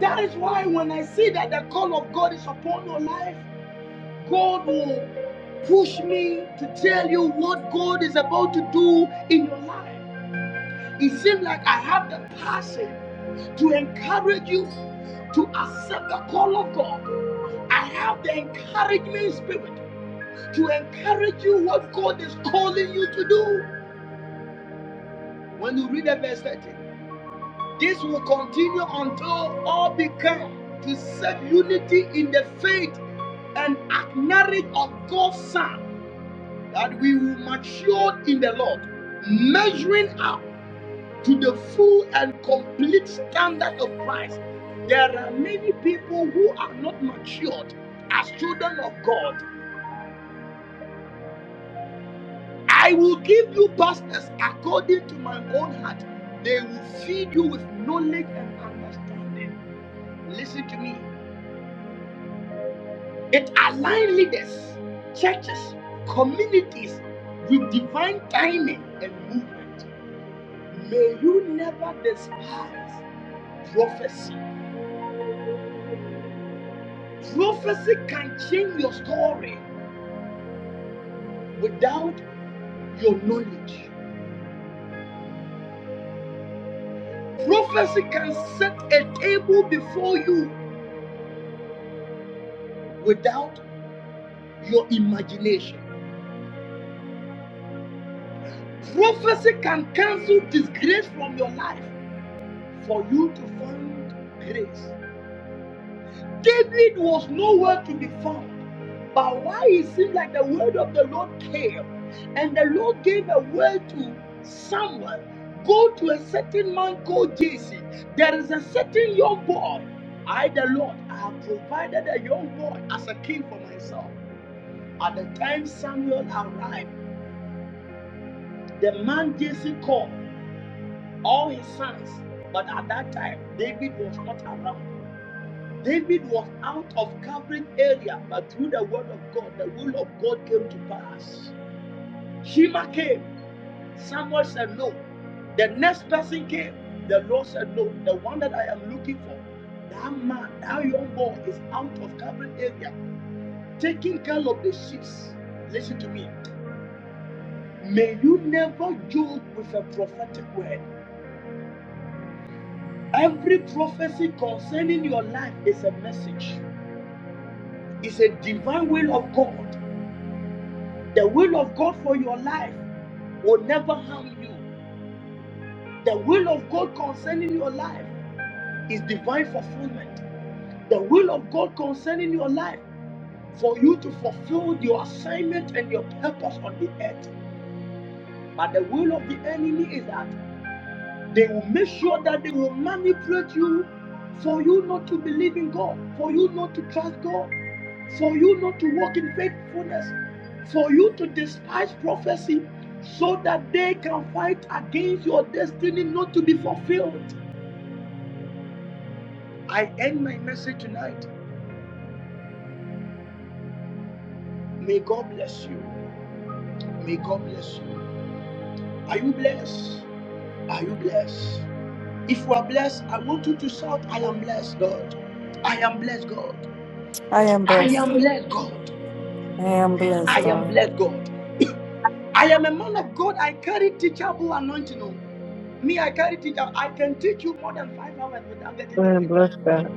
That is why when I see that the call of God is upon your life, God will push me to tell you what God is about to do in your life. It seems like I have the passion to encourage you to accept the call of God. I have the encouragement spirit to encourage you what God is calling you to do. When you read that verse 13, this will continue until all become to set unity in the faith and acknowledge of God's Son that we will mature in the Lord, measuring up to the full and complete standard of Christ. There are many people who are not matured as children of God. I will give you pastors according to my own heart. They will feed you with knowledge and understanding. Listen to me. It aligns leaders, churches, communities with divine timing and movement. May you never despise prophecy. Prophecy can change your story without your knowledge. Prophecy can set a table before you without your imagination. Prophecy can cancel disgrace from your life for you to find grace. David was nowhere to be found. But why it seems like the word of the Lord came, and the Lord gave a word to someone. Go to a certain man called Jesse. There is a certain young boy. I, the Lord, I have provided a young boy as a king for myself. At the time Samuel arrived, the man Jesse called all his sons. But at that time, David was not around. David was out of covering area, but through the word of God, the will of God came to pass. Shema came. Samuel said no. The next person came. The Lord said no. The one that I am looking for, that man, that young boy is out of covering area, taking care of the sheep. Listen to me. May you never joke with a prophetic word. Every prophecy concerning your life is a message. It's a divine will of God. The will of God for your life will never harm you. The will of God concerning your life is divine fulfillment. The will of God concerning your life for you to fulfill your assignment and your purpose on the earth. But the will of the enemy is that They will make sure that they will manipulate you for you not to believe in God, for you not to trust God, for you not to walk in faithfulness, for you to despise prophecy so that they can fight against your destiny not to be fulfilled. I end my message tonight. May God bless you. May God bless you. Are you blessed? Are you blessed? If you are blessed, I want you to shout, I am blessed, God. I am blessed, God. I am I blessed. am blessed, God. I am blessed, I am God. blessed God. I am a man of God. I carry teachable anointing. oh. Me, I carry teachable. I can teach you more than five hours without getting And tired. bless God.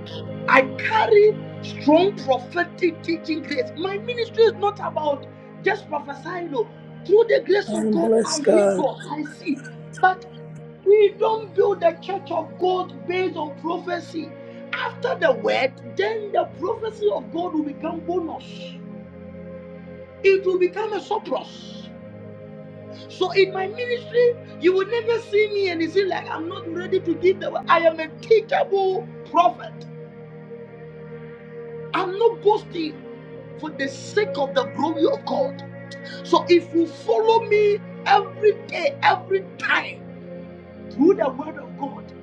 I carry strong prophetic teaching grace. My ministry is not about just prophesying. No. Through the I grace of am God, I blessed, hear God. God. I see. But we don't build the church of God based on prophecy. After the word, then the prophecy of God will become bonus. It will become a surplus. So in my ministry, you will never see me and it's like I'm not ready to give the word. I am a teachable prophet. I'm not boasting for the sake of the glory of God. So if you follow me every day, every time through the word of God,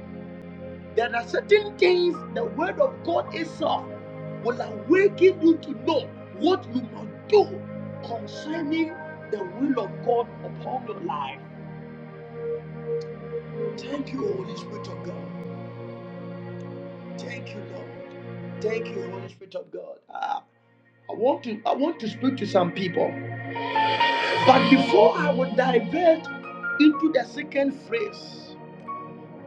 there are certain things the word of God itself will awaken you to know what you must do concerning the will of God upon your life. Thank you, Holy Spirit of God. Thank you, Lord. Thank you, Holy Spirit of God. Ah, I want to I want to speak to some people, but before I would divert into the second phrase,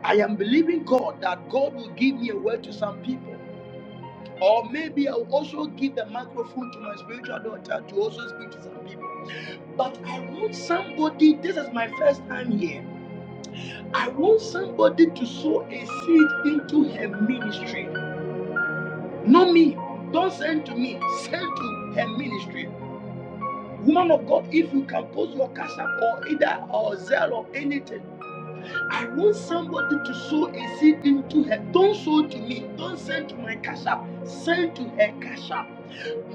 I am believing God that God will give me a word to some people, or maybe I'll also give the microphone to my spiritual daughter to also speak to some people. But I want somebody. This is my first time here. I want somebody to sow a seed into her ministry. Not me. Don't send to me. Send to her ministry. Woman of God, if you can post your cash app or either or Zelle or anything, I want somebody to sow a seed into her. Don't sow to me. Don't send to my cash app. Send to her cash app.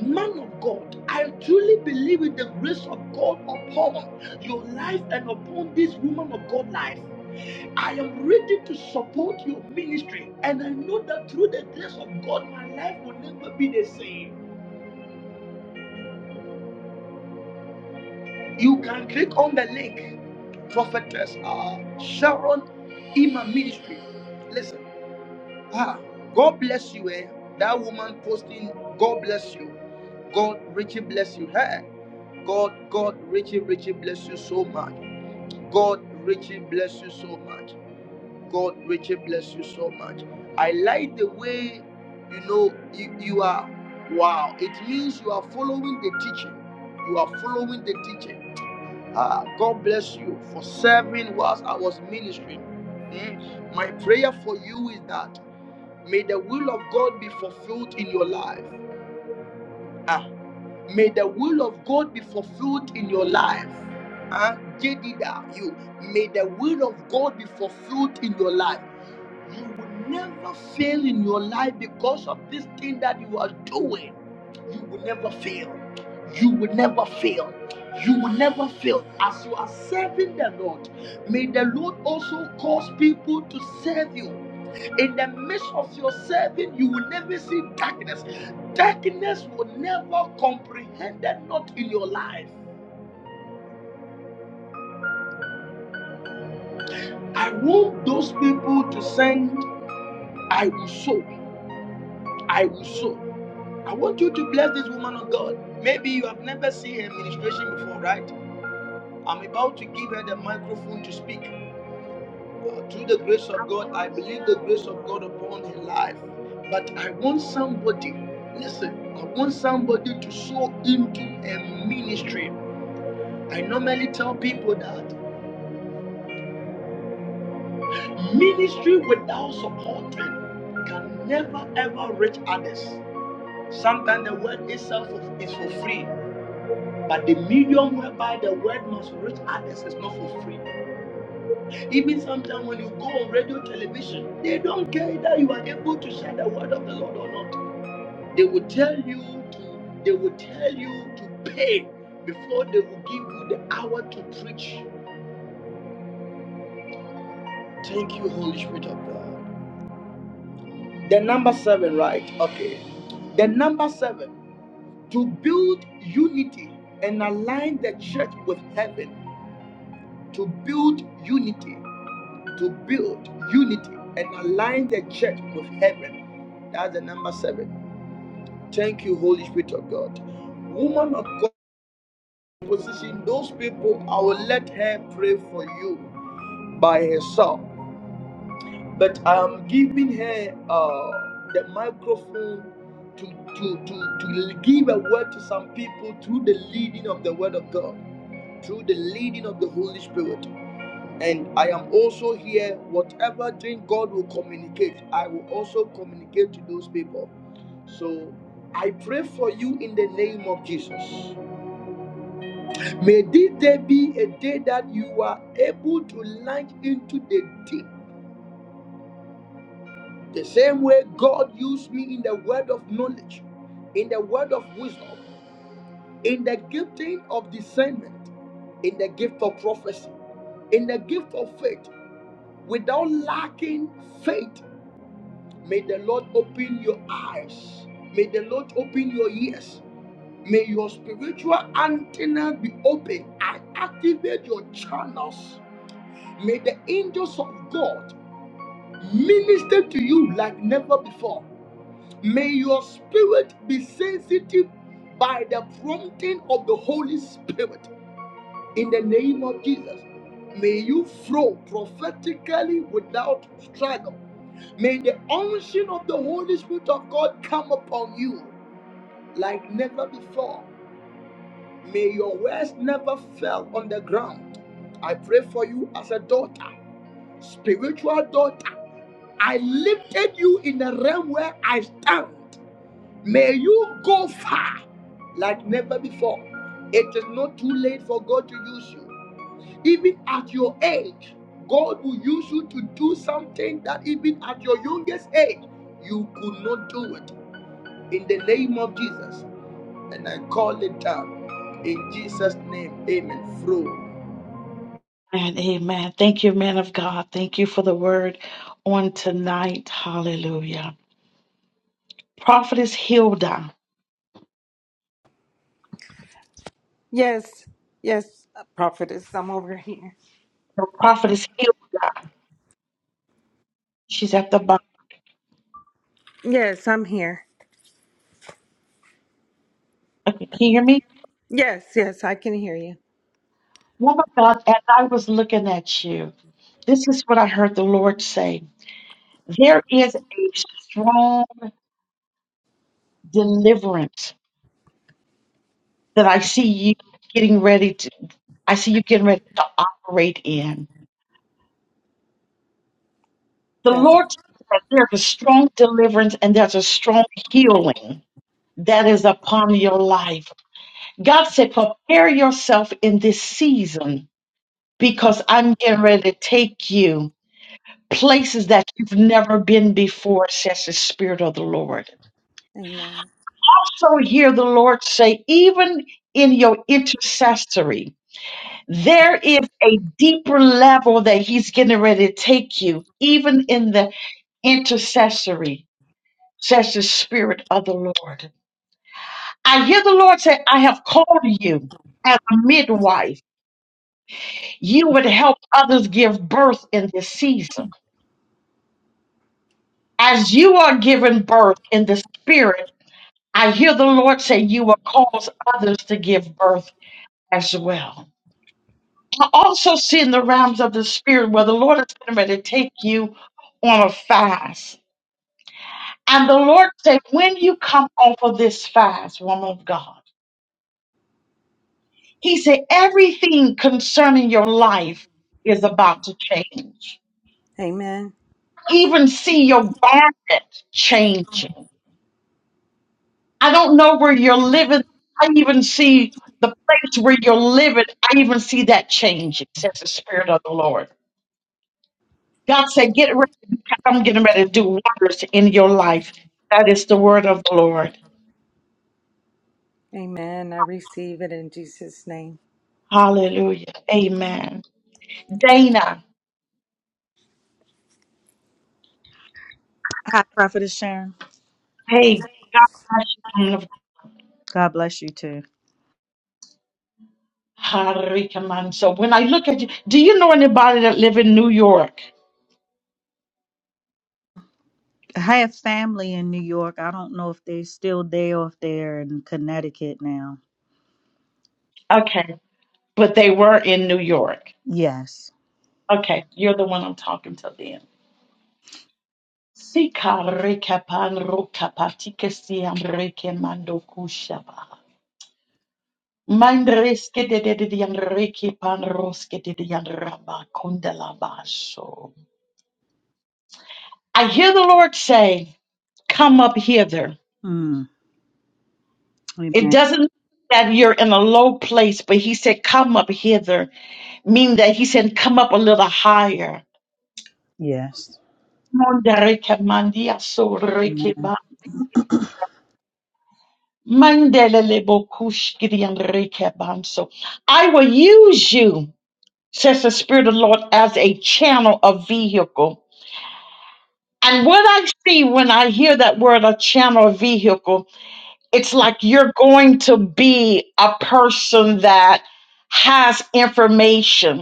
Man of God, I truly believe in the grace of God upon your life and upon this woman of God life. I am ready to support your ministry, and I know that through the grace of God, my life will never be the same. You can click on the link, Prophetess uh, Sharon Ima Ministry. Listen, ah, God bless you. Eh? That woman posting, God bless you. God richly bless you. Hey, God, God richly, richly bless you so much. God richly bless you so much. God richly bless you so much. I like the way you know you, you are. Wow, it means you are following the teaching. You are following the teaching Ah, God bless you for serving whilst I was ministering. Mm. My prayer for you is that may the will of God be fulfilled in your life. Ah, may the will of God be fulfilled in your life. Ah, Jedida, you may the will of God be fulfilled in your life. You will never fail in your life because of this thing that you are doing. You will never fail. You will never fail. You will never fail. As you are serving the Lord, may the Lord also cause people to serve you. In the midst of your serving, you will never see darkness. Darkness will never comprehend that not in your life. I want those people to send, I will sow, I will sow. I want you to bless this woman of God. Maybe you have never seen her ministration before, right? I'm about to give her the microphone to speak. Uh, through the grace of God, I believe the grace of God upon her life. But I want somebody, listen, I want somebody to sow into a ministry. I normally tell people that ministry without supporting can never ever reach others. Sometimes the word itself is for free. But the medium whereby the word must reach others is not for free. Even sometimes when you go on radio, television, they don't care that you are able to share the word of the Lord or not. They will tell you to, they will tell you to pay before they will give you the hour to preach. Thank you, Holy Spirit of God. The number seven, right? Okay. The number seven, to build unity and align the church with heaven. To build unity to build unity and align the church with heaven. That's the number seven. Thank you, Holy Spirit of God. Woman of God, position those people, I will let her pray for you by herself. But I am giving her uh, the microphone to, to, to, to give a word to some people through the leading of the Word of God, through the leading of the Holy Spirit. And I am also here, whatever thing God will communicate, I will also communicate to those people. So I pray for you in the name of Jesus. May this day be a day that you are able to launch into the deep. The same way God used me in the word of knowledge, in the word of wisdom, in the gifting of discernment, in the gift of prophecy, in the gift of faith, without lacking faith May the Lord open your eyes. May the Lord open your ears. May your spiritual antenna be open and activate your channels. May the angels of God minister to you like never before. May your spirit be sensitive by the prompting of the Holy Spirit in the name of Jesus. May you flow prophetically without struggle. May the unction of the Holy Spirit of God come upon you like never before. May your words never fall on the ground. I pray for you as a daughter, spiritual daughter. I lifted you in a realm where I stand. May you go far like never before. It is not too late for God to use you. Even at your age, God will use you to do something that even at your youngest age, you could not do it. In the name of Jesus. And I call it down. In Jesus' name, amen. Through. And amen. Thank you, man of God. Thank you for the word on tonight. Hallelujah. Prophetess Hilda. Yes, yes, prophetess, I'm over here. The prophetess Hilda. She's at the bottom. Yes, I'm here. Okay, can you hear me? Yes, yes, I can hear you. Woman of God, as I was looking at you, this is what I heard the Lord say. There is a strong deliverance that I see you getting ready to, I see you getting ready to operate in. The That's Lord tells us there's a strong deliverance and there's a strong healing that is upon your life. God said, prepare yourself in this season because I'm getting ready to take you places that you've never been before, says the Spirit of the Lord. amen. Also hear the Lord say, even in your intercessory, there is a deeper level that He's getting ready to take you, even in the intercessory. says the Spirit of the Lord. I hear the Lord say, I have called you as a midwife. You would help others give birth in this season. As you are giving birth in the Spirit, I hear the Lord say, You will cause others to give birth as well. I also see in the realms of the Spirit where the Lord is getting ready to take you on a fast. And the Lord said, When you come off of this fast, woman of God, He said, Everything concerning your life is about to change. Amen. Even see your garment changing. I don't know where you're living. I even see the place where you're living. I even see that changing, says the Spirit of the Lord. God said, Get ready. because I'm getting ready to do wonders in your life. That is the word of the Lord. Amen. I receive it in Jesus' name. Hallelujah. Amen. Dana, Hi, Prophetess Sharon. hey, God bless you. woman of God bless you too. Harikaman. So when I look at you, do you know anybody that live in New York? I have family in New York. I don't know if they're still there or if they're in Connecticut now. Okay, but they were in New York. Yes. Okay, you're the one I'm talking to then. Sikarikapan rukapatike siam reke mando kushaba. Mandreske de de de dian reke pan roske de dian raba kundala basho. I hear the Lord say, Come up hither. Mm. It Amen. doesn't mean that you're in a low place, but he said, Come up hither, meaning that he said, Come up a little higher. Yes. Mondereke mandia so Amen. So I will use you, says the Spirit of the Lord, as a channel of vehicle. And what I see when I hear that word, a channel of vehicle, it's like you're going to be a person that has information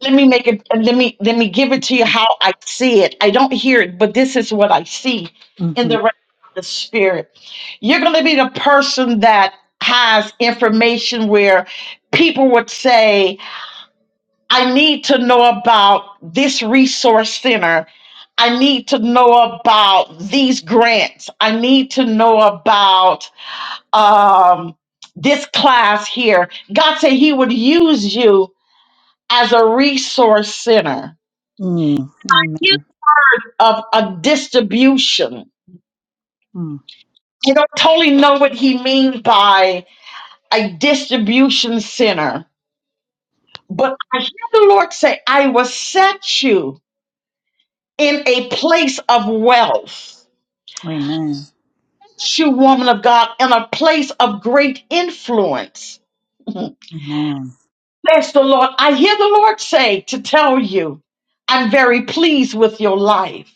let me make it let me let me give it to you how i see it i don't hear it but this is what i see in the hmm realm of the spirit you're going to be the person that has information where people would say i need to know about this resource center i need to know about these grants i need to know about um, this class here god said he would use you as a resource center Mm. Amen. of a distribution. Mm. You don't totally know what he means by a distribution center, but I hear the Lord say, I will set you in a place of wealth. Amen. Set You, woman of God, in a place of great influence. Amen. Says the Lord. I hear the Lord say to tell you, I'm very pleased with your life.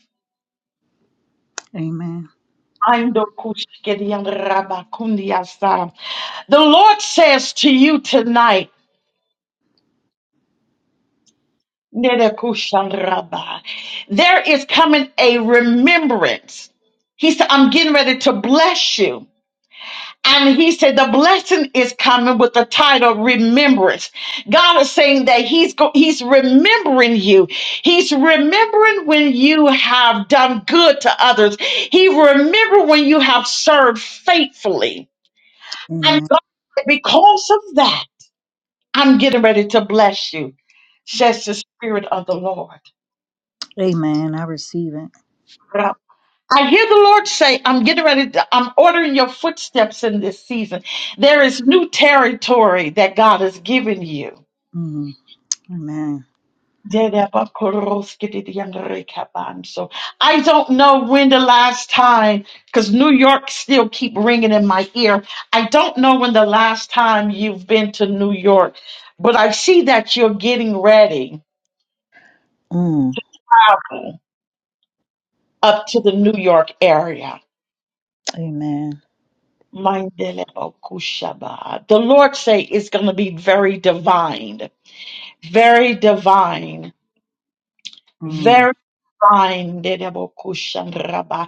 Amen. Ando kushkedian rabakundiasa. The Lord says to you tonight, Nerekushandraba. There is coming a remembrance. He said, I'm getting ready to bless you. And he said, the blessing is coming with the title remembrance. God is saying that he's go- he's remembering you. He's remembering when you have done good to others. He remember when you have served faithfully. And Amen. God, said, because of that, I'm getting ready to bless you, says the Spirit of the Lord. Amen. I receive it. I hear the Lord say, I'm getting ready, to, I'm ordering your footsteps in this season. There is new territory that God has given you. Mm. Amen. So I don't know when the last time, because New York still keep ringing in my ear. I don't know when the last time you've been to New York, but I see that you're getting ready Mm. up to the New York area. Amen. Mindele Bokushaba. The Lord say it's going to be very divine, very divine, Mm. very divine. Dele Bokushandraba.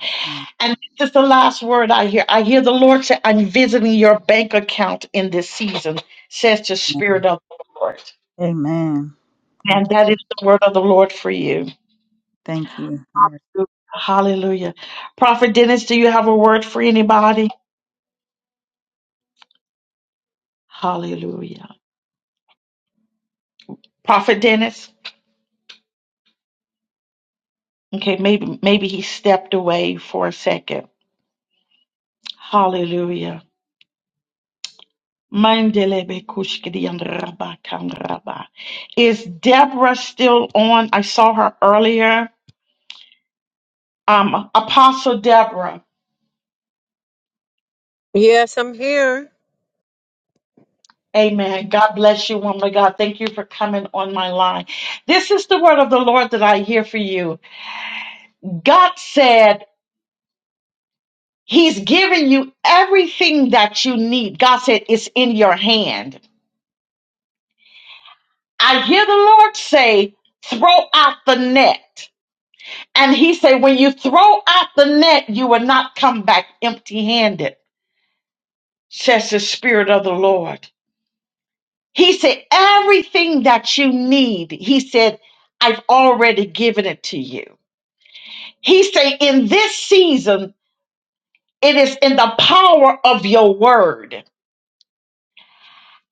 And this is the last word I hear. I hear the Lord say, I'm visiting your bank account in this season, says the Amen. Spirit of the Lord. Amen. Thank And that you. is the word of the Lord for you. Thank you. I Hallelujah. Prophet Dennis, do you have a word for anybody? Hallelujah. Prophet Dennis? Okay, maybe maybe he stepped away for a second. Hallelujah. Mandelebe kushkidi and rabba kan rabba. Is Deborah still on? I saw her earlier. Um, Apostle Deborah. Yes, I'm here. Amen. God bless you, woman of God. Thank you for coming on my line. This is the word of the Lord that I hear for you. God said, He's giving you everything that you need. God said, It's in your hand. I hear the Lord say, throw out the net. And he said, when you throw out the net, you will not come back empty handed, says the Spirit of the Lord. He said, everything that you need, he said, I've already given it to you. He said, in this season, it is in the power of your word.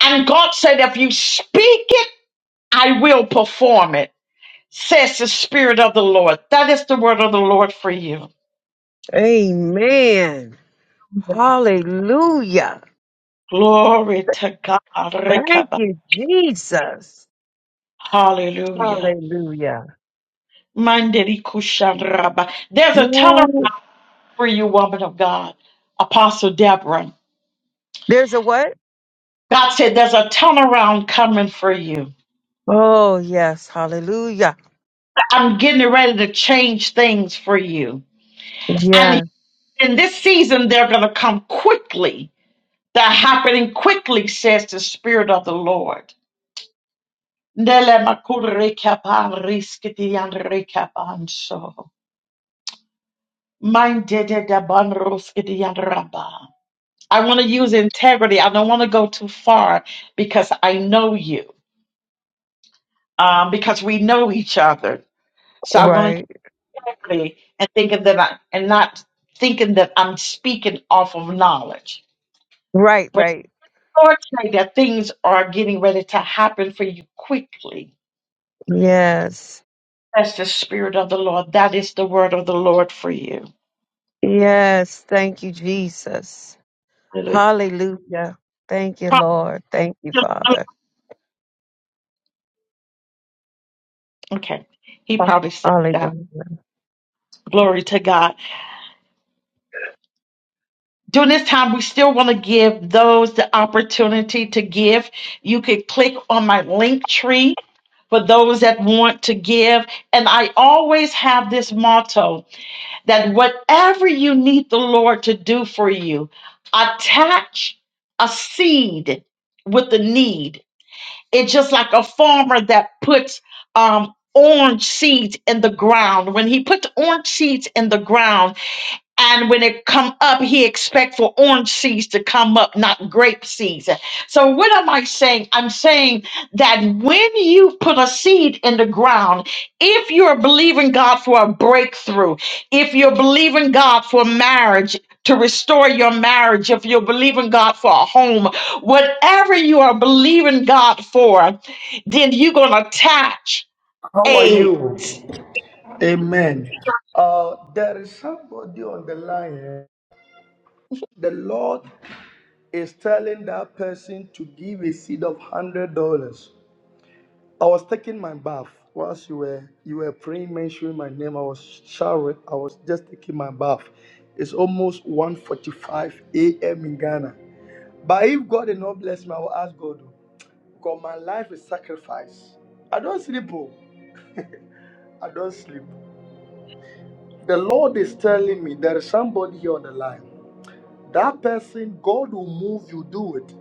And God said, if you speak it, I will perform it, says the Spirit of the Lord. That is the word of the Lord for you. Amen. Hallelujah. Glory to God. Thank Rekaba. you, Jesus. Hallelujah. Hallelujah. Mandiri kushanraba. There's a turnaround Mm, for you, woman of God. Apostle Deborah. There's a what? God said there's a turnaround coming for you. Oh, yes. Hallelujah. I'm getting ready to change things for you. And Yeah. in this season, they're going to come quickly. They're happening quickly, says the Spirit of the Lord. Nele makure kapan riskiti and rekapan so. Mine did it, the bun roast, get the other rubber. I want to use integrity. I don't want to go too far because I know you, um, because we know each other. So I want to Right. use integrity and thinking that I and not thinking that I'm speaking off of knowledge. Right. But Right. Lord, say that things are getting ready to happen for you quickly. Yes. That's the spirit of the Lord. That is the word of the Lord for you. Yes. Thank you, Jesus. Hallelujah. Hallelujah. Thank you, Lord. Thank you, Father. Okay, he probably said that. Hallelujah. Glory to God. during this time, we still want to give those the opportunity to give. You could click on my link tree for those that want to give. And I always have this motto that whatever you need the Lord to do for you, attach a seed with the need. It's just like a farmer that puts um, orange seeds in the ground. When he puts orange seeds in the ground, and when it come up he expect for orange seeds to come up not grape seeds so what am i saying i'm saying that when you put a seed in the ground if you're believing god for a breakthrough if you're believing god for marriage to restore your marriage, if you're believing God for a home, whatever you are believing God for, then you're going to attach How are a. you? Amen. Uh, there is somebody on the line. eh? The Lord is telling that person to give a seed of $100. I was taking my bath whilst you were you were praying, mentioning my name. I was showering. I was just taking my bath. It's almost one forty-five a.m. in Ghana. But if God did not bless me, I will ask God. oh, Because my life is sacrifice. I don't sleep. Oh, I don't sleep. The Lord is telling me there is somebody here on the line. That person, God will move you. Do it.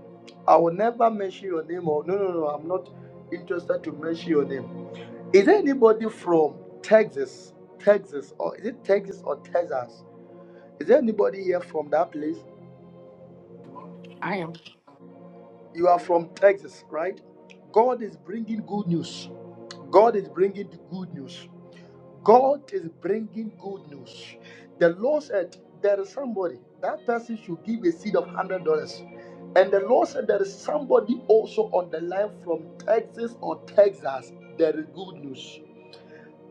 I will never mention your name. Or no, no, no. I'm not interested to mention your name. Is there anybody from Texas, Texas, or is it Texas or Texas? Is there anybody here from that place? I am. You are from Texas, right? God is bringing good news. God is bringing good news. God is bringing good news. The Lord said, There is somebody. That person should give a seed of $100. And the Lord said, There is somebody also on the line from Texas or Texas. There is good news.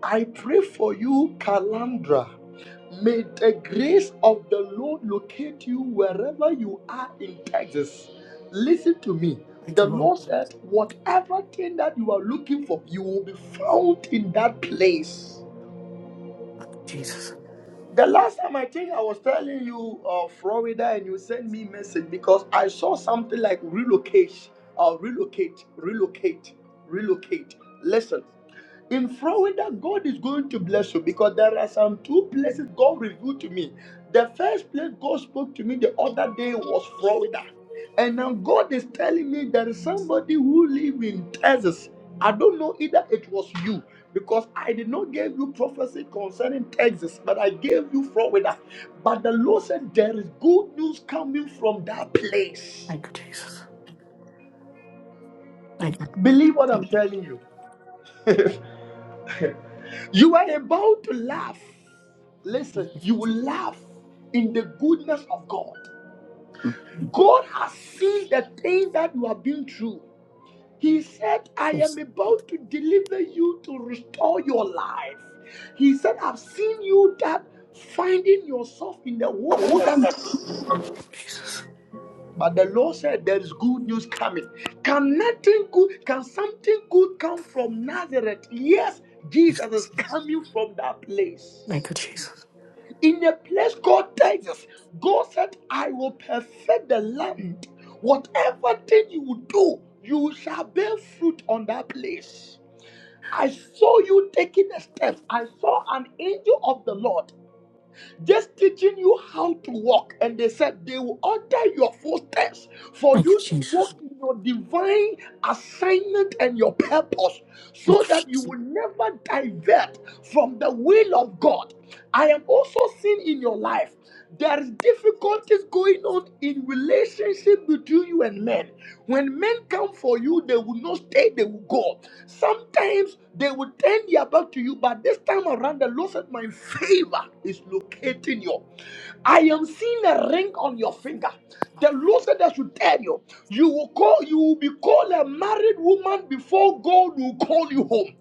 I pray for you, Kalandra. May the grace of the Lord locate you wherever you are in Texas. Listen to me. Thank The you, Lord. Lord said, whatever thing that you are looking for, you will be found in that place. Thank you, Jesus. The last time I think I was telling you uh, Florida and you sent me message because I saw something like relocate or relocate, relocate, relocate. Listen in Florida, God is going to bless you because there are some two places God revealed to me. The first place God spoke to me the other day was Florida. And now God is telling me there is somebody who lives in Texas. I don't know either it was you because I did not give you prophecy concerning Texas, but I gave you Florida. But the Lord said there is good news coming from that place. Thank you, Jesus. Thank you. Believe what I'm telling you. You are about to laugh. Thank Listen, you, you Jesus. will laugh in the goodness of God. God has seen the thing that you have been through. He said, I am Jesus. about to deliver you to restore your life. He said, I've seen you that finding yourself in the wilderness. Jesus. But the Lord said, There is good news coming. Can nothing good, can something good come from Nazareth? Yes, Jesus is coming from that place. Thank you, Jesus. in a place called Texas. God said, I will perfect the land. Whatever thing you will do, you shall bear fruit on that place. I saw you taking a step. I saw an angel of the Lord just teaching you how to walk. And they said they will order your footsteps for Thank you, you to Jesus. walk in your divine assignment and your purpose Thank so you, Jesus. that you will never divert from the will of God. I am also seeing in your life. There is difficulties going on in relationship between you and men. When men come for you, they will not stay, they will go. Sometimes they will turn their back to you, but this time around, the Lord said, My favor is locating you. I am seeing a ring on your finger. The Lord said I should tell you, you will call, you will be called a married woman before God will call you home.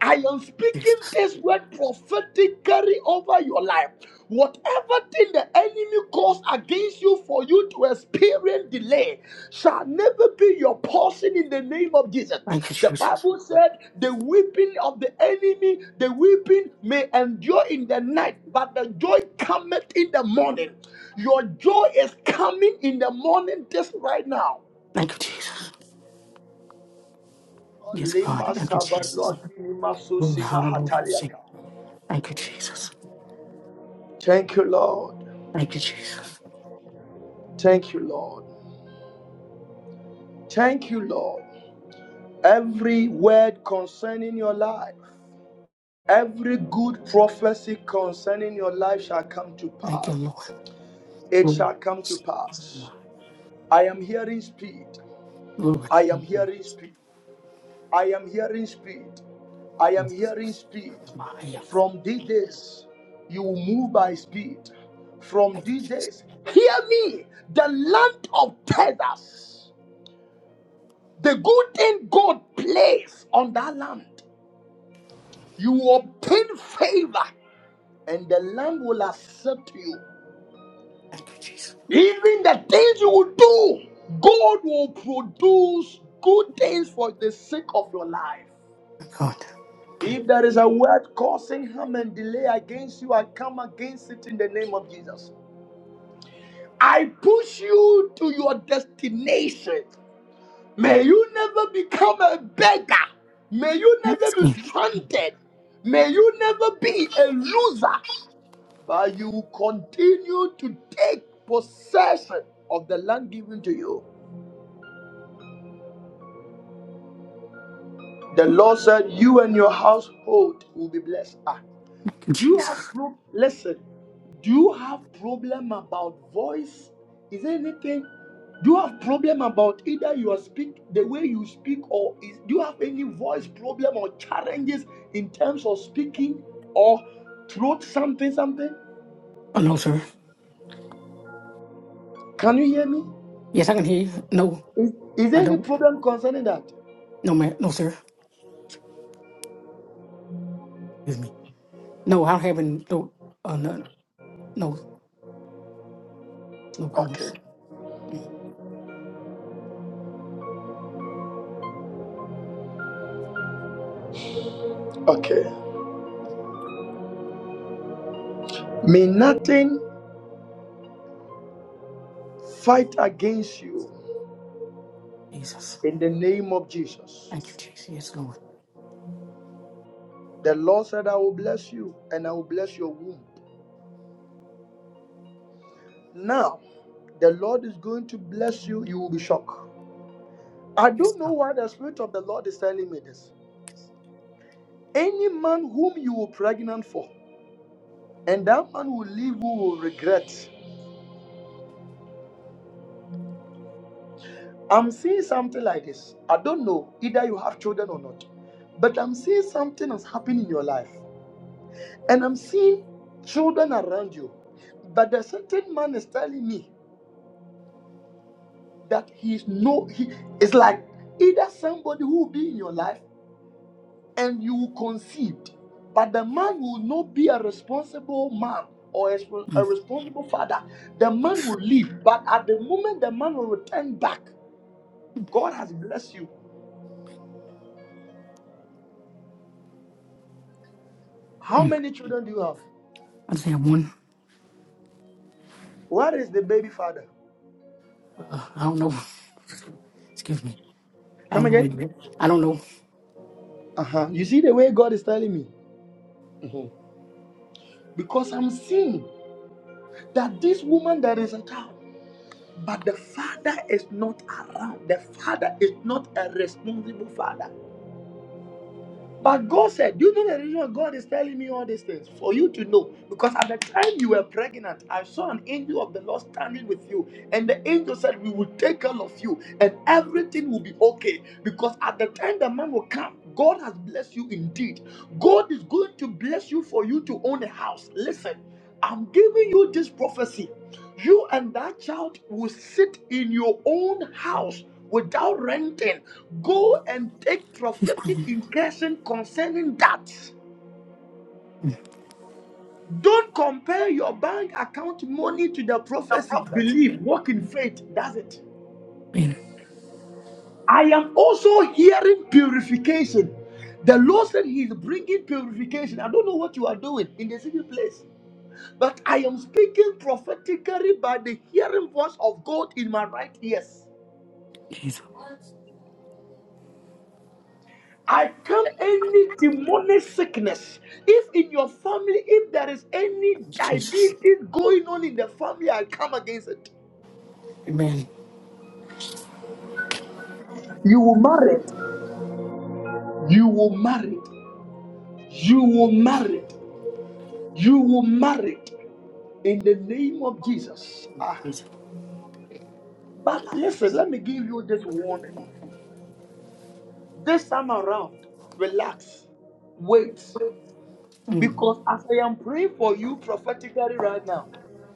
I am speaking Jesus. this word prophetically over your life. Whatever thing the enemy calls against you for you to experience delay shall never be your portion in the name of Jesus. Thank you, The Jesus. Bible said the weeping of the enemy, the weeping may endure in the night, but the joy cometh in the morning. Your joy is coming in the morning just right now. Thank you, Jesus. Yes, God. Lema Thank you, Jesus. Sabadwa Kinima Hallelujah. Susima Hallelujah. Sing. Hataliaka. Thank you, Jesus. Thank you, Lord. Thank you, Jesus. Thank you, Lord. Thank you, Lord. Every word concerning your life, every good prophecy concerning your life shall come to Thank you, pass. Lord. It Lord. shall come to am I. pass. I am hearing speed. Lord. I am Thank you, hearing speed. I am hearing speed. I am hearing Jesus. speed. I am. From these days, you will move by speed. From Thank you, these Jesus. days, hear me. The land of Tedas, the good thing God placed on that land, you will obtain favor, and the land will accept you. Thank you, Jesus. Even the things you will do, God will produce good things for the sake of your life. My God. If there is a word causing harm and delay against you, I come against it in the name of Jesus. I push you to your destination. May you never become a beggar. May you never Yes. be God. stranded. May you never be a loser. But you will continue to take possession of the land given to you. The Lord said, You and your household will be blessed. Ah, Thank you, Do you have Jesus. pro- listen? Do you have problem about voice? Is there anything? Do you have problem about either you are speak the way you speak, or is do you have any voice problem or challenges in terms of speaking or throat something something? Oh, no, sir. Can you hear me? Yes, I can hear you. No. Is, is I there any don't. problem concerning that? No, man. No, sir. Excuse me. No, I'm having no, uh, no, no, no Okay, problems. okay. May nothing fight against you Jesus. in the name of Jesus. Thank you, Jesus. Yes, Lord. The Lord said, I will bless you and I will bless your womb. Now, the Lord is going to bless you. You will be shocked. I Yes, don't know Lord. why the Spirit of the Lord is telling me this. Any man whom you were pregnant for, and that man will leave who will regret. I'm seeing something like this. I don't know either you have children or not, but I'm seeing something has happened in your life, and I'm seeing children around you. But the certain man is telling me that he's no, he is like either somebody who will be in your life and you conceived. But the man will not be a responsible man or a a Mm, responsible father. The man will leave. But at the moment the man will return back, God has blessed you. How mm. many children do you have? I just have one. Where is the baby father? Uh, I don't know. Excuse me. I Come don't know where again? it is. I don't know. Uh huh. You see the way God is telling me? Mhm. Because I'm seeing that this woman, there is a child. But the father is not around. The father is not a responsible father. But God said, Do you know the reason God is telling me all these things? For you to know. Because at the time you were pregnant, I saw an angel of the Lord standing with you. And the angel said, We will take care of you and everything will be okay. Because at the time the man will come, God has blessed you indeed. God is going to bless you for you to own a house. Listen, I'm giving you this prophecy. You and that child will sit in your own house without renting. Go and take She's prophetic calling. incursion concerning that. Mm. Don't compare your bank account money to the The prophecy. prophet. Believe, walk in faith. That's it. Man, I am also hearing purification. The Lord said He is bringing purification. I don't know what you are doing in the secret place. But I am speaking prophetically by the hearing voice of God in my right ears. Jesus. I come any demonic sickness. If in your family, if there is any Jesus. diabetes going on in the family, I come against it. Amen. You will marry it. You will marry it. You will marry it. You will marry it in the name of Jesus. Ah. Jesus. But listen, let me give you this warning. This time around, relax, wait. Because as I am praying for you prophetically right now,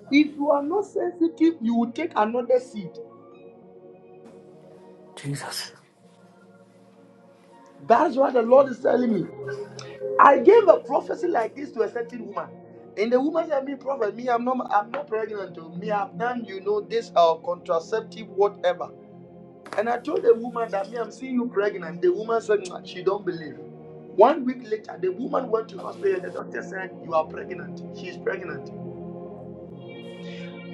if you are not sensitive, you will take another seed. Jesus. That's what the Lord is telling me. I gave a prophecy like this to a certain woman. And the woman said, Me, prophet, me, I'm not I'm not pregnant. oh. Me, I've done, you know, this uh, contraceptive, whatever. And I told the woman that me, I'm seeing you pregnant. The woman said "Mwah," she don't believe. One week later, the woman went to hospital and the doctor said, You are pregnant. She's pregnant.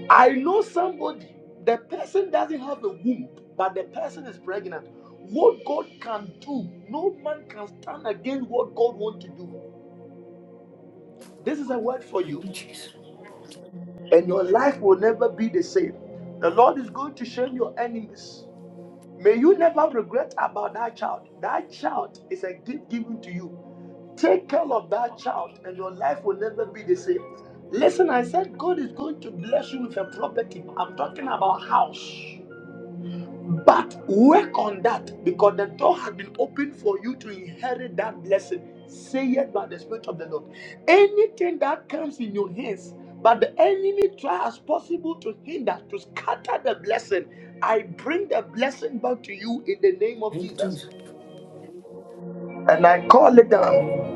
I know somebody, the person doesn't have a womb, but the person is pregnant. What God can do, no man can stand against what God wants to do. This is a word for Thank you, you, Jesus. and your life will never be the same. The Lord is going to shame your enemies. May you never regret about that child. That child is a gift given to you. Take care of that child, and your life will never be the same. Listen, I said God is going to bless you with a property. I'm talking about house. But work on that because the door has been opened for you to inherit that blessing. Say it by the Spirit of the Lord. Anything that comes in your hands, but the enemy try as possible to hinder, to scatter the blessing. I bring the blessing back to you in the name of Thank you, Jesus. Jesus. And I call it down Amen.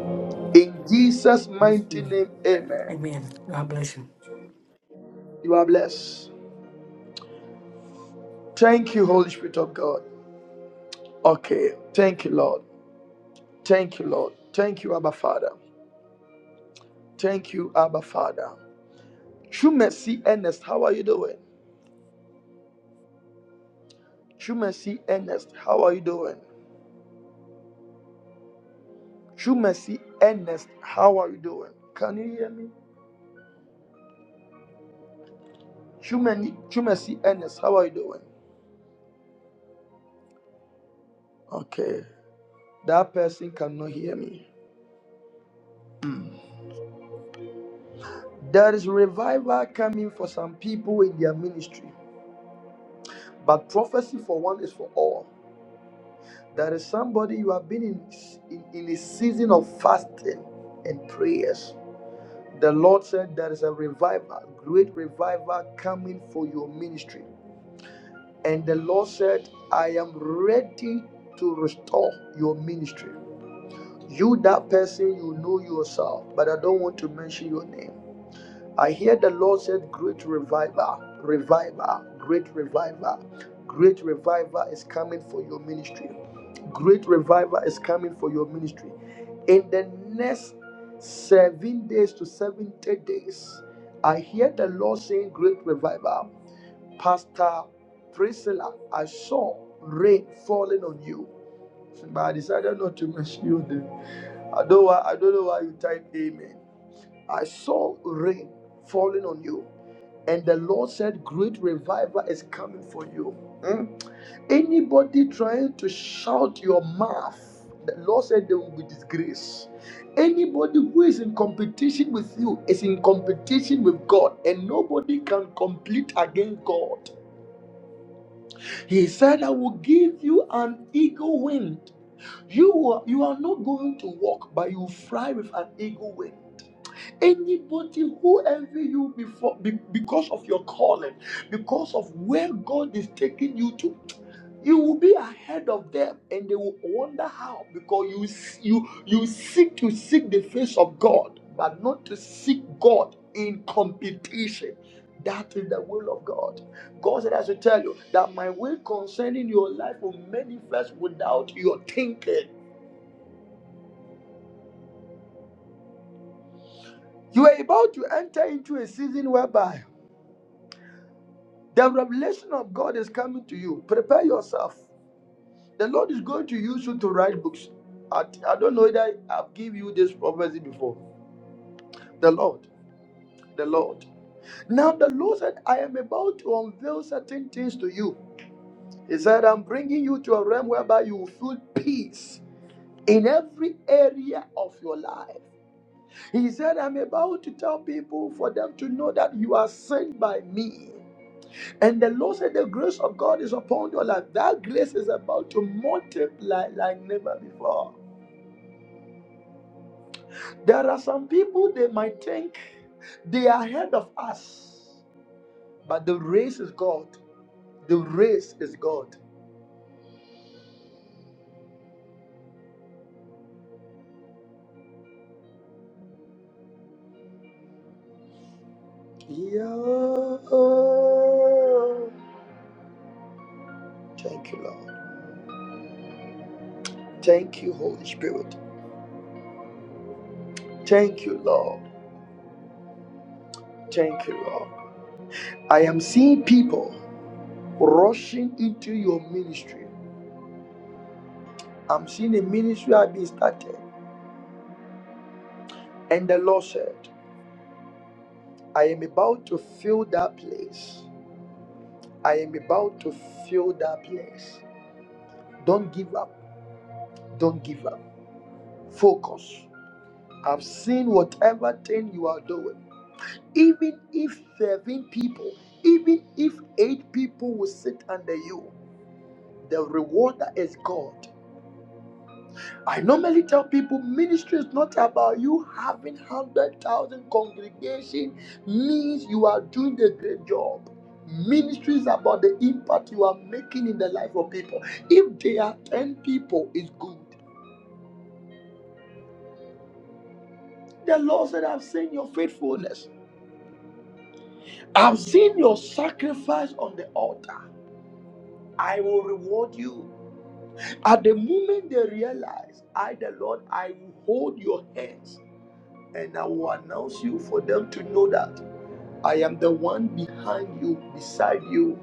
in Jesus' mighty Amen. name. Amen. Amen. God bless you. You are blessed. Thank you, Holy Spirit of God. Okay. Thank you, Lord. Thank you, Lord. Thank you, Abba Father. Thank you, Abba Father. True mercy, Ernest, how are you doing? True mercy, Ernest, how are you doing? True mercy, Ernest, how are you doing? Can you hear me? True, Mercy, true mercy, Ernest, how are you doing? Okay, that person cannot hear me. Mm. There is revival coming for some people in their ministry, but prophecy for one is for all. There is somebody you have been in, in, in a season of fasting and prayers. The Lord said there is a revival, great revival coming for your ministry. And the Lord said, I am ready to restore your ministry. You, that person, you know yourself, but I don't want to mention your name. I hear the Lord said, Great revival, revival, great revival, great revival is coming for your ministry. Great revival is coming for your ministry. In the next seven days to 70 days, I hear the Lord saying, Great revival. Pastor Priscilla, I saw rain falling on you, but I decided not to mention you there. I don't, I don't know why you type amen. I saw rain falling on you. And the Lord said, Great revival is coming for you. Mm. Anybody trying to shout your mouth, the Lord said they will be disgraced. Anybody who is in competition with you is in competition with God, and nobody can compete against God. He said, I will give you an eagle wing. You are, you are not going to walk, but you fly with an eagle wing. Anybody who envy you before be- because of your calling, because of where God is taking you to, you will be ahead of them, and they will wonder how because you you you seek to seek the face of God, but not to seek God in competition. That is the will of God. God said, "I should tell you that my will concerning your life will manifest without your thinking." You are about to enter into a season whereby The revelation of God is coming to you. Prepare yourself. The Lord is going to use you to write books. I, I don't know that I've given you this prophecy before. The Lord, the Lord. Now the Lord said, I am about to unveil certain things to you. He said, I'm bringing you to a realm whereby you will feel peace in every area of your life. He said, I'm about to tell people for them to know that you are sent by me. And the Lord said, The grace of God is upon your life. That grace is about to multiply like never before. There are some people, they might think they are ahead of us, but the race is God. The race is God. Yeah. Thank you, Lord. Thank you, Holy Spirit. Thank you, Lord. Thank you, Lord. I am seeing people rushing into your ministry. I'm seeing a ministry I've been started. And the Lord said, I am about to fill that place. I am about to fill that place. Don't give up. Don't give up. Focus. I've seen whatever thing you are doing. Even if seven people, even if 8 people will sit under you, the rewarder is God. I normally tell people ministry is not about you having 100,000 congregation means you are doing a great job. Ministry is about the impact you are making in the life of people. If there are 10 people, it's good. The Lord said, I've seen your faithfulness. I've seen your sacrifice on the altar. I will reward you. At the moment they realize, I, the Lord, I will hold your hands and I will announce you for them to know that I am the one behind you, beside you.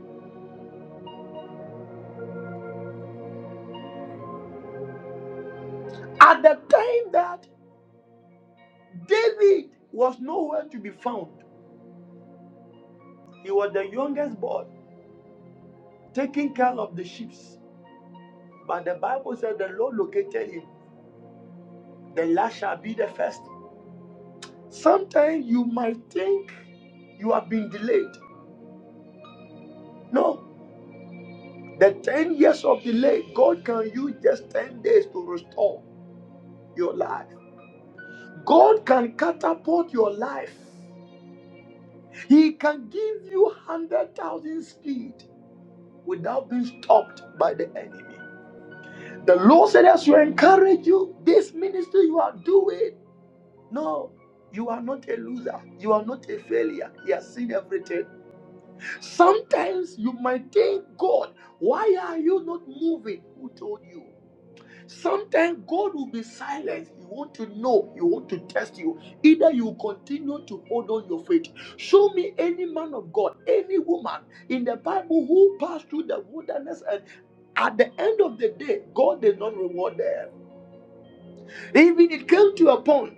At the time that David was nowhere to be found, he was the youngest boy taking care of the sheep. But the Bible said the Lord located him. The last shall be the first. Sometimes you might think you have been delayed. No, the 10 years of delay, God can use just 10 days to restore your life. God can catapult your life He can give you 100,000 speed without being stopped by the enemy. The Lord said, as you encourage you, this ministry you are doing, no, you are not a loser. You are not a failure. He has seen everything. Sometimes you might think, God, why are you not moving? Who told you? Sometimes God will be silent. He want to know. He want to test you. Either you continue to hold on your faith. Show me any man of God, any woman in the Bible who passed through the wilderness, and at the end of the day, God did not reward them. Even it came to a point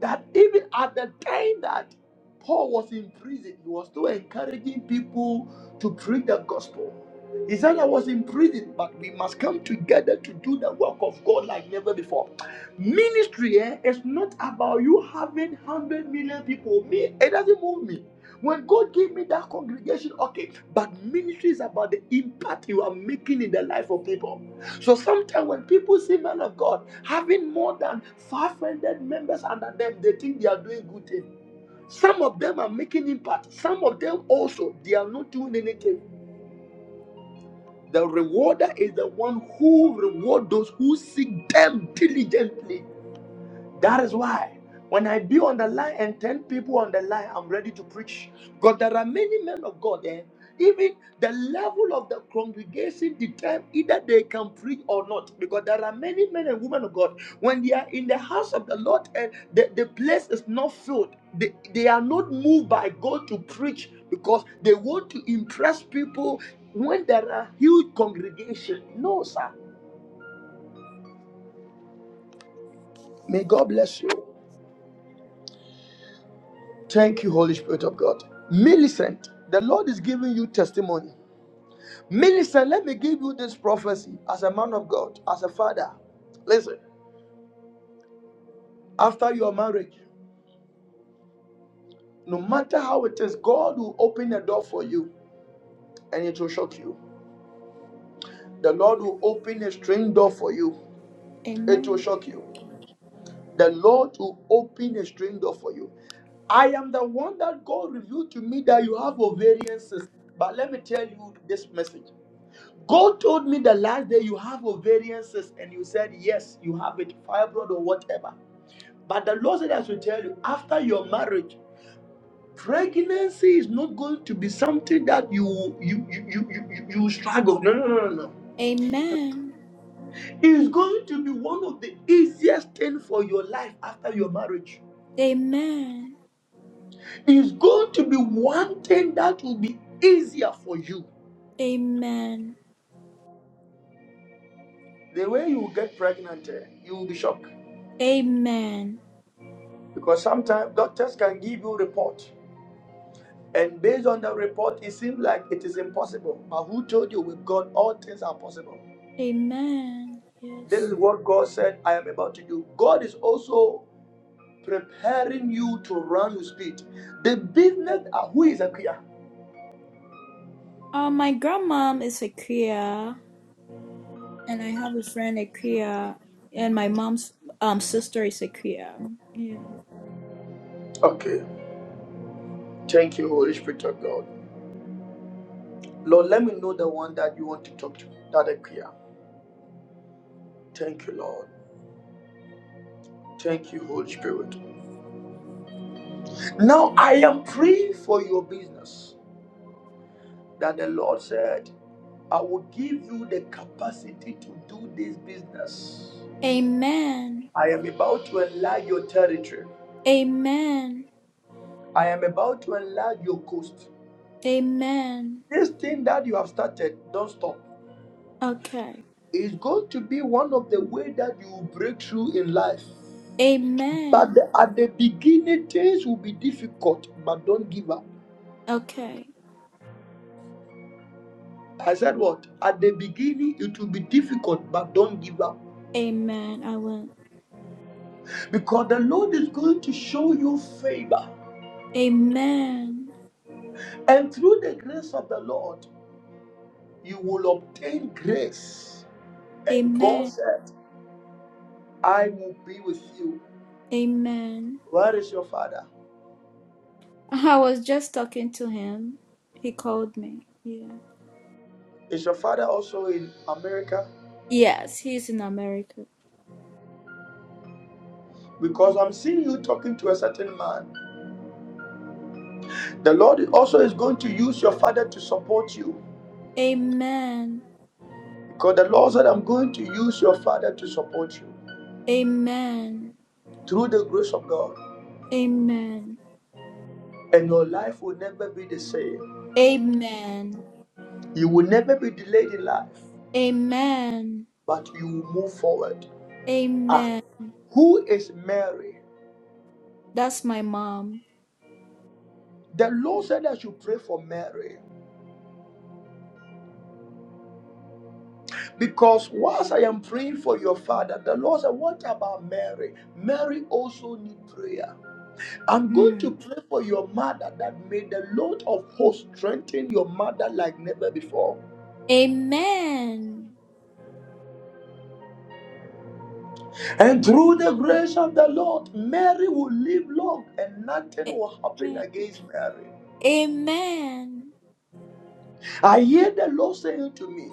that even at the time that Paul was in prison, he was still encouraging people to preach the gospel. He said, I was in prison, but we must come together to do the work of God like never before. Ministry eh, is not about you having 100 million people. Me, it doesn't move me. When God gave me that congregation, okay, but ministry is about the impact you are making in the life of people. So sometimes when people see men of God having more than five-hundred members under them, they think they are doing good things. Some of them are making impact. Some of them also they are not doing anything. The rewarder is the one who rewards those who seek them diligently. That is why when I be on the line and 10 people on the line, I'm ready to preach. Because there are many men of God there. Even the level of the congregation determines either they can preach or not. Because there are many men and women of God. When they are in the house of the Lord and the, the place is not filled, they, they are not moved by God to preach because they want to impress people when there are huge congregation. No, sir. May God bless you. Thank you, Holy Spirit of God. Millicent, the Lord is giving you testimony. Millicent, let me give you this prophecy as a man of God, as a father. Listen, after your marriage, no matter how it is, God will open a door for you and it will shock you. The Lord will open a strange door for you, it will Amen. shock you. The Lord will open a strange door for you. I am the one that God revealed to me that you have ovarian cyst. But let me tell you this message. God told me the last day you have ovariances, and you said, Yes, you have it, fibroid or whatever. But the Lord said, I should tell you, after your marriage, pregnancy is not going to be something that you you you you, you, you you struggle. No, no, no, no, no. Amen. It's going to be one of the easiest things for your life after your marriage. Amen. It's going to be one thing that will be easier for you. Amen. The way you get pregnant, eh, you will be shocked. Amen. Because sometimes doctors can give you report. And based on the report, it seems like it is impossible. But who told you with God all things are possible? Amen. This is Yes. what God said I am about to do. God is also preparing you to run with speed. The business uh, who is Akia? Uh, my grandmom is a Kriya, and I have a friend a Kriya, and my mom's um sister is a Kriya. Yeah. Okay. Thank you, Holy Spirit of God. Lord, let me know the one that you want to talk to. That Akia. Thank you, Lord. Thank you, Holy Spirit. Now I am praying for your business. that the Lord said, I will give you the capacity to do this business. Amen. I am about to enlarge your territory. Amen. I am about to enlarge your coast. Amen. This thing that you have started, don't stop. Okay. It's going to be one of the way that you will break through in life. But Amen. the- at the beginning, things will be difficult, but don't give up. Okay. I said what? At the beginning, it will be difficult, but don't give up. Amen. I will. Because the Lord is going to show you favor. Amen. And through the grace of the Lord, you will obtain grace. And God Amen. said, I will be with you. Amen. Where is your father? I was just talking to him. He called me. Yeah. Is your father also in America? Yes, he's in America. Because I'm seeing you talking to a certain man. The Lord also is going to use your father to support you. Amen. Because the Lord said, I'm going to use your father to support you Amen. through the grace of God. Amen. And your life will never be the same. Amen. You will never be delayed in life, Amen. but you will move forward. Ah, Amen. who is Mary? That's my mom. The Lord said I should pray for Mary. Because whilst I am praying for your father, the Lord said, What about Mary? Mary also need prayer. I'm going Hmm. to pray for your mother that may the Lord of hosts strengthen your mother like never before. Amen. And through the grace of the Lord, Mary will live long and nothing will happen Amen. against Mary. Amen. I hear the Lord saying to me.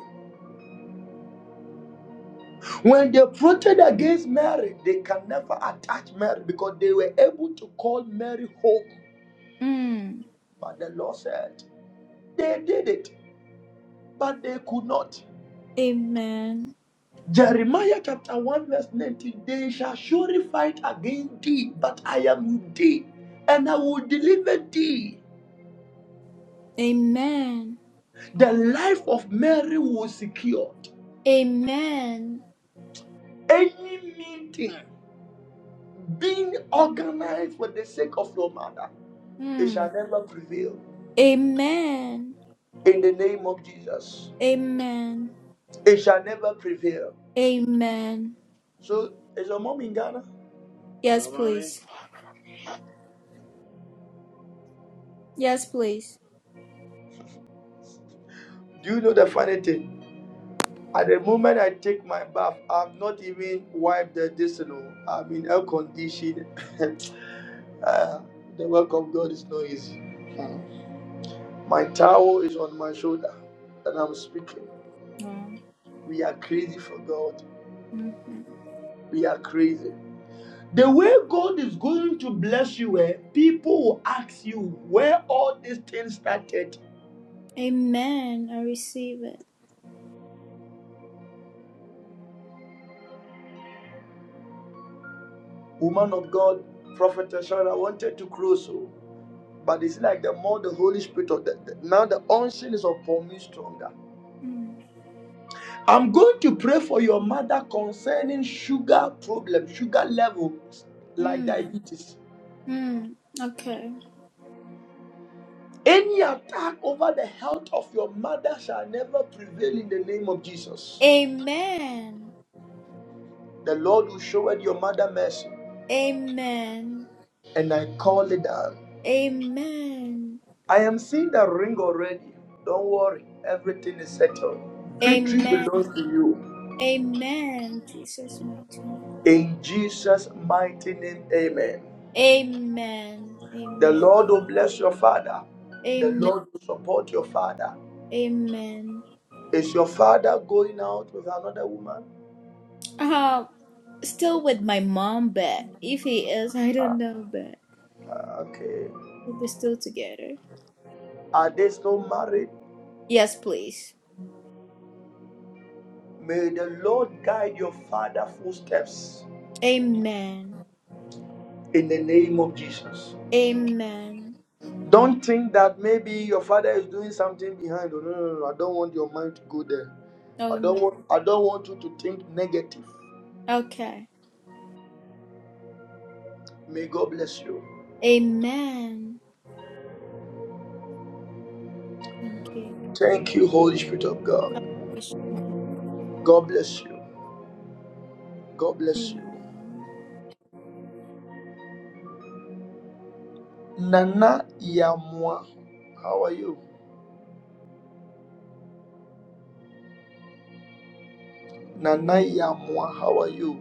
When they protested against Mary, they can never attach Mary because they were able to call Mary hope. Mm. But the Lord said, they did it, but they could not. Amen. Jeremiah chapter 1, verse 19 They shall surely fight against thee, but I am with thee, and I will deliver thee. Amen. The life of Mary was secured. Amen. Any meeting being organized for the sake of your mother, it Mm. shall never prevail. Amen. In the name of Jesus. Amen. It shall never prevail. Amen. So, as a mom in Ghana? Yes, please. Yes, please. Do you know the funny thing? At the moment I take my bath, I've not even wiped the distillate. I've been air conditioned. uh, the work of God is not easy. Hmm. My towel is on my shoulder, and I'm speaking. Oh. We are crazy for God. hmm We are crazy. The way God is going to bless you, eh, people will ask you where all these things started. Amen. I receive it. Woman of God, Prophet Ashara wanted to close. oh. But it's like the more the Holy Spirit of the, the- now the unction is upon me stronger. Mm. I'm going to pray for your mother concerning sugar problem, sugar levels, like Mm. diabetes. Mm. Okay. Any attack over the health of your mother shall never prevail in the name of Jesus. Amen. The Lord will show it your mother mercy, Amen. and I call it down. Amen. I am seeing the ring already. Don't worry, everything is settled. Victory Amen. belongs to you. Amen. Jesus mighty name. In Jesus' mighty name, amen. Amen. The Amen. Lord will bless your father. The Amen. Lord will support your father. Amen. Is your father going out with another woman? Uh, still with my mom, but if he is, I don't know, but Okay. we're still together. Are they still married? Yes, please. May the Lord guide your father's footsteps Amen. in the name of Jesus. Amen. Don't think that maybe your father is doing something behind. No, no, no, no. I don't want your mind to go there. Oh I no. don't want I don't want you to think negative. Okay. May God bless you. Amen. Thank you. Thank you, Holy Spirit of God God. bless you, Mama. God bless you. God bless you. Amen. Nana Yamwa, how are you? Nana Yamwa, how are you?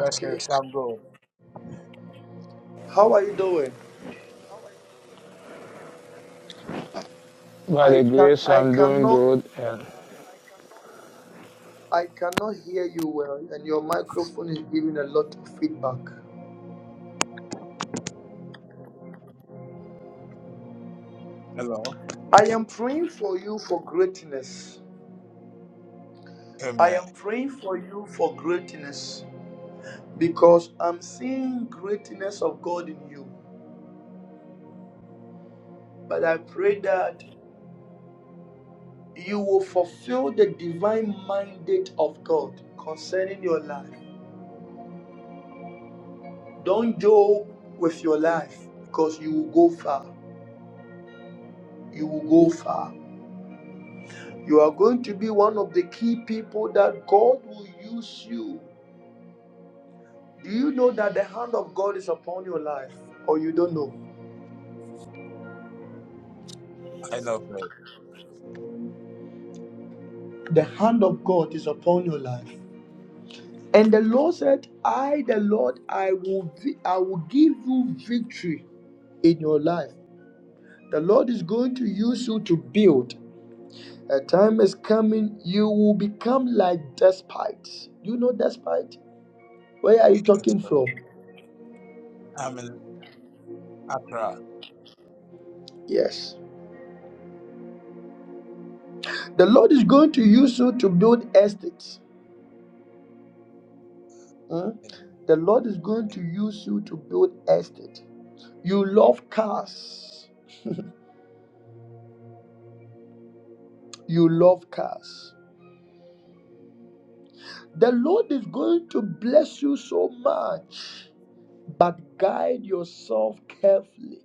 Okay. How are you doing? By the I can grace, I I'm doing cannot good and I cannot hear you well and your microphone is giving a lot of feedback. I am praying for you for greatness. I am praying for you for greatness because I'm seeing greatness of God in you. But I pray that you will fulfill the divine mandate of God concerning your life. Don't joke with your life because you will go far. You will go far. You are going to be one of the key people that God will use you. Do you know that the hand of God is upon your life? Or you don't know? The hand of God is upon your life. And the Lord said, I, the Lord, I will, I will give you victory in your life. The Lord is going to use you to build. A time is coming, you will become like despite. You know despite? Where are you talking from? Yes. The Lord is going to use you to build estate. Mm? The Lord is going to use you to build estate. You love cars. You love cars. The Lord is going to bless you so much, but guide yourself carefully.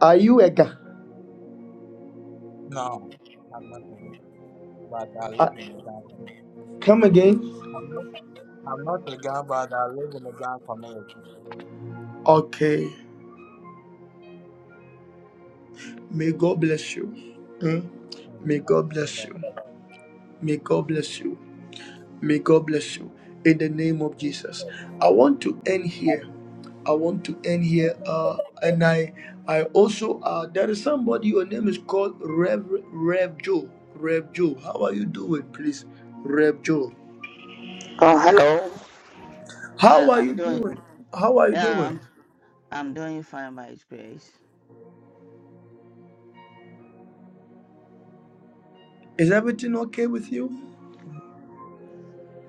Are you a guy? Uh, come again? Okay. May God bless you. Mm. May God bless you. May God bless you. May God bless you. In the name of Jesus. I want to end here. I want to end here. Uh, and I I also uh there is somebody, your name is called Rev Rev Joe. Rev Joe. How are you doing, please? Rev Joe. Oh, hello. Yeah, How are I'm you doing. doing? How are you Yeah, doing? I'm, I'm doing fine by His grace. Is everything okay with you?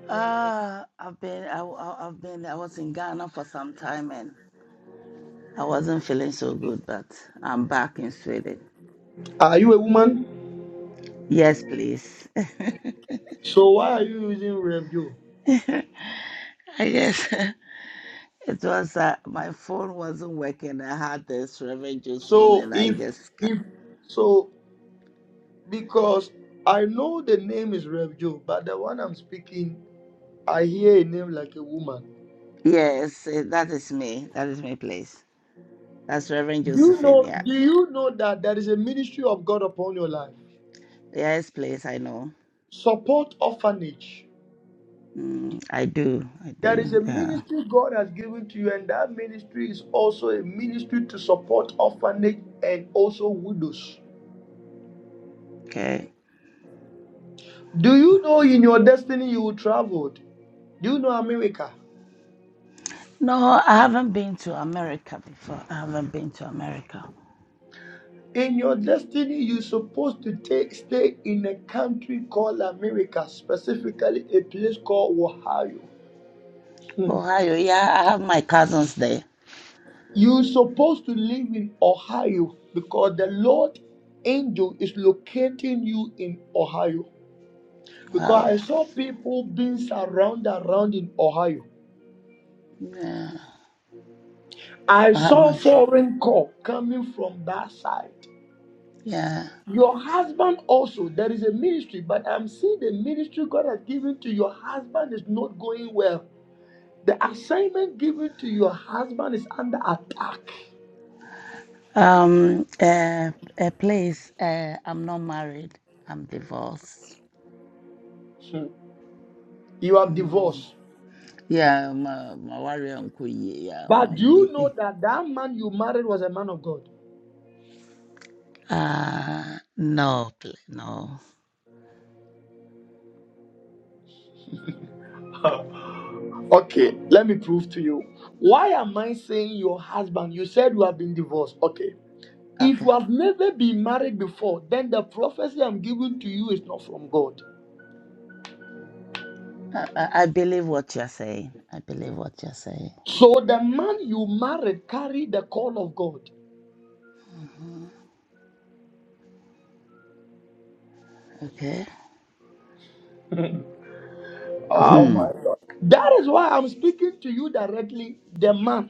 Ah, I've been. I, I- I've been. I was in Ghana for some time, and I wasn't feeling so good. But I'm back in Sweden. Are you a woman? Yes, please. So why are you using Rev Joe? I guess it was. Uh, my phone wasn't working. I had this Reverend Josephine, So and I if just. ca- if so because I know the name is Rev Joe, but the one I'm speaking, I hear a name like a woman. Yes, eh, that is me. That is my place. That's Reverend Do you Josephine. know? Yeah. Do you know that there is a ministry of God upon your life? Yes, please. I know. Support orphanage. Mm, I do. I There do. is a Yeah. ministry God has given to you, and that ministry is also a ministry to support orphanage and also widows. Okay. Do you know in your destiny you will travel? Do you know America? No, I haven't been to America before. I haven't been to America. In your destiny, you're supposed to take, stay in a country called America, specifically a place called Ohio. Ohio, yeah, I have my cousins there. You're supposed to live in Ohio because the Lord angel is locating you in Ohio. Because Wow. I saw people being surrounded around in Ohio. Yeah, I I have saw my, foreign call coming from that side. yeah. Your husband also, there is a ministry, but I'm seeing the ministry God has given to your husband is not going well. The assignment given to your husband is under attack. Um, uh, uh, please, uh, I'm not married. I'm divorced. Hmm. You have Mm. divorced. Yeah, my, my warrior uncle, yeah, But my do you know me. that that man you married was a man of God? Uh, no, pl- no. Okay, let me prove to you. Why am I saying your husband? You said you have been divorced. Okay. If Okay. you have never been married before, then the prophecy I'm giving to you is not from God. I, I I believe what you're saying. I believe what you're saying. So the man you married carried the call of God. Okay. Oh Hmm. my God. That is why I'm speaking to you directly, the man.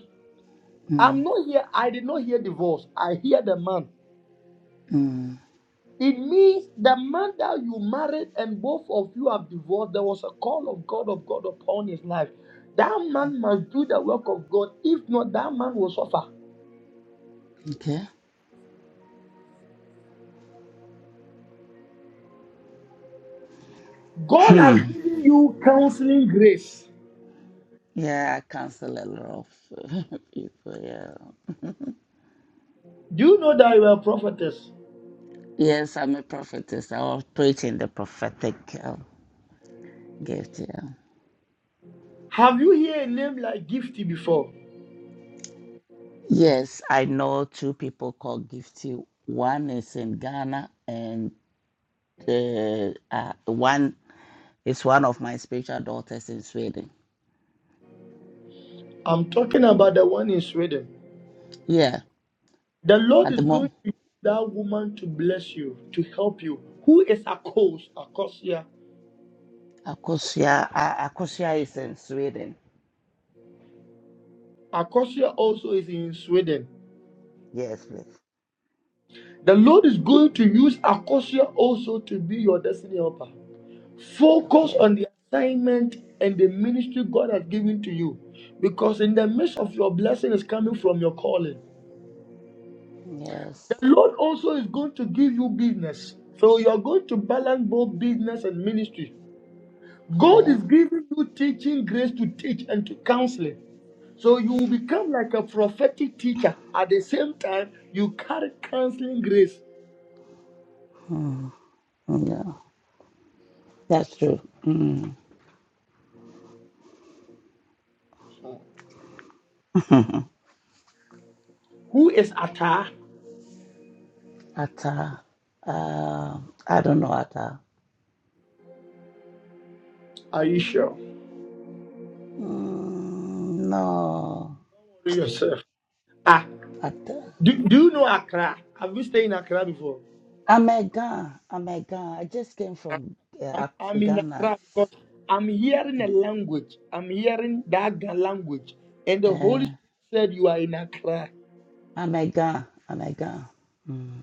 Hmm. I'm not here. I did not hear divorce. I hear the man. Hmm. It means the man that you married and both of you have divorced, there was a call of God of God upon his life. That man must do the work of God. If not, that man will suffer. Okay. God has Hmm. given you counseling grace. Yeah, I counsel a lot of people. Yeah. Do you know that you are a prophetess? Yes, I'm a prophetess. I was preaching the prophetic uh, gift. Yeah. Have you heard a name like Gifty before? Yes, I know two people called Gifty. One is in Ghana, and uh, uh, one is one of my spiritual daughters in Sweden. I'm talking about the one in Sweden. Yeah, The Lord at the is going moment, to use that woman to bless you, to help you. Who is Akos? Akosia Akosia, uh, Akosia is in Sweden. Acacia also is in Sweden. Yes, please. The Lord is going to use Acacia also to be your destiny helper. Focus Okay. on the assignment and the ministry God has given to you. Because in the midst of your blessing is coming from your calling. The Yes. Lord also is going to give you business. So you're going to balance both business and ministry. God is Okay. giving you teaching grace to teach and to counseling. So you will become like a prophetic teacher. At the same time, you carry counseling grace. Mm, Yeah, that's true. Hmm. Who is Accra? Atta. Uh, uh, I don't know Atta. Are you sure? Mm, no. yourself. Ah, Atta. do, do you know Accra? Have you stayed in Accra before? I'm a i just came from I'm, uh, I'm Ac- in Ghana. Accra because I'm hearing a language. I'm hearing that language. And the Holy Uh, Spirit said you are in Accra. I'm Mm.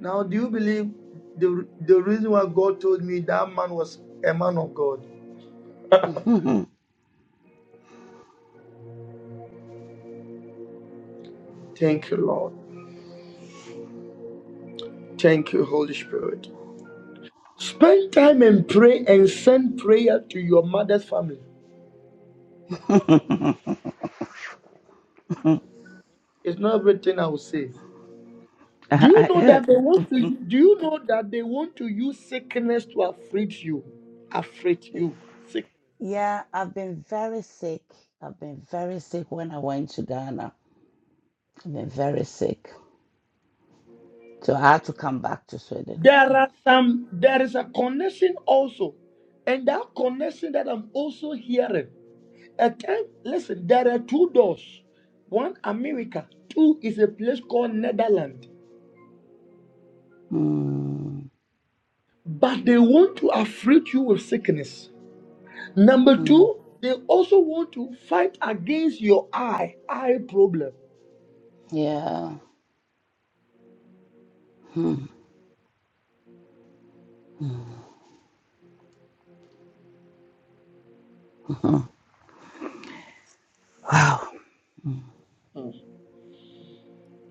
Now, do you believe the, the reason why God told me that man was a man of God? Thank you, Lord. Thank you, Holy Spirit. Spend time and pray and send prayer to your mother's family. It's not everything I will say. Do you I- know I- that they want to? Do you know that they want to use sickness to afflict you? Afflict you. Sick. yeah, I've been very sick. I've been very sick when I went to Ghana. I've been very sick. So I had to come back to Sweden. There Yeah. are some. There is a connection also, and that connection that I'm also hearing. A time. Listen. There are two doors. One America. Two is a place called Netherlands. Mm, But they want to afflict you with sickness. Number mm, two, they also want to fight against your eye eye problem. yeah. Mm, mm. Wow.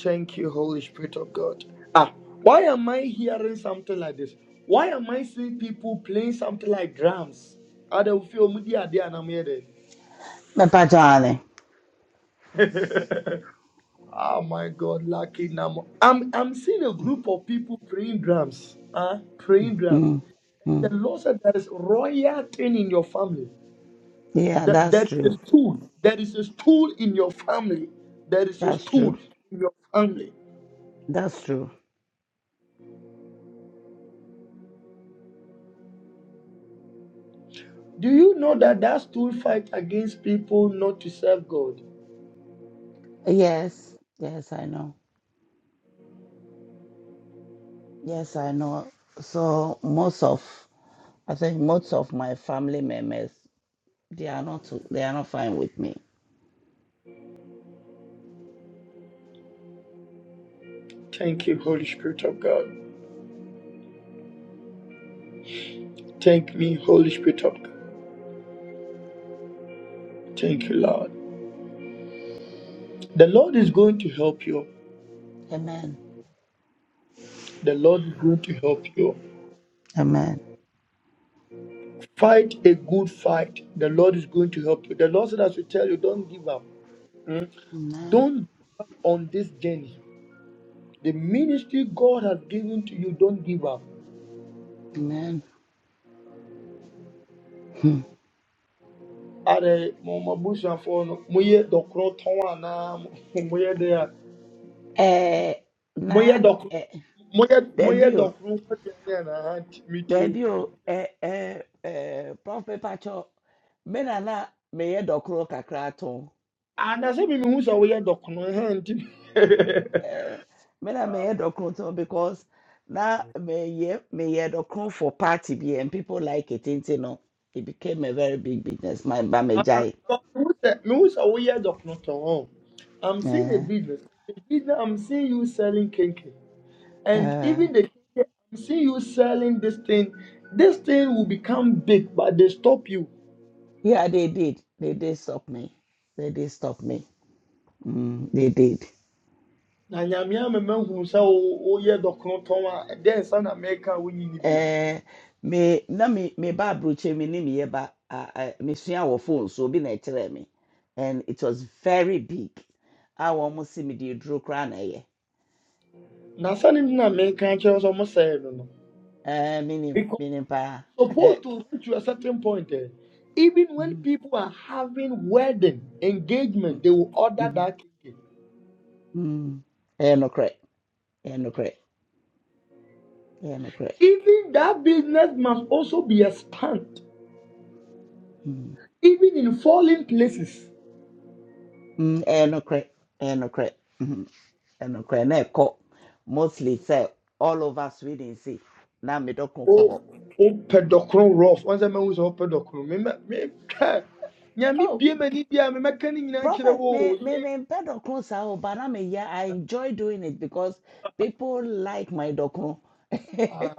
Thank you, Holy Spirit of God. Ah, why am I hearing something like this? Why am I seeing people playing something like drums? Ah, they will feel, "Mudi ade anamede." Papa Johnny. Oh my God, lucky Namo. I'm I'm seeing a group of people playing drums. Ah, playing drums. Mm, The mm. Lord said there is royal thing in your family. Yeah, That that's there is true. a stool. There is a stool in your family. There is a That's true. stool in your family. That's true. Do you know that that stool fight against people not to serve God? Yes. Yes, I know. Yes, I know. So most of, I think most of my family members, they are not, they are not fine with me. Thank you, Holy Spirit of God. Thank me, Holy Spirit of God. Thank you, Lord. The Lord is going to help you. Amen. The Lord is going to help you. Amen. Fight a good fight. The Lord is going to help you. The Lord said, I should tell you, don't give up. Mm? Amen. Don't on this journey. The ministry God has given to you, don't give up. Amen. Hmm. Are mo mo busuafo no mo yɛ dɔkorɔ tɔn anaa mo Eh, yɛ na, deɛ eh, moyɛ moyɛ debut, dɔkono kɔte ayɛ na ha nti metie wo debut, eh, eh, eh, Prof. Pacho, me na na, me ye dokro kakra ton. anasɛ bi mehu sɛ woyɛ dɔkono ha nti Eh, me na meyɛ dɔkono because na meyɛ meyɛ dɔkono for party bi and people like it nti no it became a very big business my ba Ah, megyae but mehu sɛ mehu sɛ woyɛ dɔkono tɔn I'm seeing a Eh, business. The business I'm seeing you selling kinky. And eh, even the kinky, I'm seeing you selling this thing. This thing will become big, but they stop you. yeah they did they did stop me they did stop me mm, they did Na nyamia mema hunu sɛ wo- woyɛ dɔkono tɔn a ɛdɛn nsa na mɛka wonyi ni bio. Eh, me na me me ba aburokyi me ni meyɛ ba me ah, wo phone so obi na ɛkyerɛ me and it was very big I wɔn si me de duro koraa na ɛyɛ Na sɛ ne na mɛka kyerɛ wo sɛ ɔmo no Eh, minim no. minim pa. supposed to reach to a certain point. eh, even when Mm, people are having wedding mm, engagement, they will order mm, that cake. mm. Ain't no crack. Ain't no crack. Ain't no crack. Even that business must also be expanded, Mm, even in foreign places. mm, Ain't no crack. Ain't no crack. Mhm. Ain't no crack. Now cock. Mostly say all over Sweden see. Now me don't Oh, cock. oh, pedocron rough. Once a man who's all pedocron, me, me, me. bie Oh, m'ani bi a memɛka no nyinaa kyerɛ prophet wo me o. me Nye- me pedo close out, but I'm yeah. I enjoy doing it because people like my docro. Ah,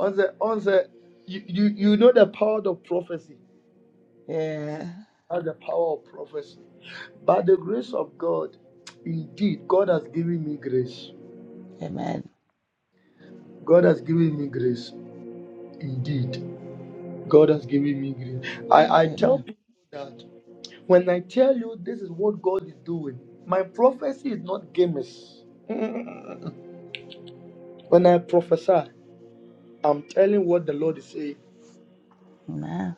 ɔnsɛ- ɔnsɛ, you, you, you know the power of prophecy. yeah. That's the power of prophecy. By the grace of God, indeed, God has given me grace. Amen. God has given me grace. Indeed, God has given me grace. I, I tell Amen. people that when I tell you this is what God is doing, my prophecy is not gamers. When I prophesy, I'm telling what the Lord is saying. Amen.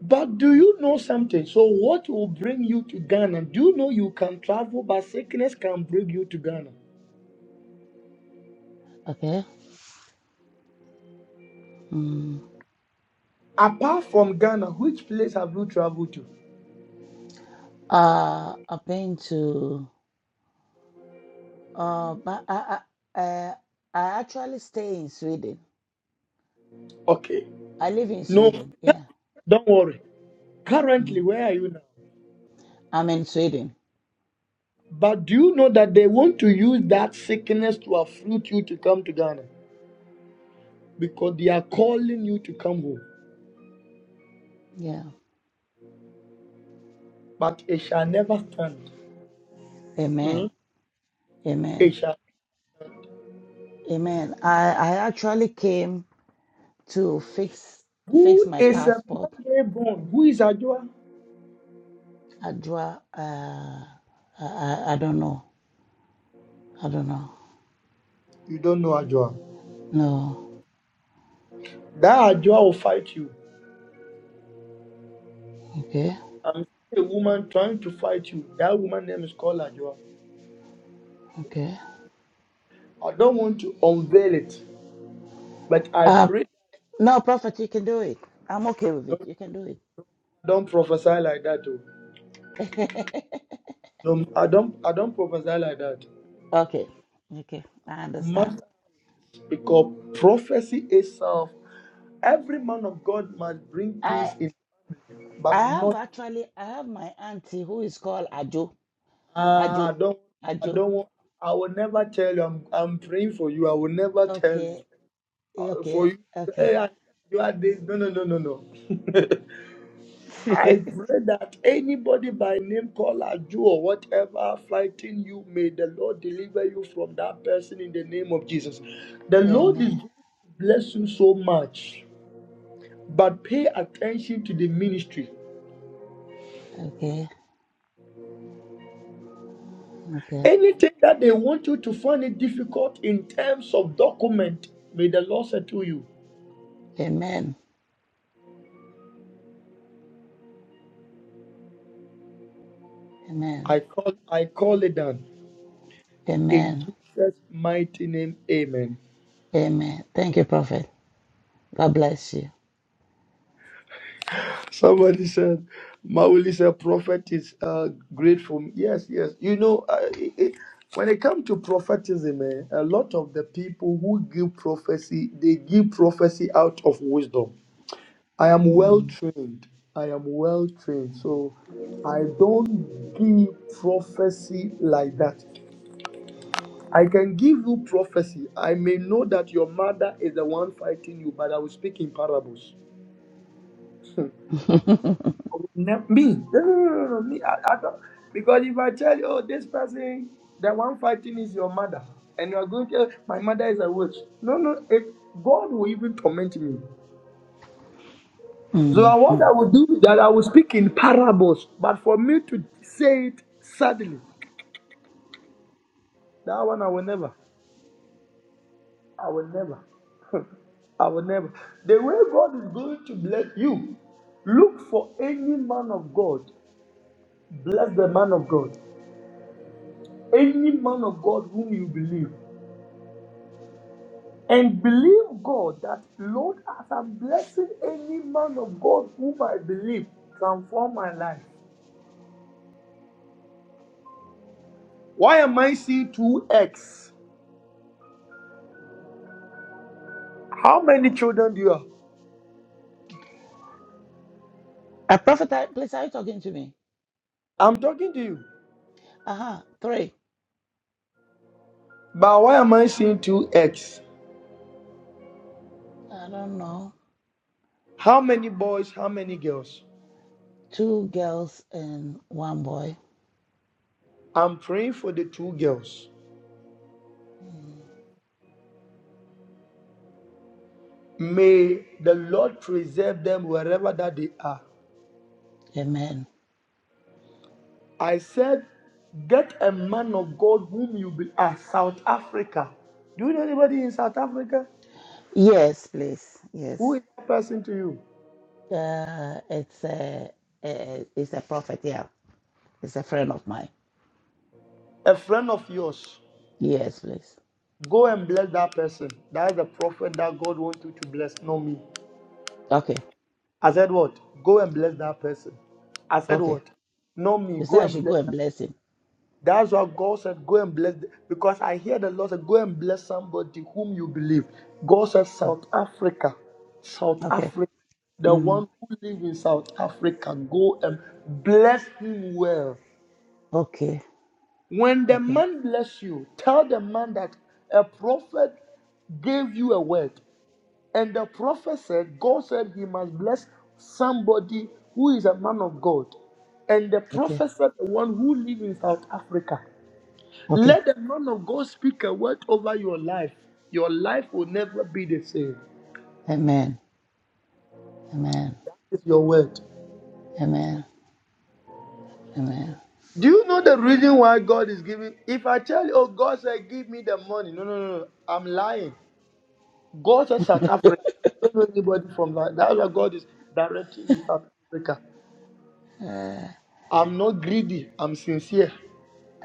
But do you know something? So, what will bring you to Ghana? Do you know you can travel, but sickness can bring you to Ghana? Okay. Mm. Apart from Ghana, which place have you traveled to? Uh, I've been to. Uh, but I, I, uh, I actually stay in Sweden. Okay. I live in No, Sweden. Yeah. don't worry. Currently, Mhm. where are you now? I'm in Sweden. But do you know that they want to use that sickness to afflict you to come to Ghana? Because they are calling you to come home. Yeah. But it shall never stand. Amen. Mm. Amen. It shall. Amen. I, I actually came to fix fix Who my is a passport. man born? Who is Ajua? I draw. Uh, I, I I don't know. I don't know. You don't know Ajua. No. That Ajua will fight you. Okay. I'm seeing a woman trying to fight you. That woman name is called Ajua. Okay. I don't want to unveil it, but I Uh, pray no, Prophet, you can do it. I'm okay with it. don't You can do it. don't prophesy like that. Oh. No, I don't I don't prophesy like that. okay. Okay. I No understand. matter because prophecy itself, every man of God must bring I. peace in family, I but have not actually, I have my auntie who is called Ajo. ah, I Ajo. don't I Ajo. don't want I will never tell you I'm I'm praying for you. I will never tell Okay. you uh, Okay. for you. Okay. Hey, I, you are this. No no no no no. I pray that anybody by name called Aju or whatever fighting you, may the Lord deliver you from that person in the name of Jesus. The Lord is going Amen. to bless you so much, but pay attention to the ministry. Okay. Okay. Anything that they want you to find it difficult in terms of document, may the Lord settle you. Amen. Amen. I call I call it done." in Amen. Jesus' mighty name. Amen. Amen. Thank you, Prophet. God bless you. Somebody said, Mauli said, prophet is uh, grateful. Yes, yes. You know, uh, it, it- when it comes to prophetism, eh, a lot of the people who give prophecy, they give prophecy out of wisdom. I am well Mm. trained. I am well trained. So I don't give prophecy like that. I can give you prophecy. I may know that your mother is the one fighting you, but I will speak in parables. Ne- me. No, no, no, no, no. Me. I, I don't. Because if I tell you, oh, this person, the one fighting is your mother, and you are going to, my mother is a witch. No, no. It, God will even torment me. So I- what Mhm. I will do is that I will speak in parables, but for me to say it suddenly, that one I will never. I will never. I will never. The way God is going to bless you, look for any man of God. Bless the man of God. Any man of God whom you believe. And believe God that, Lord, as I'm blessing any man of God whom I believe, transform my life. Why am I seeing two X? How many children do you have? Uh, Prophet, are- please, are you talking to me? I'm talking to you. Uh huh. Three. But why am I seeing two X? I don't know. How many boys? How many girls? Two girls and one boy. I'm praying for the two girls. Mm. May the Lord preserve them wherever that they are. Amen. I said, get a man of God whom you be. Ah, South Africa. Do you know anybody in South Africa? Yes, please. Yes. Who is that person to you? Uh, it's a uh, it's a prophet. Yeah, it's a friend of mine. A friend of yours. Yes, please. Go and bless that person. That is the prophet that God wants you to bless, not me. Okay, I said what? Go and bless that person. I said okay. what? Not me. You say Go I and should go bless and that. bless him. That's what God said. Go and bless. th- Because I hear the Lord say, go and bless somebody whom you believe. God said, Mm. South Africa. South Okay. Africa. The Mm. one who live in South Africa. Go and bless him well. Okay. When the Okay. man bless you, tell the man that a prophet gave you a word. And the prophet said, God said he must bless somebody who is a man of God. And the Okay. prophet said, the one who lives in South Africa. Okay. Let the man of God speak a word over your life. Your life will never be the same. Amen. Amen. It's your word. Amen. Amen. Do you know the reason why God is giving? If I tell you, oh, God said, give me the money. No, no, no, no. I'm lying. Go to South Africa. I don't know anybody from that. That's why God is directing me in South Africa. Uh, I'm not greedy. I'm sincere.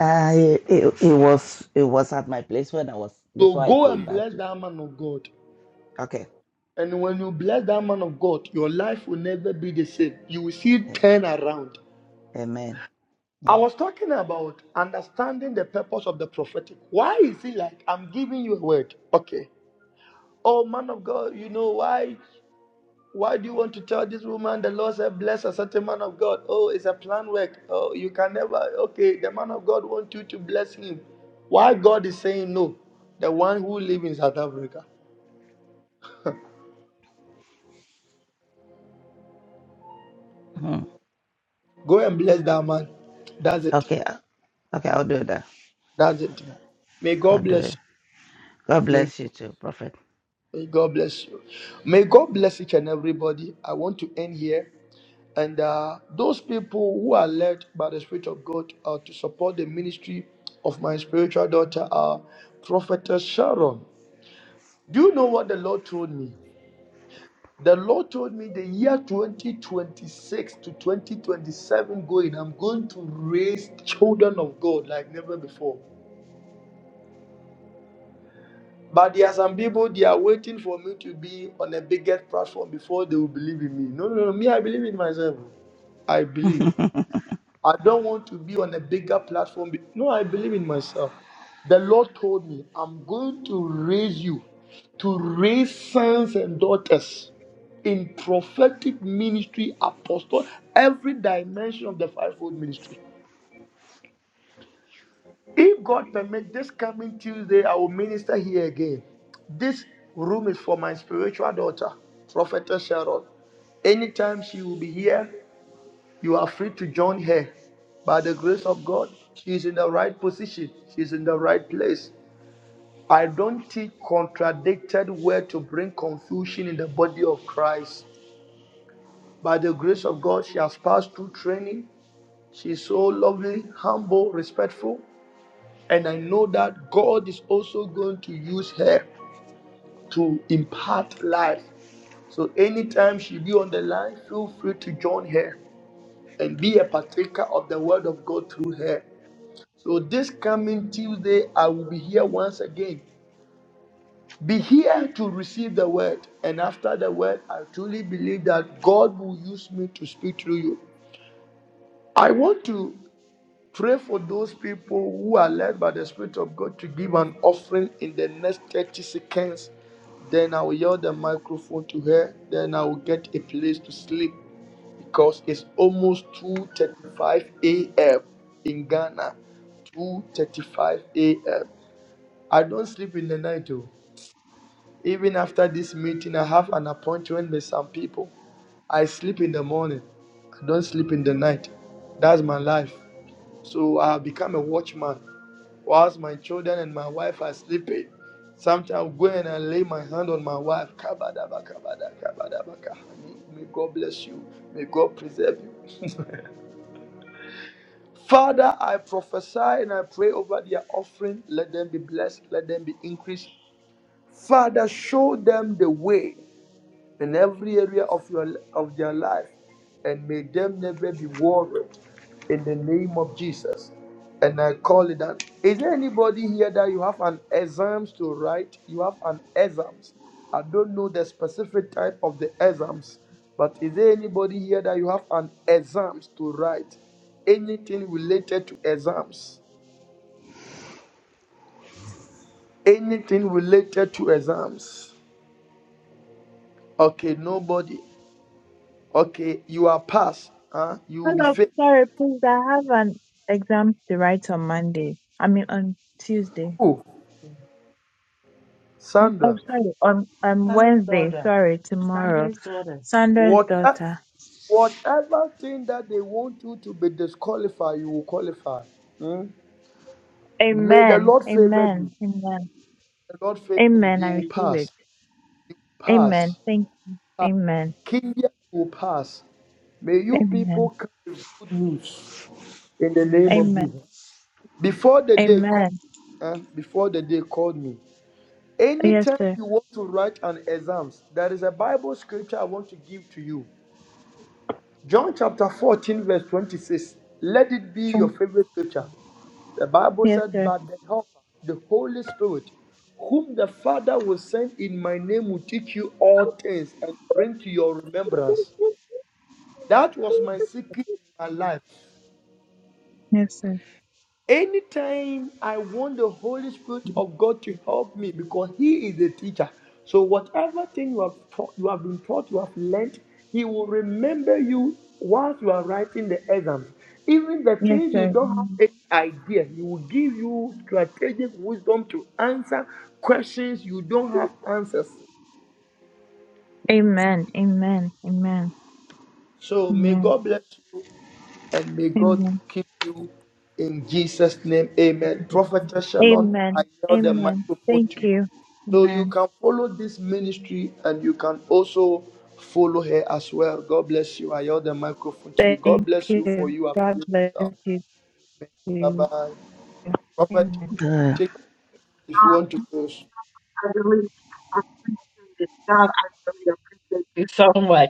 uh, it, it, was it was at my place when I was So before I go came and back bless to. that man of God. Okay. And when you bless that man of God, your life will never be the same. You will see it Yeah. turn around. Amen. I Amen. was talking about understanding the purpose of the prophetic. Why is it like I'm giving you a word? Okay. Oh man of God, you know why? Why do you want to tell this woman the Lord said, Bless a certain man of God? Oh, it's a plan work. Oh, you can never. Okay, the man of God wants you to bless him. Why God is saying no? The one who lives in South Africa. Mhm. Go and bless that man. That's it. Okay. uh, Okay. I'll do that. That's I'll it. do, May I'll God do bless it. you. God May, bless you too, Prophet. may God bless you. May God bless each and everybody. I want to end here. And uh, those people who are led by the Spirit of God uh, to support the ministry of my spiritual daughter are Prophetess Sharon. Do you know what the Lord told me? The Lord told me the year 2026 to 2027 going, I'm going to raise children of God like never before. But there are some people, they are waiting for me to be on a bigger platform before they will believe in me. No, no, no. Me, I believe in myself. I believe. I don't want to be on a bigger platform. be- No, I believe in myself. The Lord told me, I'm going to raise you to raise sons and daughters in prophetic ministry, apostle, every dimension of the fivefold ministry. If God permit, this coming Tuesday, I will minister here again. This room is for my spiritual daughter, Prophetess Sharon. Anytime she will be here, you are free to join her. By the grace of God, she is in the right position, she is in the right place. I don't teach contradicted word to bring confusion in the body of Christ. By the grace of God, she has passed through training. She is so lovely, humble, respectful. And I know that God is also going to use her to impart life. So anytime she be on the line, feel free to join her and be a partaker of the word of God through her. So this coming Tuesday, I will be here once again. Be here to receive the word. And after the word, I truly believe that God will use me to speak through you. I want to pray for those people who are led by the Spirit of God to give an offering in the next 30 seconds. Then I will yield the microphone to her. Then I will get a place to sleep because it's almost 2:35 a.m. in Ghana. 2:35 a.m. I don't sleep in the night too. Even after this meeting, I have an appointment with some people. I sleep in the morning. I don't sleep in the night. That's my life. So I have become a watchman. Whilst my children and my wife are sleeping, sometimes I go and I lay my hand on my wife. Kabadaba, kabada, kabadaba, kahani. May God bless you. May God preserve you. Father, I prophesy and I pray over their offering. Let them be blessed. Let them be increased. Father, show them the way in every area of your of their life, and may them never be worried in the name of Jesus. And I call it that. Is there anybody here that you have an exams to write? You have an exams. I don't know the specific type of the exams, but is there anybody here that you have an exams to write? Anything related to exams? Anything related to exams? Okay, nobody. Okay, you are passed. Huh? You will be Hello, faithful. sorry, please. I have an exam to write on Monday. I mean on Tuesday. Who? Oh, Sandra, sorry, on on Wednesday. Sorry, tomorrow. Sanders' what, daughter. whatever thing that they want you to be disqualified, you will qualify. Hmm? May the Amen. Lord favor you. Amen. Amen. The Lord favor you. Amen. You I will receive pass. it. Amen. Pass. Thank you. pass. Amen. Kenya, you will pass. May you people Amen. come with good news in the name of Amen. Jesus. Before the day called, Amen. eh, before the day called me. Yes, Anytime sir. you want to write an exams, there is a Bible scripture I want to give to you. John chapter 14, verse 26. Let it be your Trump. favorite scripture. The Bible Yes, said, sir. But the helper, the Holy Spirit, whom the Father will send in my name will teach you all things and bring to your remembrance. That was my secret in my life. Yes, sir. Anytime I want the Holy Spirit of God to help me because He is the teacher. So whatever thing you have taught, you have been taught, you have learnt, He will remember you whilst you are writing the exams. Even the Yes, things you sir. don't have any idea, He will give you strategic wisdom to answer questions you don't have answers. Amen. Amen. Amen. So may Amen. God bless you and may God Amen. keep you in Jesus' name. Amen. Prophet Shalom, I Amen. yield the Amen. microphone Thank to you. you. So you Amen. can follow this ministry and you can also follow her as well. God bless you. I yield the microphone to you. God Thank bless you for you. you. God bless Bye you too. bye. Prophet, Amen. Uh, take over if you want to close. I really, appreciate it. God, I really appreciate you so much.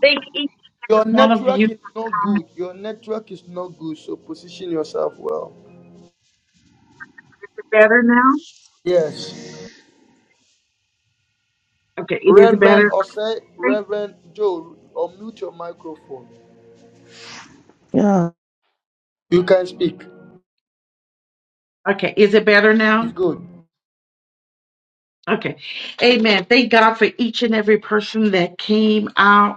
Thank each and Your every one of you network is not good. Your network is not good. So position yourself well. for better now. Yes. Okay, it is Reverend better. or Reverend Joe, unmute your microphone. yeah. You can speak. Okay, is it better It's now? good. Okay, amen. Thank God for each and every person that came out.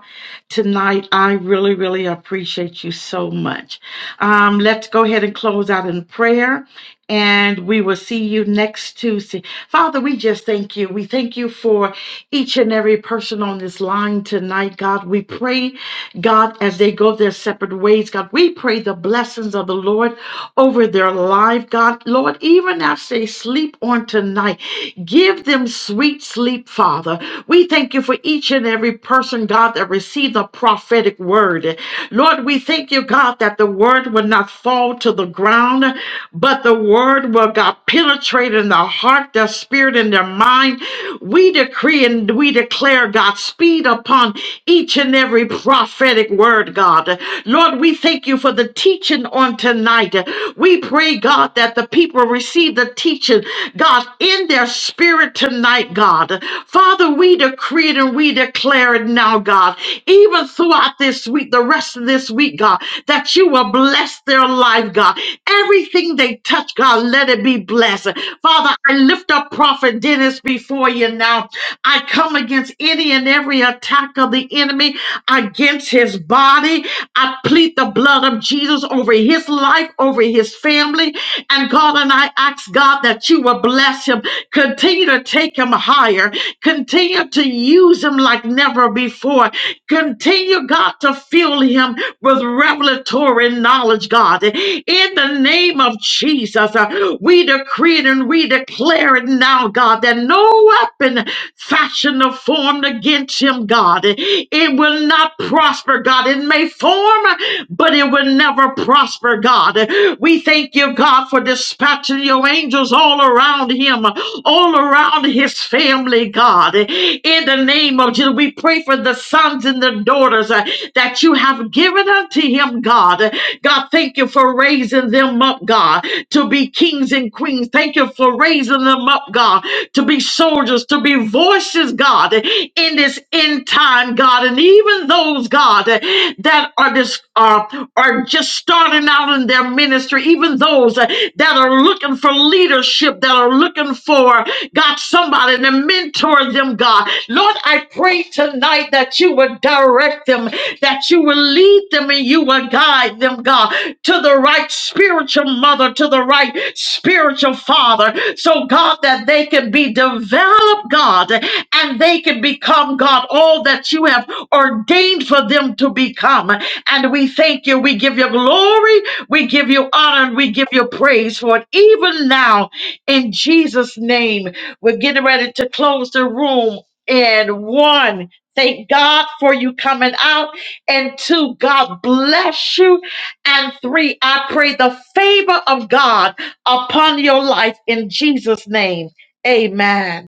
tonight. I really, really appreciate you so much. Um, let's go ahead and close out in prayer. And we will see you next Tuesday. Father, we just thank you. We thank you for each and every person on this line tonight, God. We pray, God, as they go their separate ways, God, we pray the blessings of the Lord over their life, God. Lord, even as they sleep on tonight, give them sweet sleep, Father. We thank you for each each and every person, God, that received a prophetic word. Lord, we thank you, God, that the word will not fall to the ground, but the word will, God, penetrate in the heart, their spirit, and their mind. We decree and we declare, God, speed upon each and every prophetic word, God. Lord, we thank you for the teaching on tonight. We pray, God, that the people receive the teaching, God, in their spirit tonight, God. God. Father, we decree it and we declare it now, God, even throughout this week, the rest of this week, God, that you will bless their life, God. Everything they touch, God, let it be blessed. Father, I lift up Prophet Dennis before you now. I come against any and every attack of the enemy against his body. I plead the blood of Jesus over his life, over his family. And God, and I ask God that you will bless him Continue to take him higher. Continue to use him like never before. Continue, God, to fuel him with revelatory knowledge, God. In the name of Jesus, uh, we decree it and we declare it now, God, that no weapon fashioned or formed against him, God, it will not prosper, God. It may form, but it will never prosper, God. We thank you, God, for dispatching your angels all around him, all around his family, family, God. In the name of Jesus, we pray for the sons and the daughters uh, that you have given unto him, God. God, thank you for raising them up, God, to be kings and queens. Thank you for raising them up, God, to be soldiers, to be voices, God, in this end time, God. And even those, God, that are this are, are just starting out in their ministry even those uh, that are looking for leadership, that are looking for, God, somebody to mentor them, God. Lord, I pray tonight that you would direct them, that you will lead them and you will guide them, God, to the right spiritual mother, to the right spiritual father. So, God, that they can be developed, God, and they can become, God, all that you have ordained for them to become. And we thank you. We give you glory. We give you honor and we give you praise for it. Even now, in Jesus' name, we're getting ready to close the room in one. Thank God for you coming out. And two, God bless you. And three, I pray the favor of God upon your life in Jesus' name. Amen.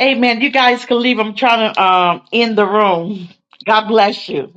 Amen. You guys can leave. I'm trying to um, end the room. God bless you.